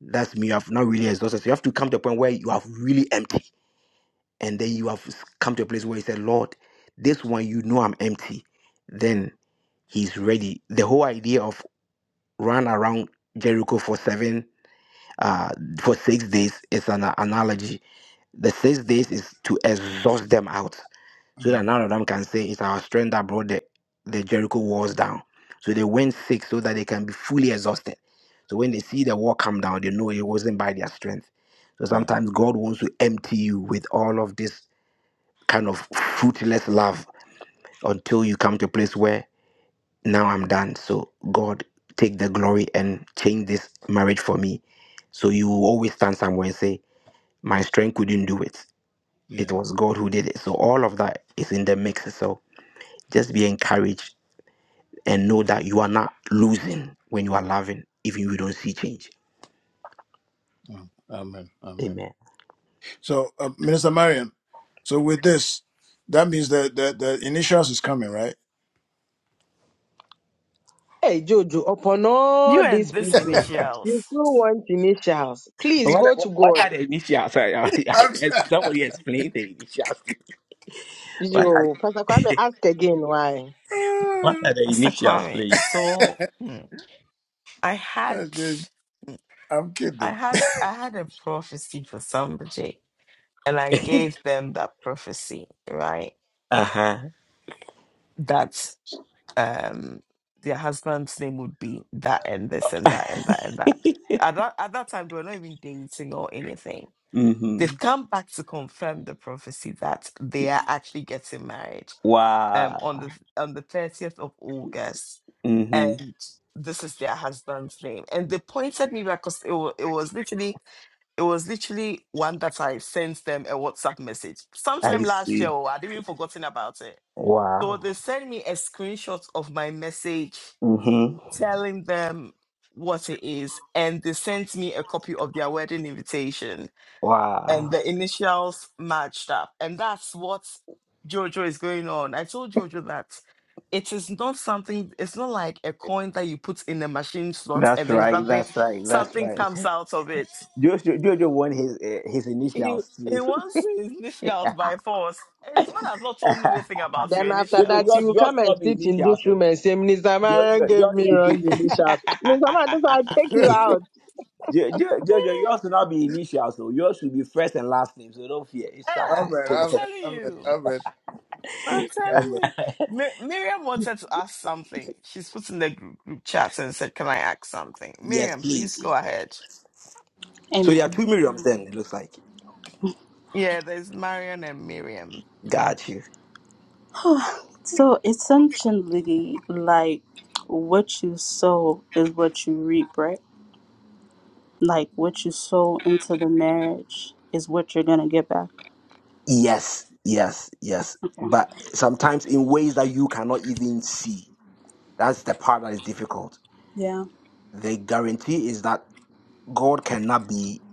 S6: that's me you have not really exhausted so you have to come to a point where you have really empty and then you have come to a place where you say, Lord, this one, you know I'm empty, then he's ready. The whole idea of run around Jericho for seven, uh, for six days is an analogy. The six days is to exhaust them out so that
S5: uh,
S6: none of them can say it's our strength that brought the, the Jericho walls down. So they went six so that they can be fully exhausted. So when they see the wall come down, they know it wasn't by their strength. So
S5: Right.
S6: sometimes God wants to empty you with all of this kind of fruitless love until you come to a place where now I'm done. So God, take the glory and change this marriage for me. So you will always stand somewhere and say, My strength couldn't do it.
S5: Yeah.
S6: It was God who did it. So all of that is in the mix. So just be encouraged and know that you are not losing when you are loving, even if you don't see change.
S5: Um, amen. Amen.
S6: Amen.
S5: So, uh, Minister Marion, so with this, that means that the, the initials is coming, right?
S4: Hey, Jojo, upon all these people, you still want initials.
S6: But
S4: Please
S6: What,
S4: go
S6: what,
S4: to
S6: what
S4: God.
S6: yeah, sorry, I, I,
S5: I'm,
S6: somebody explain. What are,
S4: You, Pastor Kwame,
S6: the,
S4: ask again why.
S6: what are the initials, please?
S5: I'm just, I'm kidding.
S6: uh huh. hmm Wow. hmm I see. Wow. hmm Wow. That's right. That's right. That's right. Jojo, Jojo won his uh, his initials too.
S4: Then after
S6: Jojo,
S4: that, you
S6: yours
S4: will
S6: yours
S4: come
S6: should
S4: and
S6: not be
S4: sit in
S6: initials.
S4: this
S6: So
S4: room and say, Mister Marion
S6: Jojo,
S4: gave
S6: yours
S4: me
S6: should be
S4: wrong initials. Mister Marion, this I'll take you
S5: amen.
S4: out.
S6: Jo- Jo- Jojo, yours should not be initials. So yours should be first and last name. So don't fear. It's I come
S5: Amen.
S6: clear.
S5: Amen. Amen.
S6: Yeah.
S5: Amen.
S6: Yes, please. So there are
S3: Amen.
S6: two Miriams then. It looks like got you.
S3: So essentially, like what you sow is what you reap, right? Like what you sow into the marriage is what you're gonna get back.
S6: Yes. Yes. Yes.
S3: Okay.
S6: But sometimes in ways that you cannot even see. That's the part that is difficult.
S3: Yeah.
S6: The guarantee is that God cannot be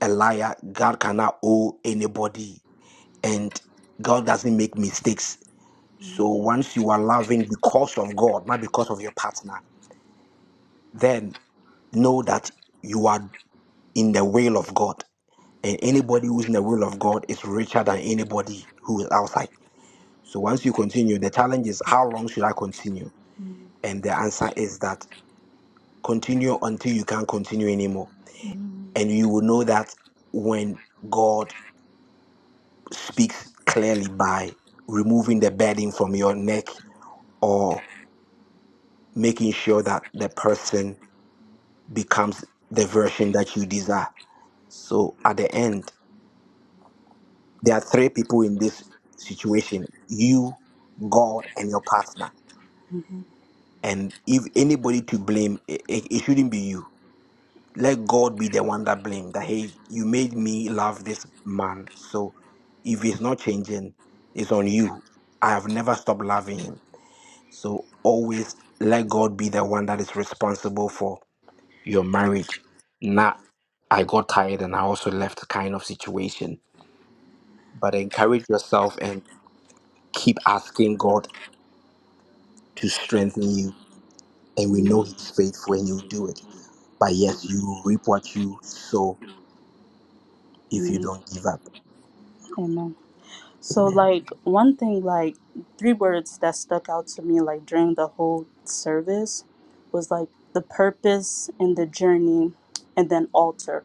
S6: a liar. God cannot owe anybody. And God doesn't make mistakes. So once you are loving because of God, not because of your partner, then know that you are in the will of God. And anybody who's in the will of God is richer than anybody who is outside. So once you continue, the challenge is how long should I continue?
S3: Mhm.
S6: And the answer is that continue until you can't continue anymore and you will know that when God speaks clearly by removing the burden from your neck or making sure that the person becomes the version that you desire. So at the end, there are three people in this situation you, God, and your partner.
S3: Mhm.
S6: And if anybody to blame, it, it, it shouldn't be you let God be the one that blamed that hey, you made me love this man. So if he's not changing, it's on you. I have never stopped loving him. So always let God be the one that is responsible for your marriage. Not I got tired and I also left kind of situation. But encourage yourself and keep asking God to strengthen you. And we know He's faithful and you do it. But yes, you reap what you sow if you
S3: Amen.
S6: don't give up.
S3: Amen. So
S6: Amen.
S3: like one thing like three words that stuck out to me like during the whole service was like the purpose and the journey and then altar.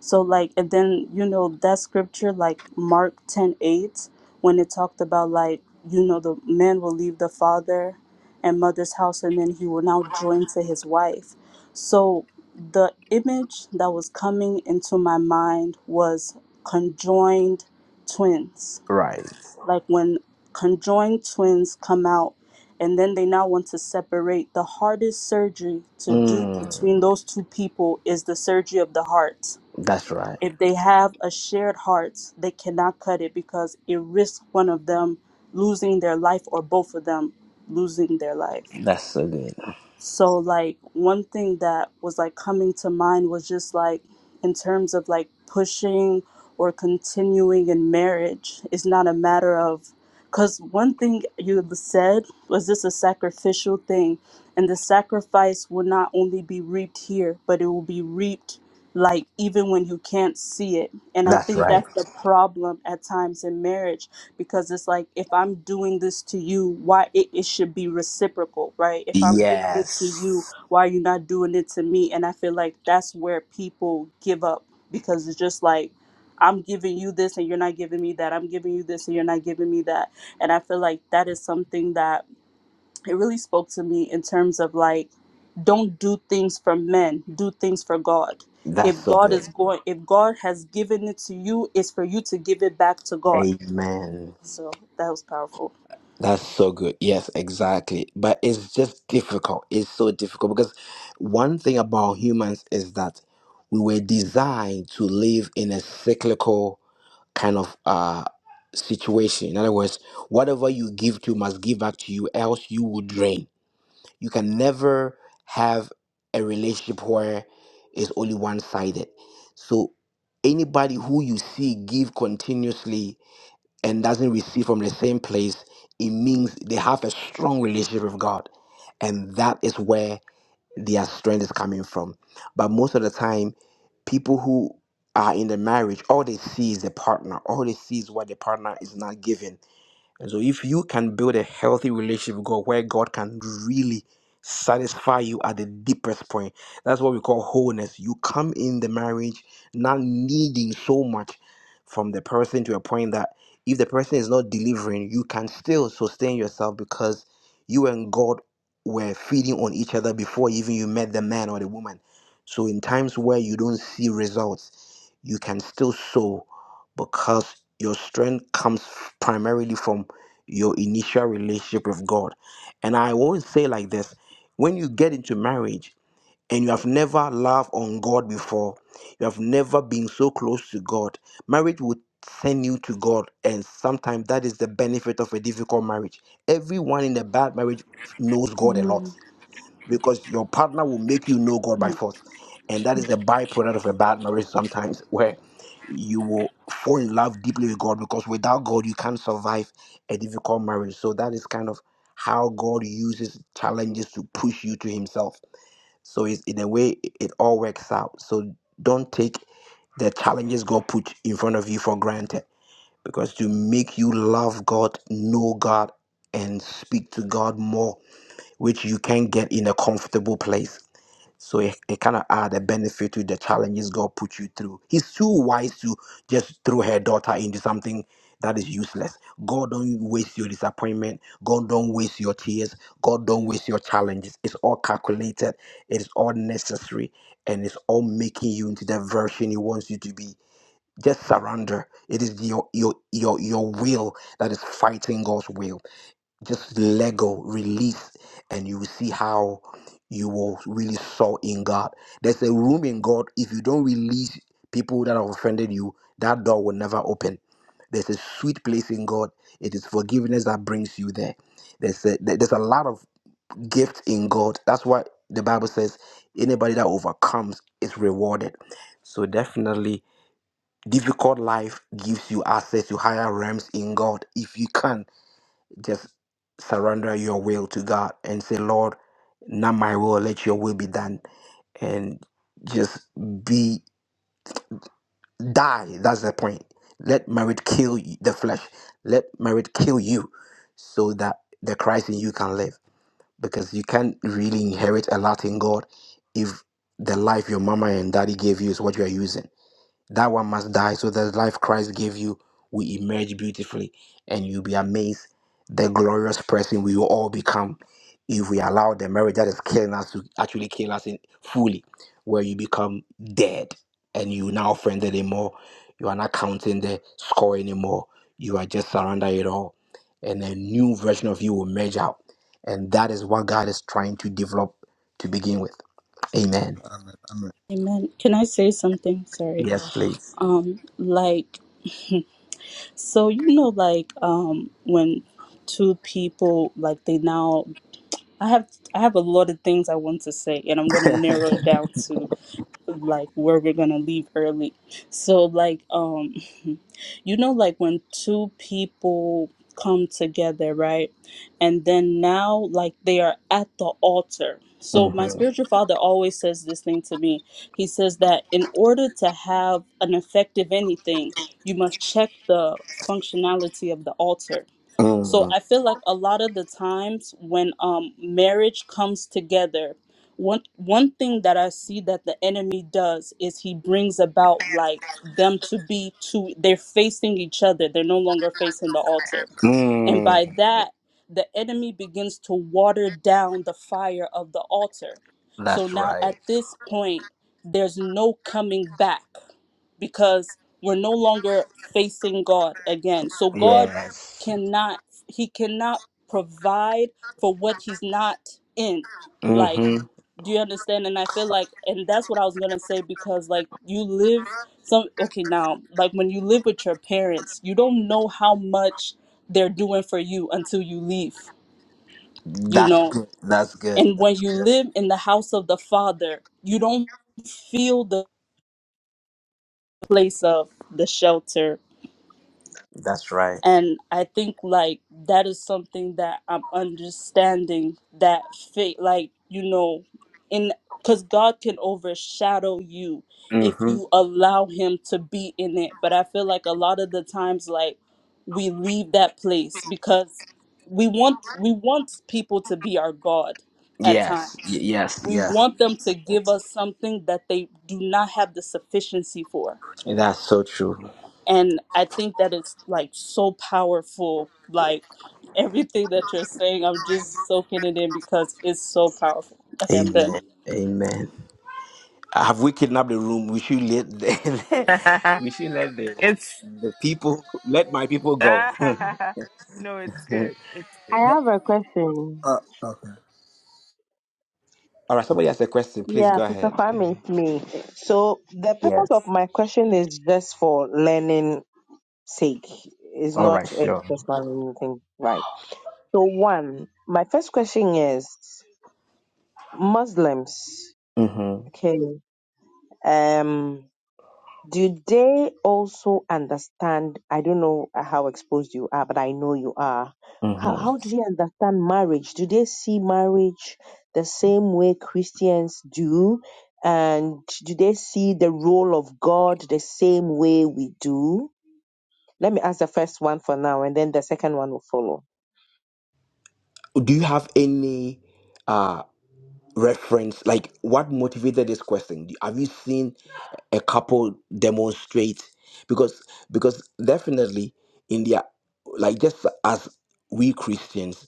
S3: So like and then you know that scripture like Mark ten eight when it talked about like you know the man will leave the father and mother's house and then he will now join to his wife. So the image that was coming into my mind was conjoined twins
S6: Right.
S3: like when conjoined twins come out and then they now want to separate the hardest surgery to do Mhm.
S6: Mm,
S3: between those two people is the surgery of the heart
S6: that's right.
S3: if they have a shared heart they cannot cut it because it risks one of them losing their life or both of them losing their life
S6: That's so good.
S3: so like one thing that was like coming to mind was just like in terms of like pushing or continuing in marriage is not a matter of because one thing you said was this a sacrificial thing and the sacrifice will not only be reaped here but it will be reaped like even when you can't see it and i
S6: That's
S3: think
S6: right.
S3: that's the problem at times in marriage because it's like if i'm doing this to you why it, it should be reciprocal right if i'm doing it to you
S6: Yes.
S3: why are you not doing it to me and i feel like that's where people give up because it's just like i'm giving you this and you're not giving me that i'm giving you this and you're not giving me that and i feel like that is something that it really spoke to me in terms of like don't do things for men do things for god
S6: That's
S3: if
S6: so
S3: god
S6: good.
S3: is going if god has given it to you it's for you to give it back to god
S6: Amen.
S3: so that was powerful.
S6: That's so good. Yes, exactly. But it's just difficult. It's so difficult because one thing about humans is that we were designed to live in a cyclical kind of uh situation. In other words, whatever you give to must give back to you, else you will drain. You can never have a relationship where it's only one sided. So anybody who you see give continuously and doesn't receive from the same place, it means they have a strong relationship with God. And that is where their strength is coming from. But most of the time, people who are in the marriage, all they see is the partner. All they see is what the partner is not giving and so, if you can build a healthy relationship with God where God can really satisfy you at the deepest point, that's what we call wholeness. You come in the marriage not needing so much from the person to a point that if the person is not delivering, you can still sustain yourself because you and God were feeding on each other before even you met the man or the woman. So, in times where you don't see results, you can still sow because your strength comes primarily from your initial relationship with God. And I won't say like this when you get into marriage and you have never loved on God before, you have never been so close to God, marriage would send you to God. And sometimes that is the benefit of a difficult marriage. Everyone in a bad marriage knows God a lot
S3: Mm-hmm.
S6: because your partner will make you know God by force. And that is the byproduct of a bad marriage sometimes, where you will fall in love deeply with God because without God, you can't survive a difficult marriage. So that is kind of how God uses challenges to push you to Himself. So it's, in a way, it it all works out. So don't take the challenges God put in front of you for granted because to make you love God, know God, and speak to God more which you can get in a comfortable place. So it, it kind of add a benefit to the challenges God put you through. He's too wise to just throw her daughter into something that is useless. God don't waste your disappointment. God don't waste your tears. God don't waste your challenges. It's all calculated. It's all necessary, and it's all making you into the version He wants you to be. Just surrender. It is your your your your will that is fighting God's will just let go, release, and you will see how you will really soar in God. There's a room in God. If you don't release people that have offended you, that door will never open. There's a sweet place in God. It is forgiveness that brings you there. There's a, there- there's a lot of gift in God. That's why the Bible says anybody that overcomes is rewarded. So definitely, difficult life gives you access to higher realms in God if you can just surrender your will to God and say, Lord, not my will, let your will be done. And just be, die. That's the point. Let marriage kill y- the flesh. Let marriage kill you so that the Christ in you can live. Because you can't really inherit a lot in God if the life your mama and daddy gave you is what you are using. That one must die so that the life Christ gave you will emerge beautifully and you'll be amazed the glorious person we will all become if we allow the marriage that is killing us to actually kill us in fully, where you become dead and you now friend anymore. You are not counting the score anymore. You are just surrender it all. And a new version of you will merge out. And that is what God is trying to develop to begin with. Amen.
S5: Amen. Amen.
S3: Amen. Can I say something? Sorry.
S6: Yes, please.
S3: Um, like, so you know, like, um, when two people like they now, I have, I have a lot of things I want to say, and I'm gonna narrow it down like where we're gonna leave early. So like um you know like when two people come together, right? And then now like they are at the altar. So my
S6: Mhm.
S3: spiritual father always says this thing to me. He says that in order to have an effective anything, you must check the functionality of the altar. So
S6: Mm.
S3: I feel like a lot of the times when um, marriage comes together, one one thing that I see that the enemy does is he brings about like them to be two. They're facing each other. They're no longer facing the altar, and by
S6: Mm,
S3: that, the enemy begins to water down the fire of the altar. So
S6: that's
S3: now at
S6: right.
S3: this point, there's no coming back because we're no longer facing God again. So God
S6: Yes.
S3: cannot he cannot provide for what he's not in. Like,
S6: Mm-hmm.
S3: do you understand? And I feel like and that's what I was going to say because like you live some okay now, like when you live with your parents, you don't know how much they're doing for you until you leave, you
S6: That's
S3: know.
S6: good. That's good.
S3: And when
S6: That's
S3: you
S6: good.
S3: live in the house of the Father, you don't feel the place of the shelter
S6: That's right.
S3: and i think like that is something that i'm understanding that faith like you know in because god can overshadow you if
S6: Mm-hmm.
S3: you allow him to be in it but i feel like a lot of the times like we leave that place because we want we want people to be our god at
S6: Yes. Y-
S3: times
S6: yes.
S3: we
S6: Yes.
S3: want them to give us something that they do not have the sufficiency for
S6: That's so true.
S3: and i think that it's like so powerful like everything that you're saying i'm just soaking it in because it's so powerful okay i'm done
S6: Amen. Amen. Have we kidnapped the room? We should let the, we should let the the people let my people go.
S4: I have a question.
S5: Uh, uh, okay.
S6: All right. Somebody has a question. Please
S4: Yeah,
S6: go
S4: Pastor
S6: ahead.
S4: Kwame, it's me. So the
S6: Yeah.
S4: purpose of my question is just for learning sake. It's
S6: All right.
S4: not a
S6: Sure.
S4: personal thing, right? So, one, my first question is Muslims,
S6: Mm-hmm.
S4: okay, um, do they also understand? I don't know how exposed you are, but I know you are. How,
S6: Mm-hmm.
S4: how do they understand marriage? Do they see marriage the same way Christians do? And do they see the role of God the same way we do? Let me ask the first one for now, and then the second one will follow.
S6: Do you have any? reference like what motivated this question have you seen a couple demonstrate because because definitely in their like just as we christians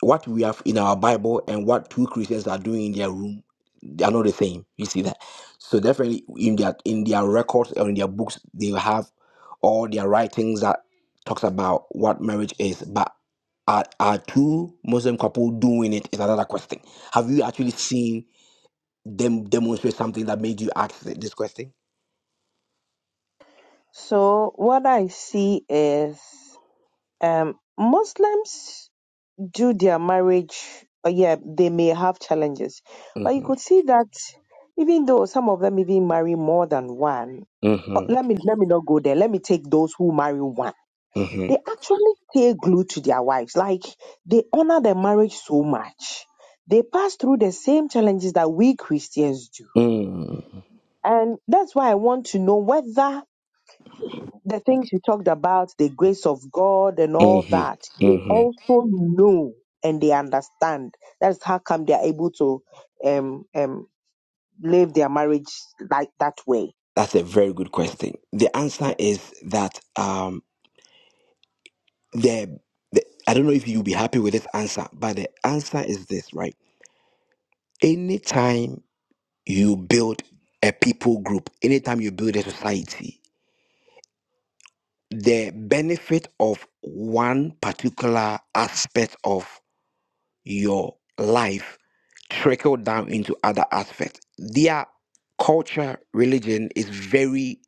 S6: what we have in our bible and what two christians are doing in their room they are not the same you see that so definitely in their in their records or in their books they have all their writings that talks about what marriage is but are, are two muslim couple doing it is another question have you actually seen dem- demonstrate something that made you ask th- this question?
S4: So what I see is um, Muslims do their marriage. uh, Yeah, they may have challenges, but you
S6: Mhm,
S4: could see that even though some of them even marry more than one. uh,
S6: mhm,
S4: Let me let me not go there. Let me take those who marry one.
S6: mhm,
S4: They actually stay glued to their wives. Like they honor their marriage so much. They pass through the same challenges that we Christians do.
S6: mm,
S4: And that's why I want to know whether the things you talked about, the grace of God and all
S6: mhm,
S4: that, they
S6: mhm.
S4: also know and they understand. That's how come they are able to um, um, live their marriage like that way.
S6: That's a very good question. The answer is that um, the, the I don't know if you'll be happy with this answer, but the answer is this, right? Anytime you build a people group, anytime you build a society, the benefit of one particular aspect of your life trickle down into other aspects. Their culture, religion is very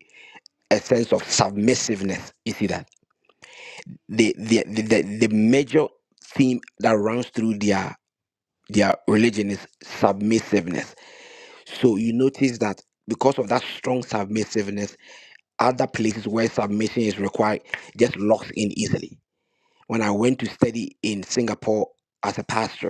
S6: a sense of submissiveness. You see that the the the, the, the major theme that runs through their their religion is submissiveness. So you notice that because of that strong submissiveness, other places where submission is required just locks in easily. When I went to study in Singapore as a pastor,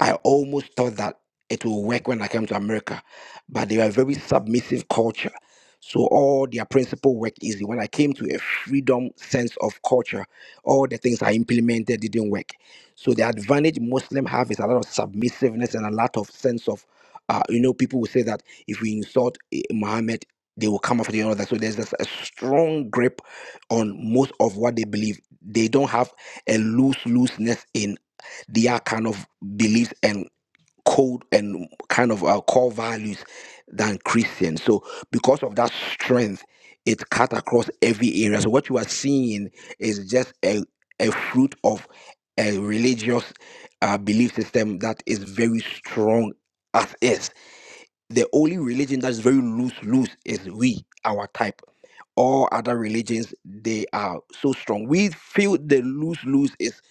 S6: I almost thought that it will work when I came to America, but they were a very submissive culture. So all their principle worked easy. When I came to a freedom sense of culture, all the things I implemented didn't work. So the advantage Muslim have is a lot of submissiveness and a lot of sense of, uh, you know, people will say that if we insult eh, Muhammad, they will come after the other. So there's just a strong grip on most of what they believe. They don't have a loose looseness their kind of beliefs and code and kind of uh, core values than Christians. So because of that strength, it cut across every area. So what you are seeing is just a, a fruit of a religious uh, belief system that is very strong as is the only religion that's very loose loose is we our type all other religions they are so strong we feel the loose loose is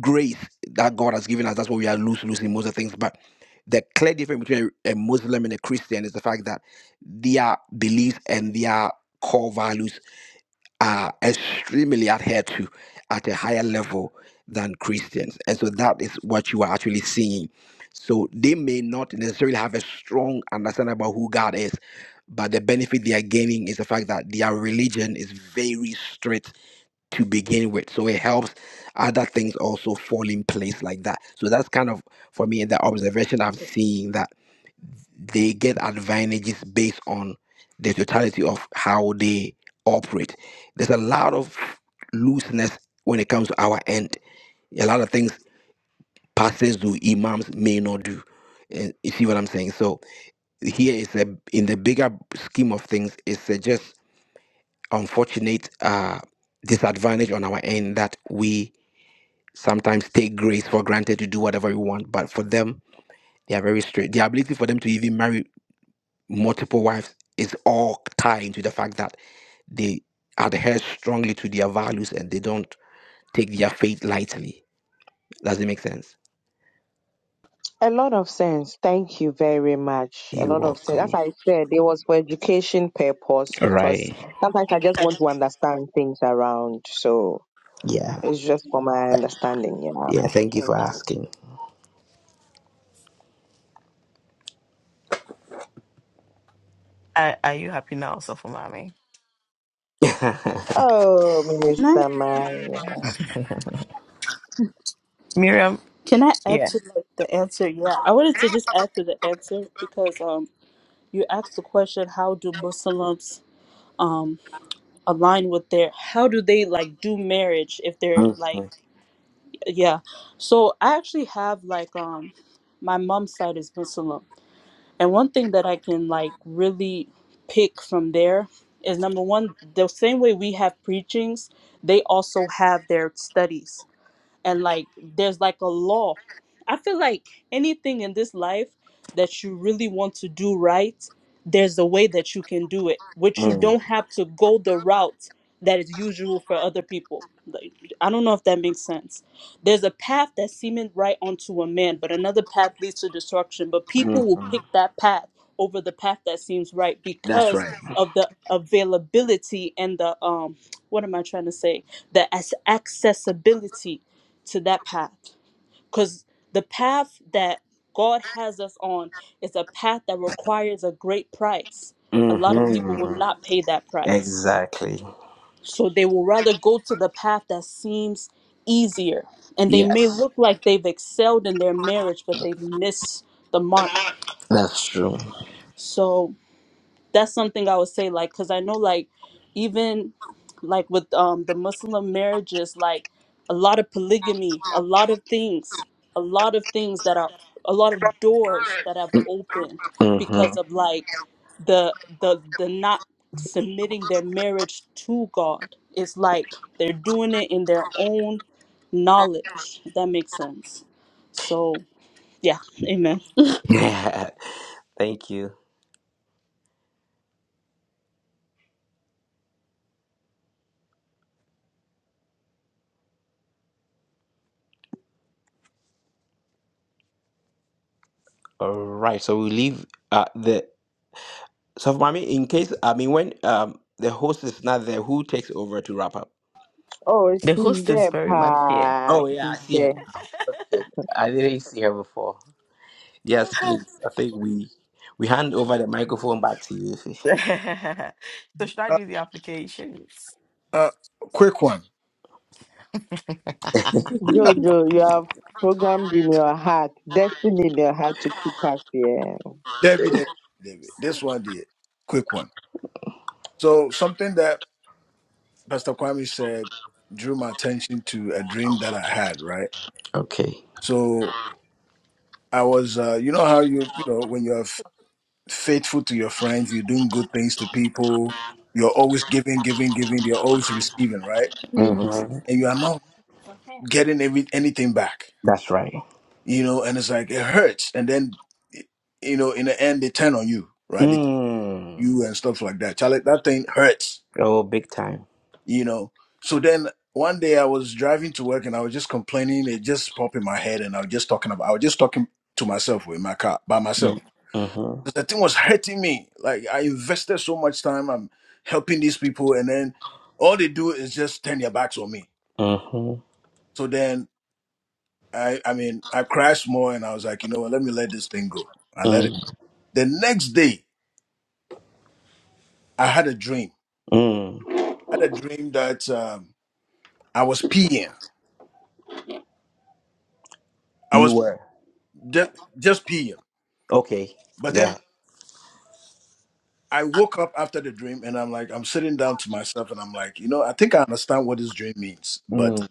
S6: grace that god has given us that's why we are loose loose in most of things but the clear difference between a a muslim and a christian is the fact that their beliefs and their core values are extremely adhered to at a higher level than Christians. And so that is what you are actually seeing. So they may not necessarily have a strong understanding about who God is, but the benefit they are gaining is the fact that their religion is very strict to begin with. So it helps other things also fall in place like that. So that's kind of, for me, the observation I'm seeing they get advantages based on the totality of how they operate. There's a lot of looseness when it comes to our end. A lot of things pastors do, imams may not do. And you see what I'm saying? So here is a in the bigger scheme of things, it's a just unfortunate uh, disadvantage on our end that we sometimes take grace for granted to do whatever we want. But for them, they are very straight. The ability for them to even marry multiple wives is all tied into the fact that they adhere strongly to their values and they don't take their faith lightly. Does it make sense?
S4: A lot of sense. Thank you very much. A
S6: You're
S4: lot of sense. As
S6: welcome.
S4: I said, it was for education purpose
S6: All
S4: because
S6: right.
S4: sometimes I just want to understand things around. So
S6: Yeah.
S4: it's just for my understanding. Yeah.
S6: Yeah. Thank you
S4: Thank
S6: for
S4: you.
S6: asking.
S4: Oh,
S3: can i
S4: Minister Maya.
S3: can i add to like, the answer yeah i wanted to just add to the answer because um you asked the question how do muslims um align with their how do they like do marriage if they're like yeah so i actually have like um my mom's side is muslim And one thing that I can like really pick from there is number one, the same way we have preachings, they also have their studies and like there's like a law i feel like anything in this life that you really want to do right there's a way that you can do it which you
S6: Mhm.
S3: don't have to go the route that is usual for other people like i don't know if that makes sense there's a path that seemeth right unto a man but another path leads to destruction but people will pick that path over the path that seems right
S6: That's right.
S3: because of the availability and the um what am i trying to say the as- accessibility to that path because the path that god has us on is a path that requires a great price a lot of people will
S6: hmm
S3: not pay that price
S6: Exactly.
S3: so they will rather go to the path that seems easier and they
S6: Yeah.
S3: may look like they've excelled in their marriage but they've missed the mark
S6: That's true.
S3: so that's something I would say, like, because I know, like, even like with um the Muslim marriages, like a lot of polygamy, a lot of things, a lot of things that are a lot of doors that have opened
S6: hmm
S3: because of like the the the not submitting their marriage to God. It's like they're doing it in their own knowledge. If that makes sense. So yeah, amen.
S6: Thank you. All right. So we leave uh, the. So, Mami, in case, I mean, when um, the host is not there, who takes over to wrap up?
S4: Oh, she's there, pa.
S6: Oh, yeah. I
S4: She's
S6: see her.
S4: there.
S6: Okay. I didn't see her before. Yes, please. I think we we hand over the microphone back to you.
S5: Uh, uh, quick one.
S4: Jojo, you have programmed in your heart, destined in your heart to keep us here.
S5: David. David. Debbie. This one, did. Quick one. So, something that Pastor Kwame said drew my attention to a dream that I had, right?
S6: Okay.
S5: So. I was, uh, you know how you, you know, when you're f- faithful to your friends, you're doing good things to people, you're always giving, giving, giving, you're always receiving, right?
S6: Mm-hmm.
S5: And you are not getting every, anything back,
S6: That's right.
S5: you know, and it's like, it hurts. And then, y- you know, in the end, they turn on you, right? They turn on
S6: Mm.
S5: you and stuff like that. Charlie, that thing hurts,
S6: Oh, big time.
S5: you know? So then one day I was driving to work and I was just complaining. It just popped in my head and I was just talking about, I was just talking to myself in my car by myself
S6: Mm-hmm.
S5: because the thing was hurting me. Like I invested so much time, I'm helping these people, and then all they do is just turn their backs on me.
S6: Mm-hmm.
S5: So then I, I mean, I crashed more, and I was like, you know what? Let me let this thing go. I let it.
S6: Mm.
S5: The next day, I had a dream.
S6: Mm.
S5: I had a dream that um, I was peeing. I
S6: You
S5: was
S6: were.
S5: just just peeing,
S6: Okay.
S5: but
S6: Yeah.
S5: then. I woke up after the dream and I'm like, I'm sitting down to myself and I'm like, you know, I think I understand what this dream means, but
S6: Mm.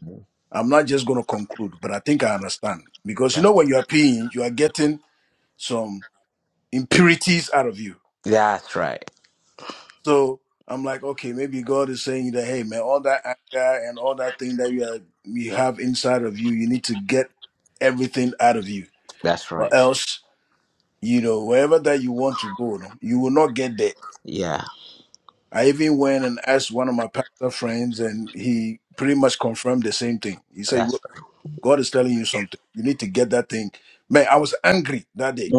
S5: I'm not just going to conclude, but I think I understand. Because you know, when you are peeing, you are getting some impurities out of you.
S6: That's right.
S5: So I'm like, okay, maybe God is saying that, hey, man, all that anger and all that thing that you, are, you have inside of you, you need to get everything out of you.
S6: That's
S5: Or
S6: right.
S5: else, you know, wherever that you want to go, no, you will not get there. I even went and asked one of my pastor friends, and he pretty much confirmed the same thing. He said,
S6: That's
S5: God is telling you something. You need to get that thing. Man, I was angry that day,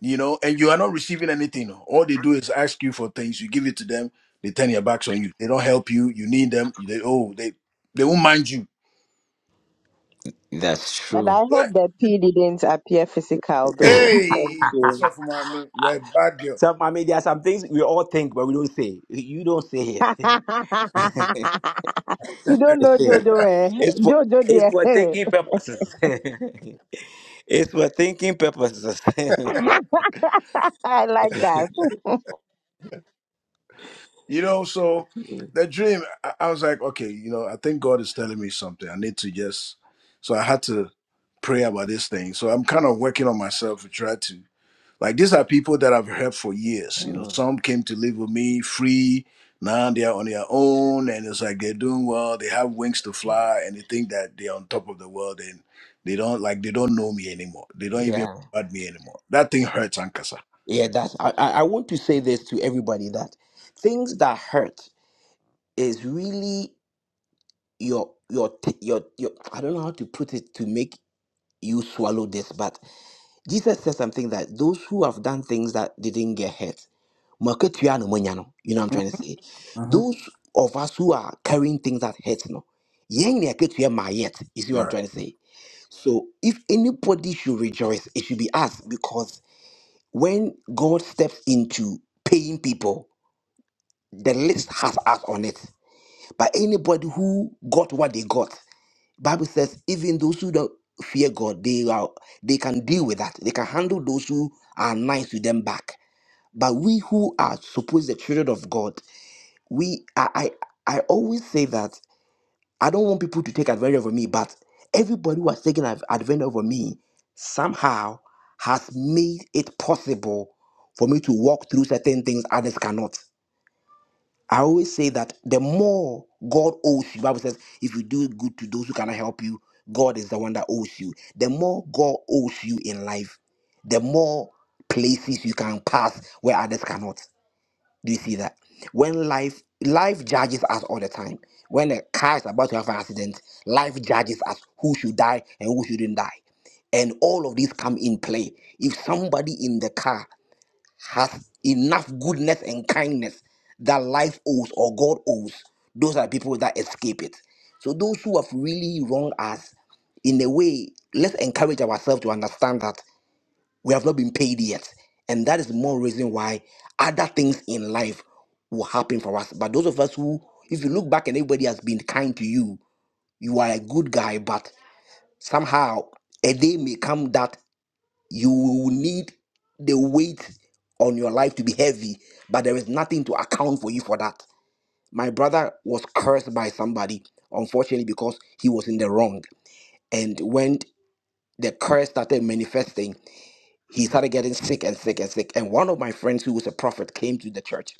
S5: you know, and you are not receiving anything. All they do is ask you for things. You give it to them, they turn their backs on you. They don't help you. You need them. They oh, they they won't mind you.
S6: right. That's
S4: But
S6: true.
S4: I hope
S5: What?
S4: the P didn't appear physical, though. Thank
S5: Hey, what's
S4: you.
S5: up, my man? You're a bad girl.
S6: So I mean, there are some things we all think, but we don't say. You don't say it.
S4: You don't know Jojo, eh?
S6: it's for
S4: Jojo,
S6: it's
S4: dear.
S6: for thinking purposes. It's for thinking purposes.
S4: I like that.
S5: You know, so the dream, I, I was like, okay, you know, I think God is telling me something. I need to just so I had to pray about this thing. So I'm kind of working on myself to try to Like these are people that I've helped for years. You know,
S6: Mm,
S5: some came to live with me free. Now they are on their own, and it's like they're doing well. They have wings to fly, and they think that they're on top of the world, and they don't like they don't know me anymore. They don't even
S6: yeah,
S5: regard me anymore. That thing hurts, Ankasa.
S6: yeah. That's I. I I want to say this to everybody that things that hurt is really your your t- your your. I don't know how to put it to make you swallow this, but Jesus said something that those who have done things that didn't get hurt. "Maketua no monya no," You know what I'm trying to say?
S5: Uh-huh.
S6: Those of us who are carrying things that hurt, no. yɛn na yɛakatua ma yet. You see what I'm
S5: Right.
S6: trying to say? So if anybody should rejoice, it should be us because when God steps into paying people, the list has us on it. But anybody who got what they got, Bible says even those who don't fear God, they are they can deal with that. They can handle those who are nice to them back. But we who are supposed the children of God, we I I, I always say that I don't want people to take advantage of me, but everybody who has taken ad- advantage of me somehow has made it possible for me to walk through certain things others cannot. I always say that the more God owes you, Bible says, if you do good to those who cannot help you, God is the one that owes you. The more God owes you in life, the more places you can pass where others cannot. Do you see that? When life life judges us all the time. When a car is about to have an accident, life judges us who should die and who shouldn't die. And all of these come in play. If somebody in the car has enough goodness and kindness that life owes or God owes, those are people that escape it. So those who have really wronged us, in a way, let's encourage ourselves to understand that we have not been paid yet. And that is more reason why other things in life will happen for us. But those of us who, if you look back and everybody has been kind to you, you are a good guy, but somehow a day may come that you will need the weight on your life to be heavy, but there is nothing to account for you for that. My brother was cursed by somebody, unfortunately, because he was in the wrong. And when the curse started manifesting, he started getting sick and sick and sick. And one of my friends who was a prophet came to the church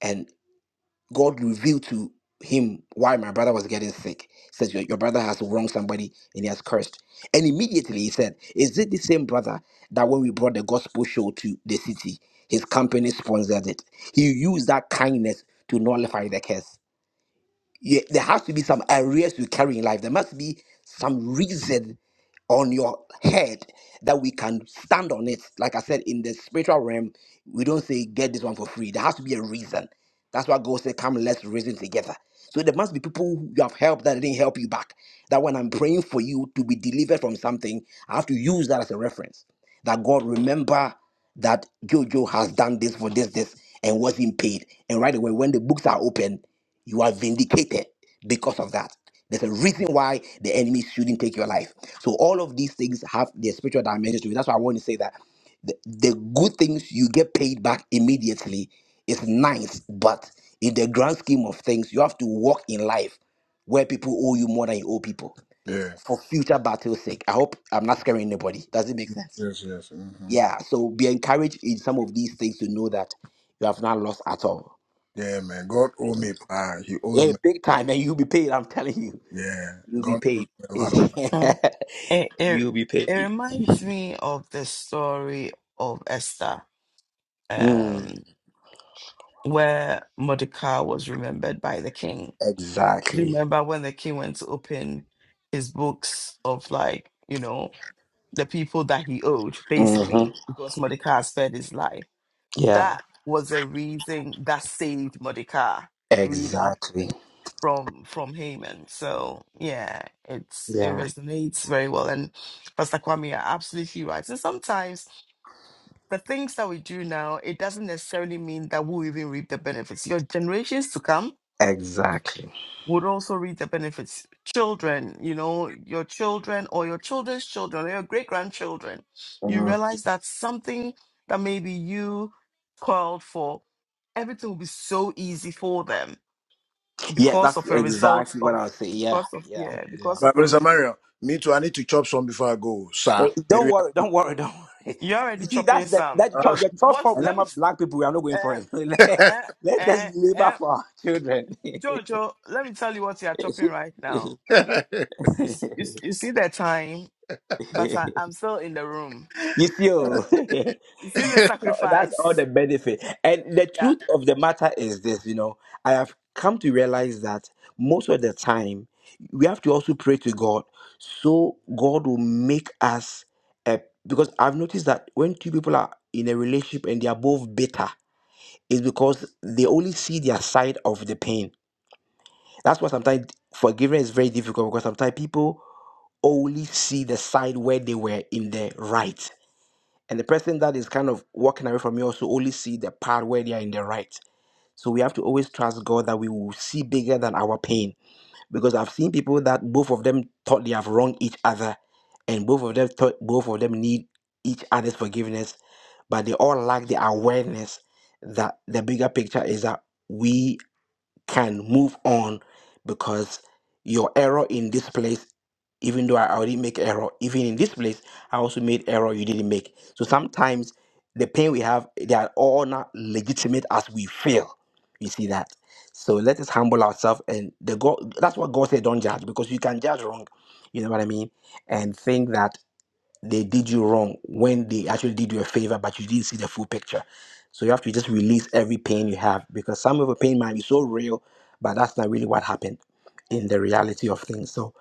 S6: and God revealed to him why my brother was getting sick. He says, Your, your brother has wronged somebody and he has cursed. And immediately he said, Is it the same brother that when we brought the gospel show to the city, his company sponsored it? He used that kindness to nullify the curse. Yeah, there has to be some areas you carry in life. There must be some reason on your head that we can stand on it. Like I said, in the spiritual realm, we don't say get this one for free. There has to be a reason. That's why God said, Come, let's reason together. So there must be people who you have helped that didn't help you back. That when I'm praying for you to be delivered from something, I have to use that as a reference. That God remember that Jojo has done this for this, this, and wasn't paid. And right away, when the books are open, you are vindicated because of that. There's a reason why the enemy shouldn't take your life. So all of these things have their spiritual dimensions to it. That's why I want to say that the, the good things you get paid back immediately is nice, but in the grand scheme of things, you have to walk in life where people owe you more than you owe people
S5: Yeah.
S6: for future battle's sake. I hope I'm not scaring anybody. Does it make sense?
S5: Yes. Yes. hmm
S6: Yeah. So be encouraged in some of these things to know that you have not lost at all.
S5: Yeah, man. God owe me. Ah, he owes
S6: Yeah,
S5: me.
S6: big time, and you'll be paid. I'm telling you.
S5: Yeah.
S6: You'll be
S5: God owes
S6: paid.
S5: me a lot of money.
S6: You'll be paid. Mm, exactly. hmm Yeah. Exactly. Yeah. Exactly. Mm. Yeah, that's exactly what I was saying. Yeah, yeah, yeah,
S5: But
S6: yeah.
S5: Mr. Mario, me too. I need to chop some before I go, sir.
S6: Eh, Don't
S5: Maybe
S6: worry, don't worry, don't worry. You see, that's that that
S5: I.
S6: tr- the trust fund with them black people. We are not going for it. let, let us labor for our children. you see, oh. that's all the benefit. And the truth of the matter is this, you know, I have come to realize that most of the time we have to also pray to God so God will make us a because I've noticed that when two people are in a relationship and they are both bitter, it's because they only see their side of the pain. That's why sometimes forgiveness is very difficult because sometimes people only see the side where they were in the right and the person that is kind of walking away from you also only see the part where they are in the right so we have to always trust god that we will see bigger than our pain because i've seen people that both of them thought they have wronged each other and both of them thought both of them need each other's forgiveness but they all lack the awareness that the bigger picture is that we can move on because your error in this place even though I already make error, even in this place, I also made error you didn't make. So sometimes the pain we have, they are all not legitimate as we feel. You see that? So let us humble ourselves and the God that's what God said, don't judge, because you can judge wrong, you know what I mean? And think that they did you wrong when they actually did you a favor, but you didn't see the full picture. So you have to just release every pain you have because some of the pain might be so real, but that's not really what happened in the reality of things. So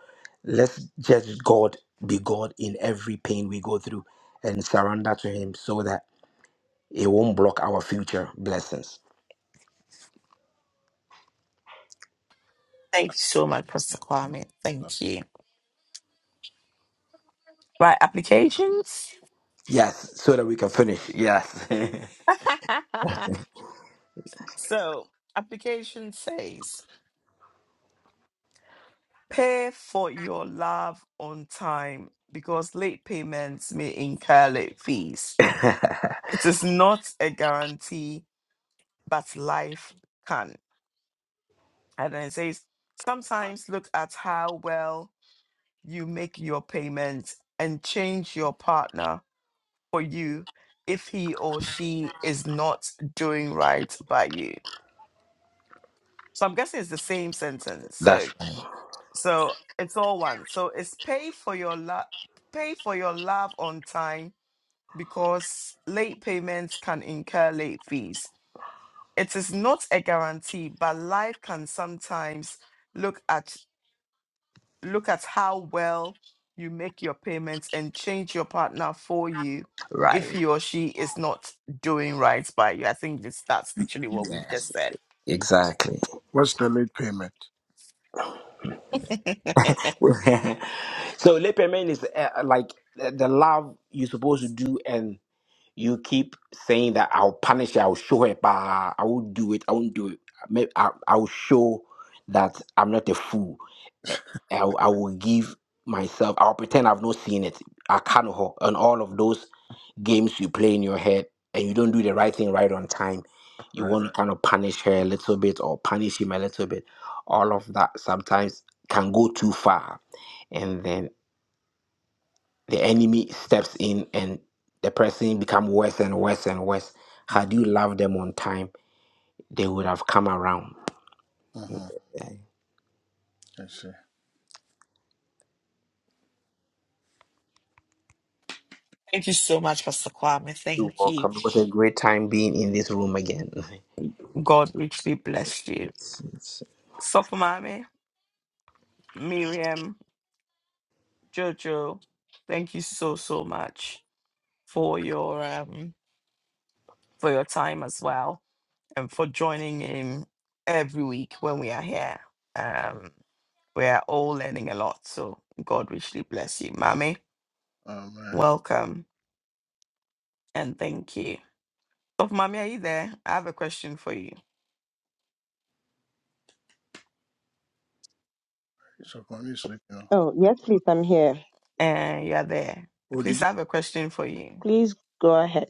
S6: let's just God, be God in every pain we go through and surrender to Him so that it won't block our future blessings. Yes, so that we can finish. Yes. yes. Exactly.
S5: What's the late payment?
S6: so leperman is uh, uh, like the the love you're supposed to do and you keep saying that i'll punish her i'll show her but i won't do it i won't do it May- I, i'll show that i'm not a fool eh, I, will- I will give myself, I'll pretend I've not seen it. I can't ho- on all of those games you play in your head and you don't do the right thing right on time. You
S5: Right.
S6: want to kind of punish her a little bit or punish him a little bit. All of that sometimes can go too far. And then the enemy steps in and the person become worse and worse and worse. Had
S5: Mm-hmm.
S6: you loved them on time, they would have come around.
S5: Mm-hmm. I see.
S6: You're welcome. It was a great time being in this room again.
S5: Oh man, so funny sleep now.
S4: Oh, yes, please, I'm here.
S5: Oh, did you
S4: Please go ahead.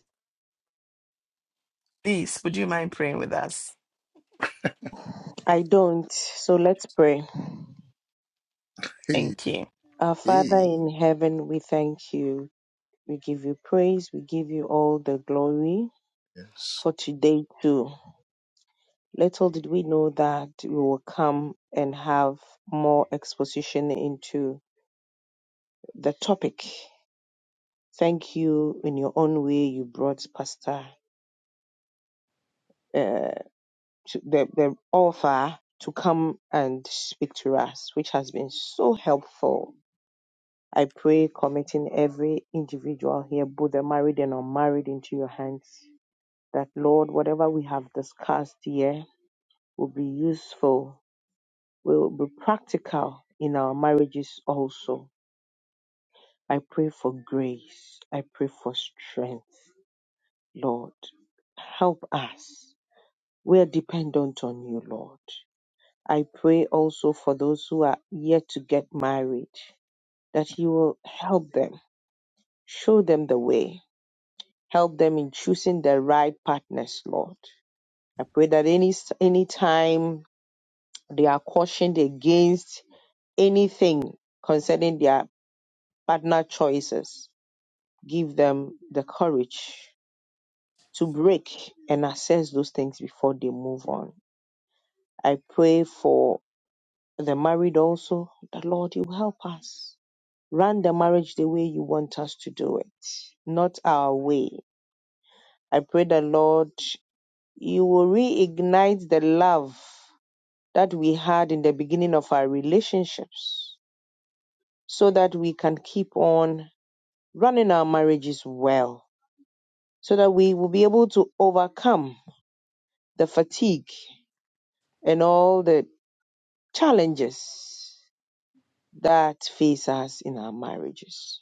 S4: I don't. So let's pray.
S5: pay?
S4: Our Father
S5: Hey.
S4: in heaven, we thank you. We give you praise. We give you all the glory
S5: Yes.
S4: for today, too. Little did we know that we will come and have more exposition into the topic. Thank you in your own way. You brought Pastor, uh, to the, the author, to come and speak to us, which has been so helpful. I pray committing every individual here, both the married and unmarried, into your hands. That, Lord, whatever we have discussed here will be useful, will be practical in our marriages also I pray for grace. I pray for strength. Lord, help us. We are dependent on you, Lord. I pray also for those who are yet to get married that you will help them, show them the way, help them in choosing the right partners, Lord. I pray that any any time they are cautioned against anything concerning their partner choices, give them the courage to break and assess those things before they move on. I pray for the married also. that Lord, you help us. Run the marriage the way you want us to do it, not our way. I pray that Lord, you will reignite the love that we had in the beginning of our relationships so that we can keep on running our marriages well, so that we will be able to overcome the fatigue and all the challenges that face us in our marriages.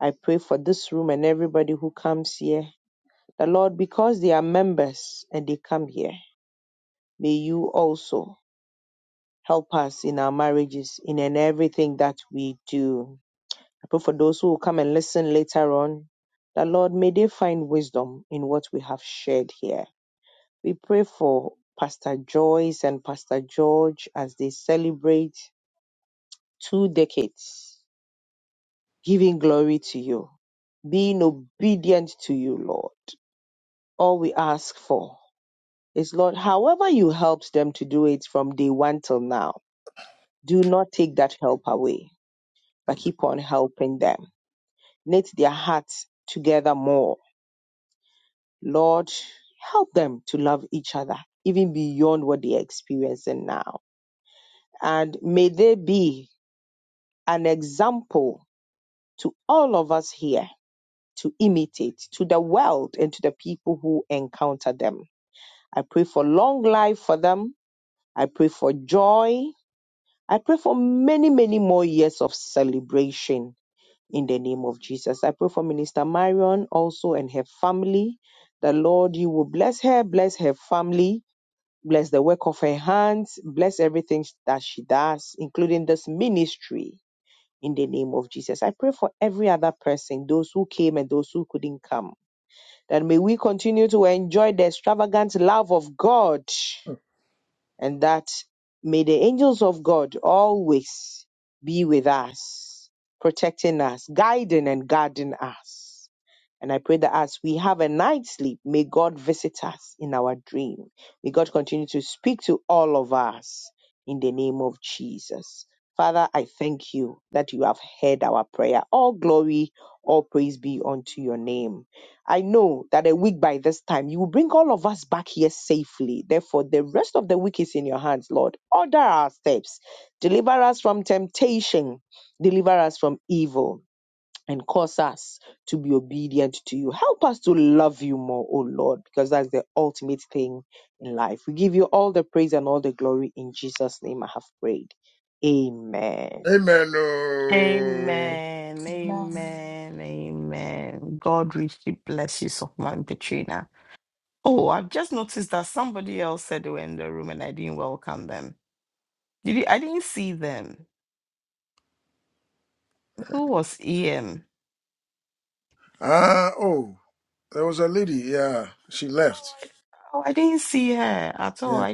S4: I pray for this room and everybody who comes here. The Lord, because they are members and they come here, may you also help us in our marriages, in, and everything that we do. I pray for those who will come and listen later on. The Lord, may they find wisdom in what we have shared here. We pray for Pastor Joyce and Pastor George as they celebrate two decades giving glory to you, being obedient to you, Lord. All we ask for is, Lord, however you helped them to do it from day one till now, do not take that help away, but
S5: Amen.
S4: keep on helping them. Knit their hearts together more. Lord, help them to love each other, even beyond what they're experiencing now. And may they be an example to all of us here to imitate to the world and to the people who encounter them. I pray for long life for them. I pray for joy. I pray for many, many more years of celebration in the name of Jesus. I pray for Minister Marion also and her family. The Lord, you will bless her, bless her family, bless the work of her hands, bless everything that she does, including this ministry in the name of Jesus. I pray for every other person, those who came and those who couldn't come that may we continue to enjoy the extravagant love of God
S5: Oh.
S4: and that may the angels of God always be with us, protecting us, guiding and guarding us. And I pray that as we have a night's sleep, may God visit us in our dream. May God continue to speak to all of us in the name of Jesus. Father, I thank you that you have heard our prayer. All glory, all praise be unto your name. I know that a week by this time, you will bring all of us back here safely. Therefore, the rest of the week is in your hands, Lord. Order our steps. Deliver us from temptation. Deliver us from evil and cause us to be obedient to you. Help us to love you more, O Lord, because that's the ultimate thing in life. We give you all the praise and all the glory in Jesus' name. I have prayed. Amen.
S5: Amen. Oh. Ah. Oh, there was a lady. Yeah, she left. Yeah.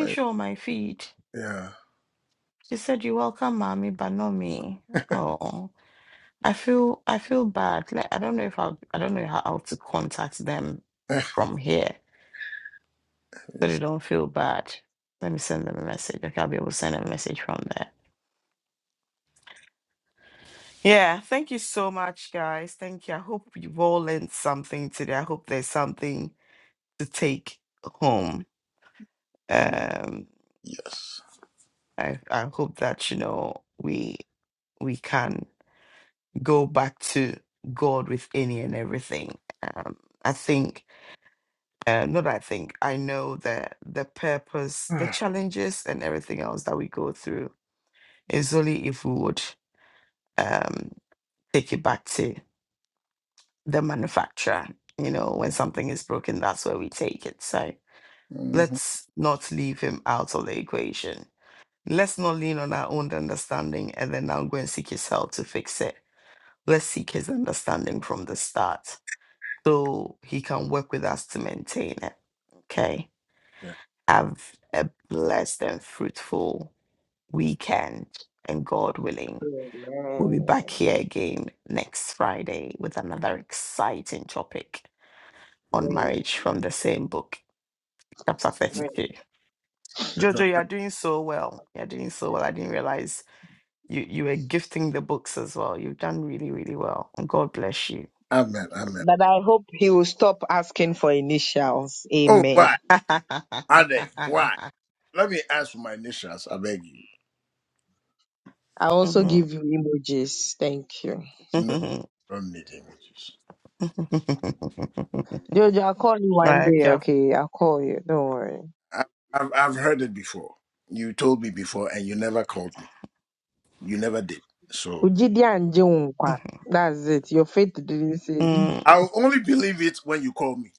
S5: I, yeah. Eh, yes. Mm-hmm. Yeah.
S4: Amen. Great. Great.
S5: Amen. Amen.
S4: But I hope he will stop asking for initials.
S5: Oh,
S4: Amen.
S5: why? Are they? Why? Let me ask for my initials. I beg you.
S4: I also give you emojis. Thank you.
S5: No, I don't need him with you.
S4: Jojo, I'll call you one day, okay? I'll call you. Don't worry.
S5: I've, I've I've heard it before. You told me before, and you never called me. You never did. So
S4: Ujidi and Jiunkwa. That's it. Your faith didn't say.
S5: I'll only believe it when you call me.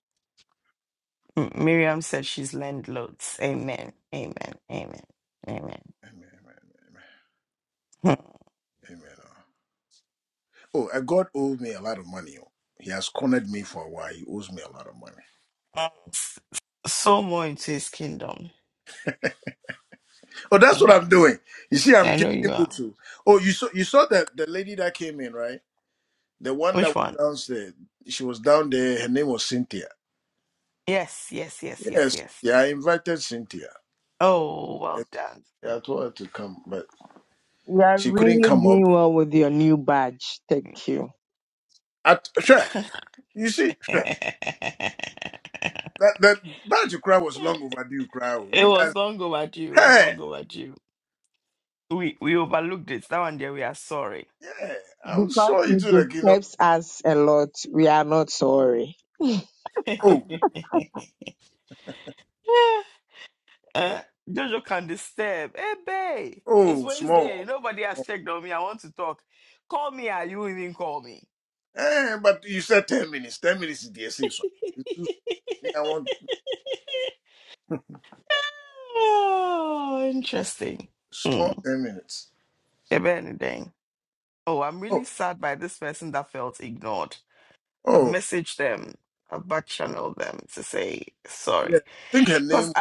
S5: Amen. Amen. Amen. amen. Oh, and God owes me a lot of money. oh. He has cornered me for a while. He owes me a lot of money. Oh, that's what I'm doing. You see, I'm giving books. oh. Oh, you saw you saw that the lady that came in, right? The one that was downstairs. She was down there. Her name was Cynthia. Yes, yeah. I invited Cynthia. Yes, I told her to come, but
S4: You are
S5: she couldn't
S4: really
S5: come up.
S4: doing well with your new badge. Thank you.
S5: At, sure. You see, that that Magic Cry was long overdue, Cry. You guys, hey, yeah, I
S4: Because
S5: saw you
S4: it
S5: to the kingdom.
S4: disturbs us a lot, we are not sorry.
S5: Oh, oh, small. Eh, but you said 10 minutes. 10 minutes is the essay, so it's too, yeah, I want small 10 minutes. Oh, oh, yeah. I think her name.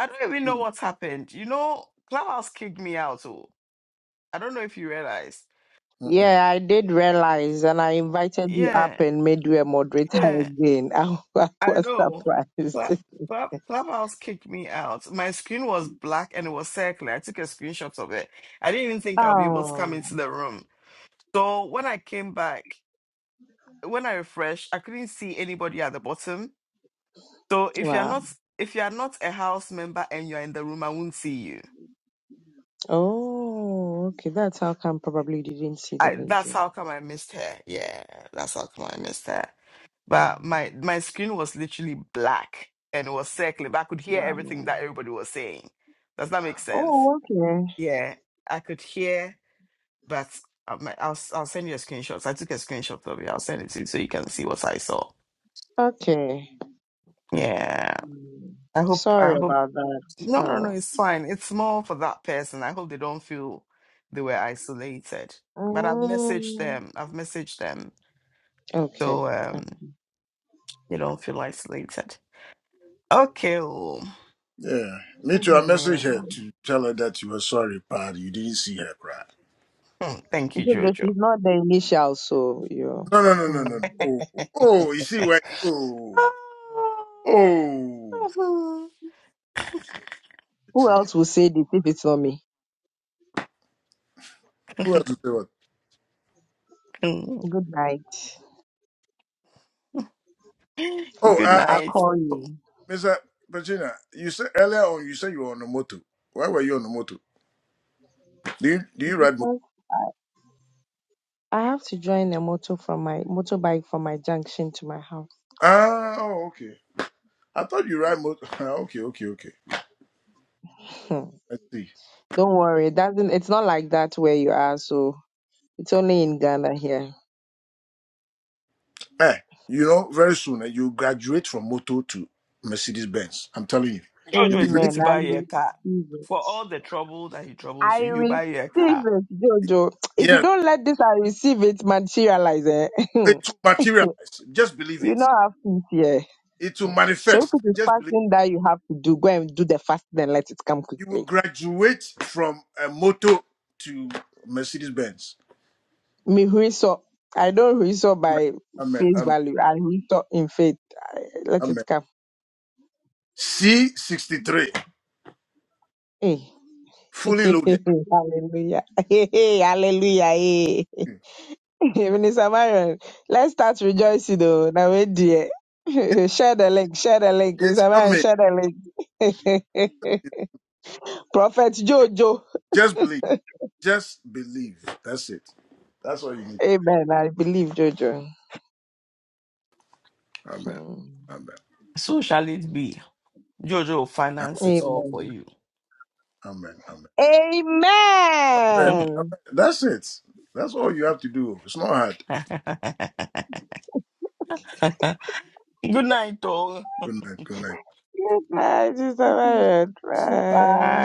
S5: Mm,
S4: Yeah, I did realize, and I invited you up and made you a moderator again. I, was surprised. Oh, wow. Oh, okay. That's how come probably didn't see the lady. Wow. Oh, okay. Okay. Sorry about that. Oh. Mm, okay. Uh,
S5: Yeah, me
S4: Oh,
S5: too. I messaged her
S4: wow.
S5: to tell her that you were sorry, Pad. You didn't see her cry.
S4: It's okay. She's not the initial, so you.
S5: No, no, no, no, no.
S4: Mm.
S5: no. Oh, oh, you see where? Oh, oh. You
S4: Who
S5: see,
S4: else will say this if it's not me?
S5: who has to say what?
S4: Good night.
S5: Oh, uh,
S4: I
S5: uh,
S4: call you
S5: Mr. Petrina, you said earlier on you said you were on a moto. Why were you on a moto? Do you do you ride moto?
S4: because I have to join a motor from my motorbike from my junction to my house.
S5: Ah, oh, okay. I thought you ride moto. Ah, okay, okay, okay.
S4: Hmm.
S5: I see.
S4: Don't worry, it doesn't. It's not like that where you are. So it's only in Ghana here.
S5: Eh, you know, very soon eh, you graduate from moto to Mercedes Benz. I'm telling you. If you believe,
S4: Amen. I receive it. I receive it, Jojo. If you
S5: yes,
S4: don't let this, I receive it materialize. Eh? you
S5: it will materialize. Just believe it.
S4: don't have peace here.
S5: It will
S4: So if
S5: manifest.
S4: it is
S5: Just believe.
S4: fasting that you have to do, go and do the fasting and let it come
S5: You will
S4: quickly.
S5: graduate from a moto to Mercedes Benz.
S4: Me huiso, I don't huiso
S5: Amen.
S4: by
S5: Amen.
S4: face
S5: Amen.
S4: value. I huiso in faith. I- Let
S5: Amen.
S4: it come.
S5: C63,
S4: Eh.
S5: fully loaded.
S4: hallelujah. hallelujah. eh. Minister Marion, let's start rejoicing though. Now we dear.
S5: It-
S4: share the link, share the link.
S5: it's
S4: Minister Marion,
S5: coming.
S4: share the link. Prophet Jojo.
S5: Just believe. Just believe. That's it. That's all you need.
S4: Amen. I believe Jojo.
S5: Amen.
S4: Hmm.
S5: Amen. A-
S4: Amen.
S5: Amen. Amen. Amen.
S4: Amen.
S5: Amen. That's it. That's all you have to do. It's not hard. Good night. Good night.
S4: You guys, it's a very try.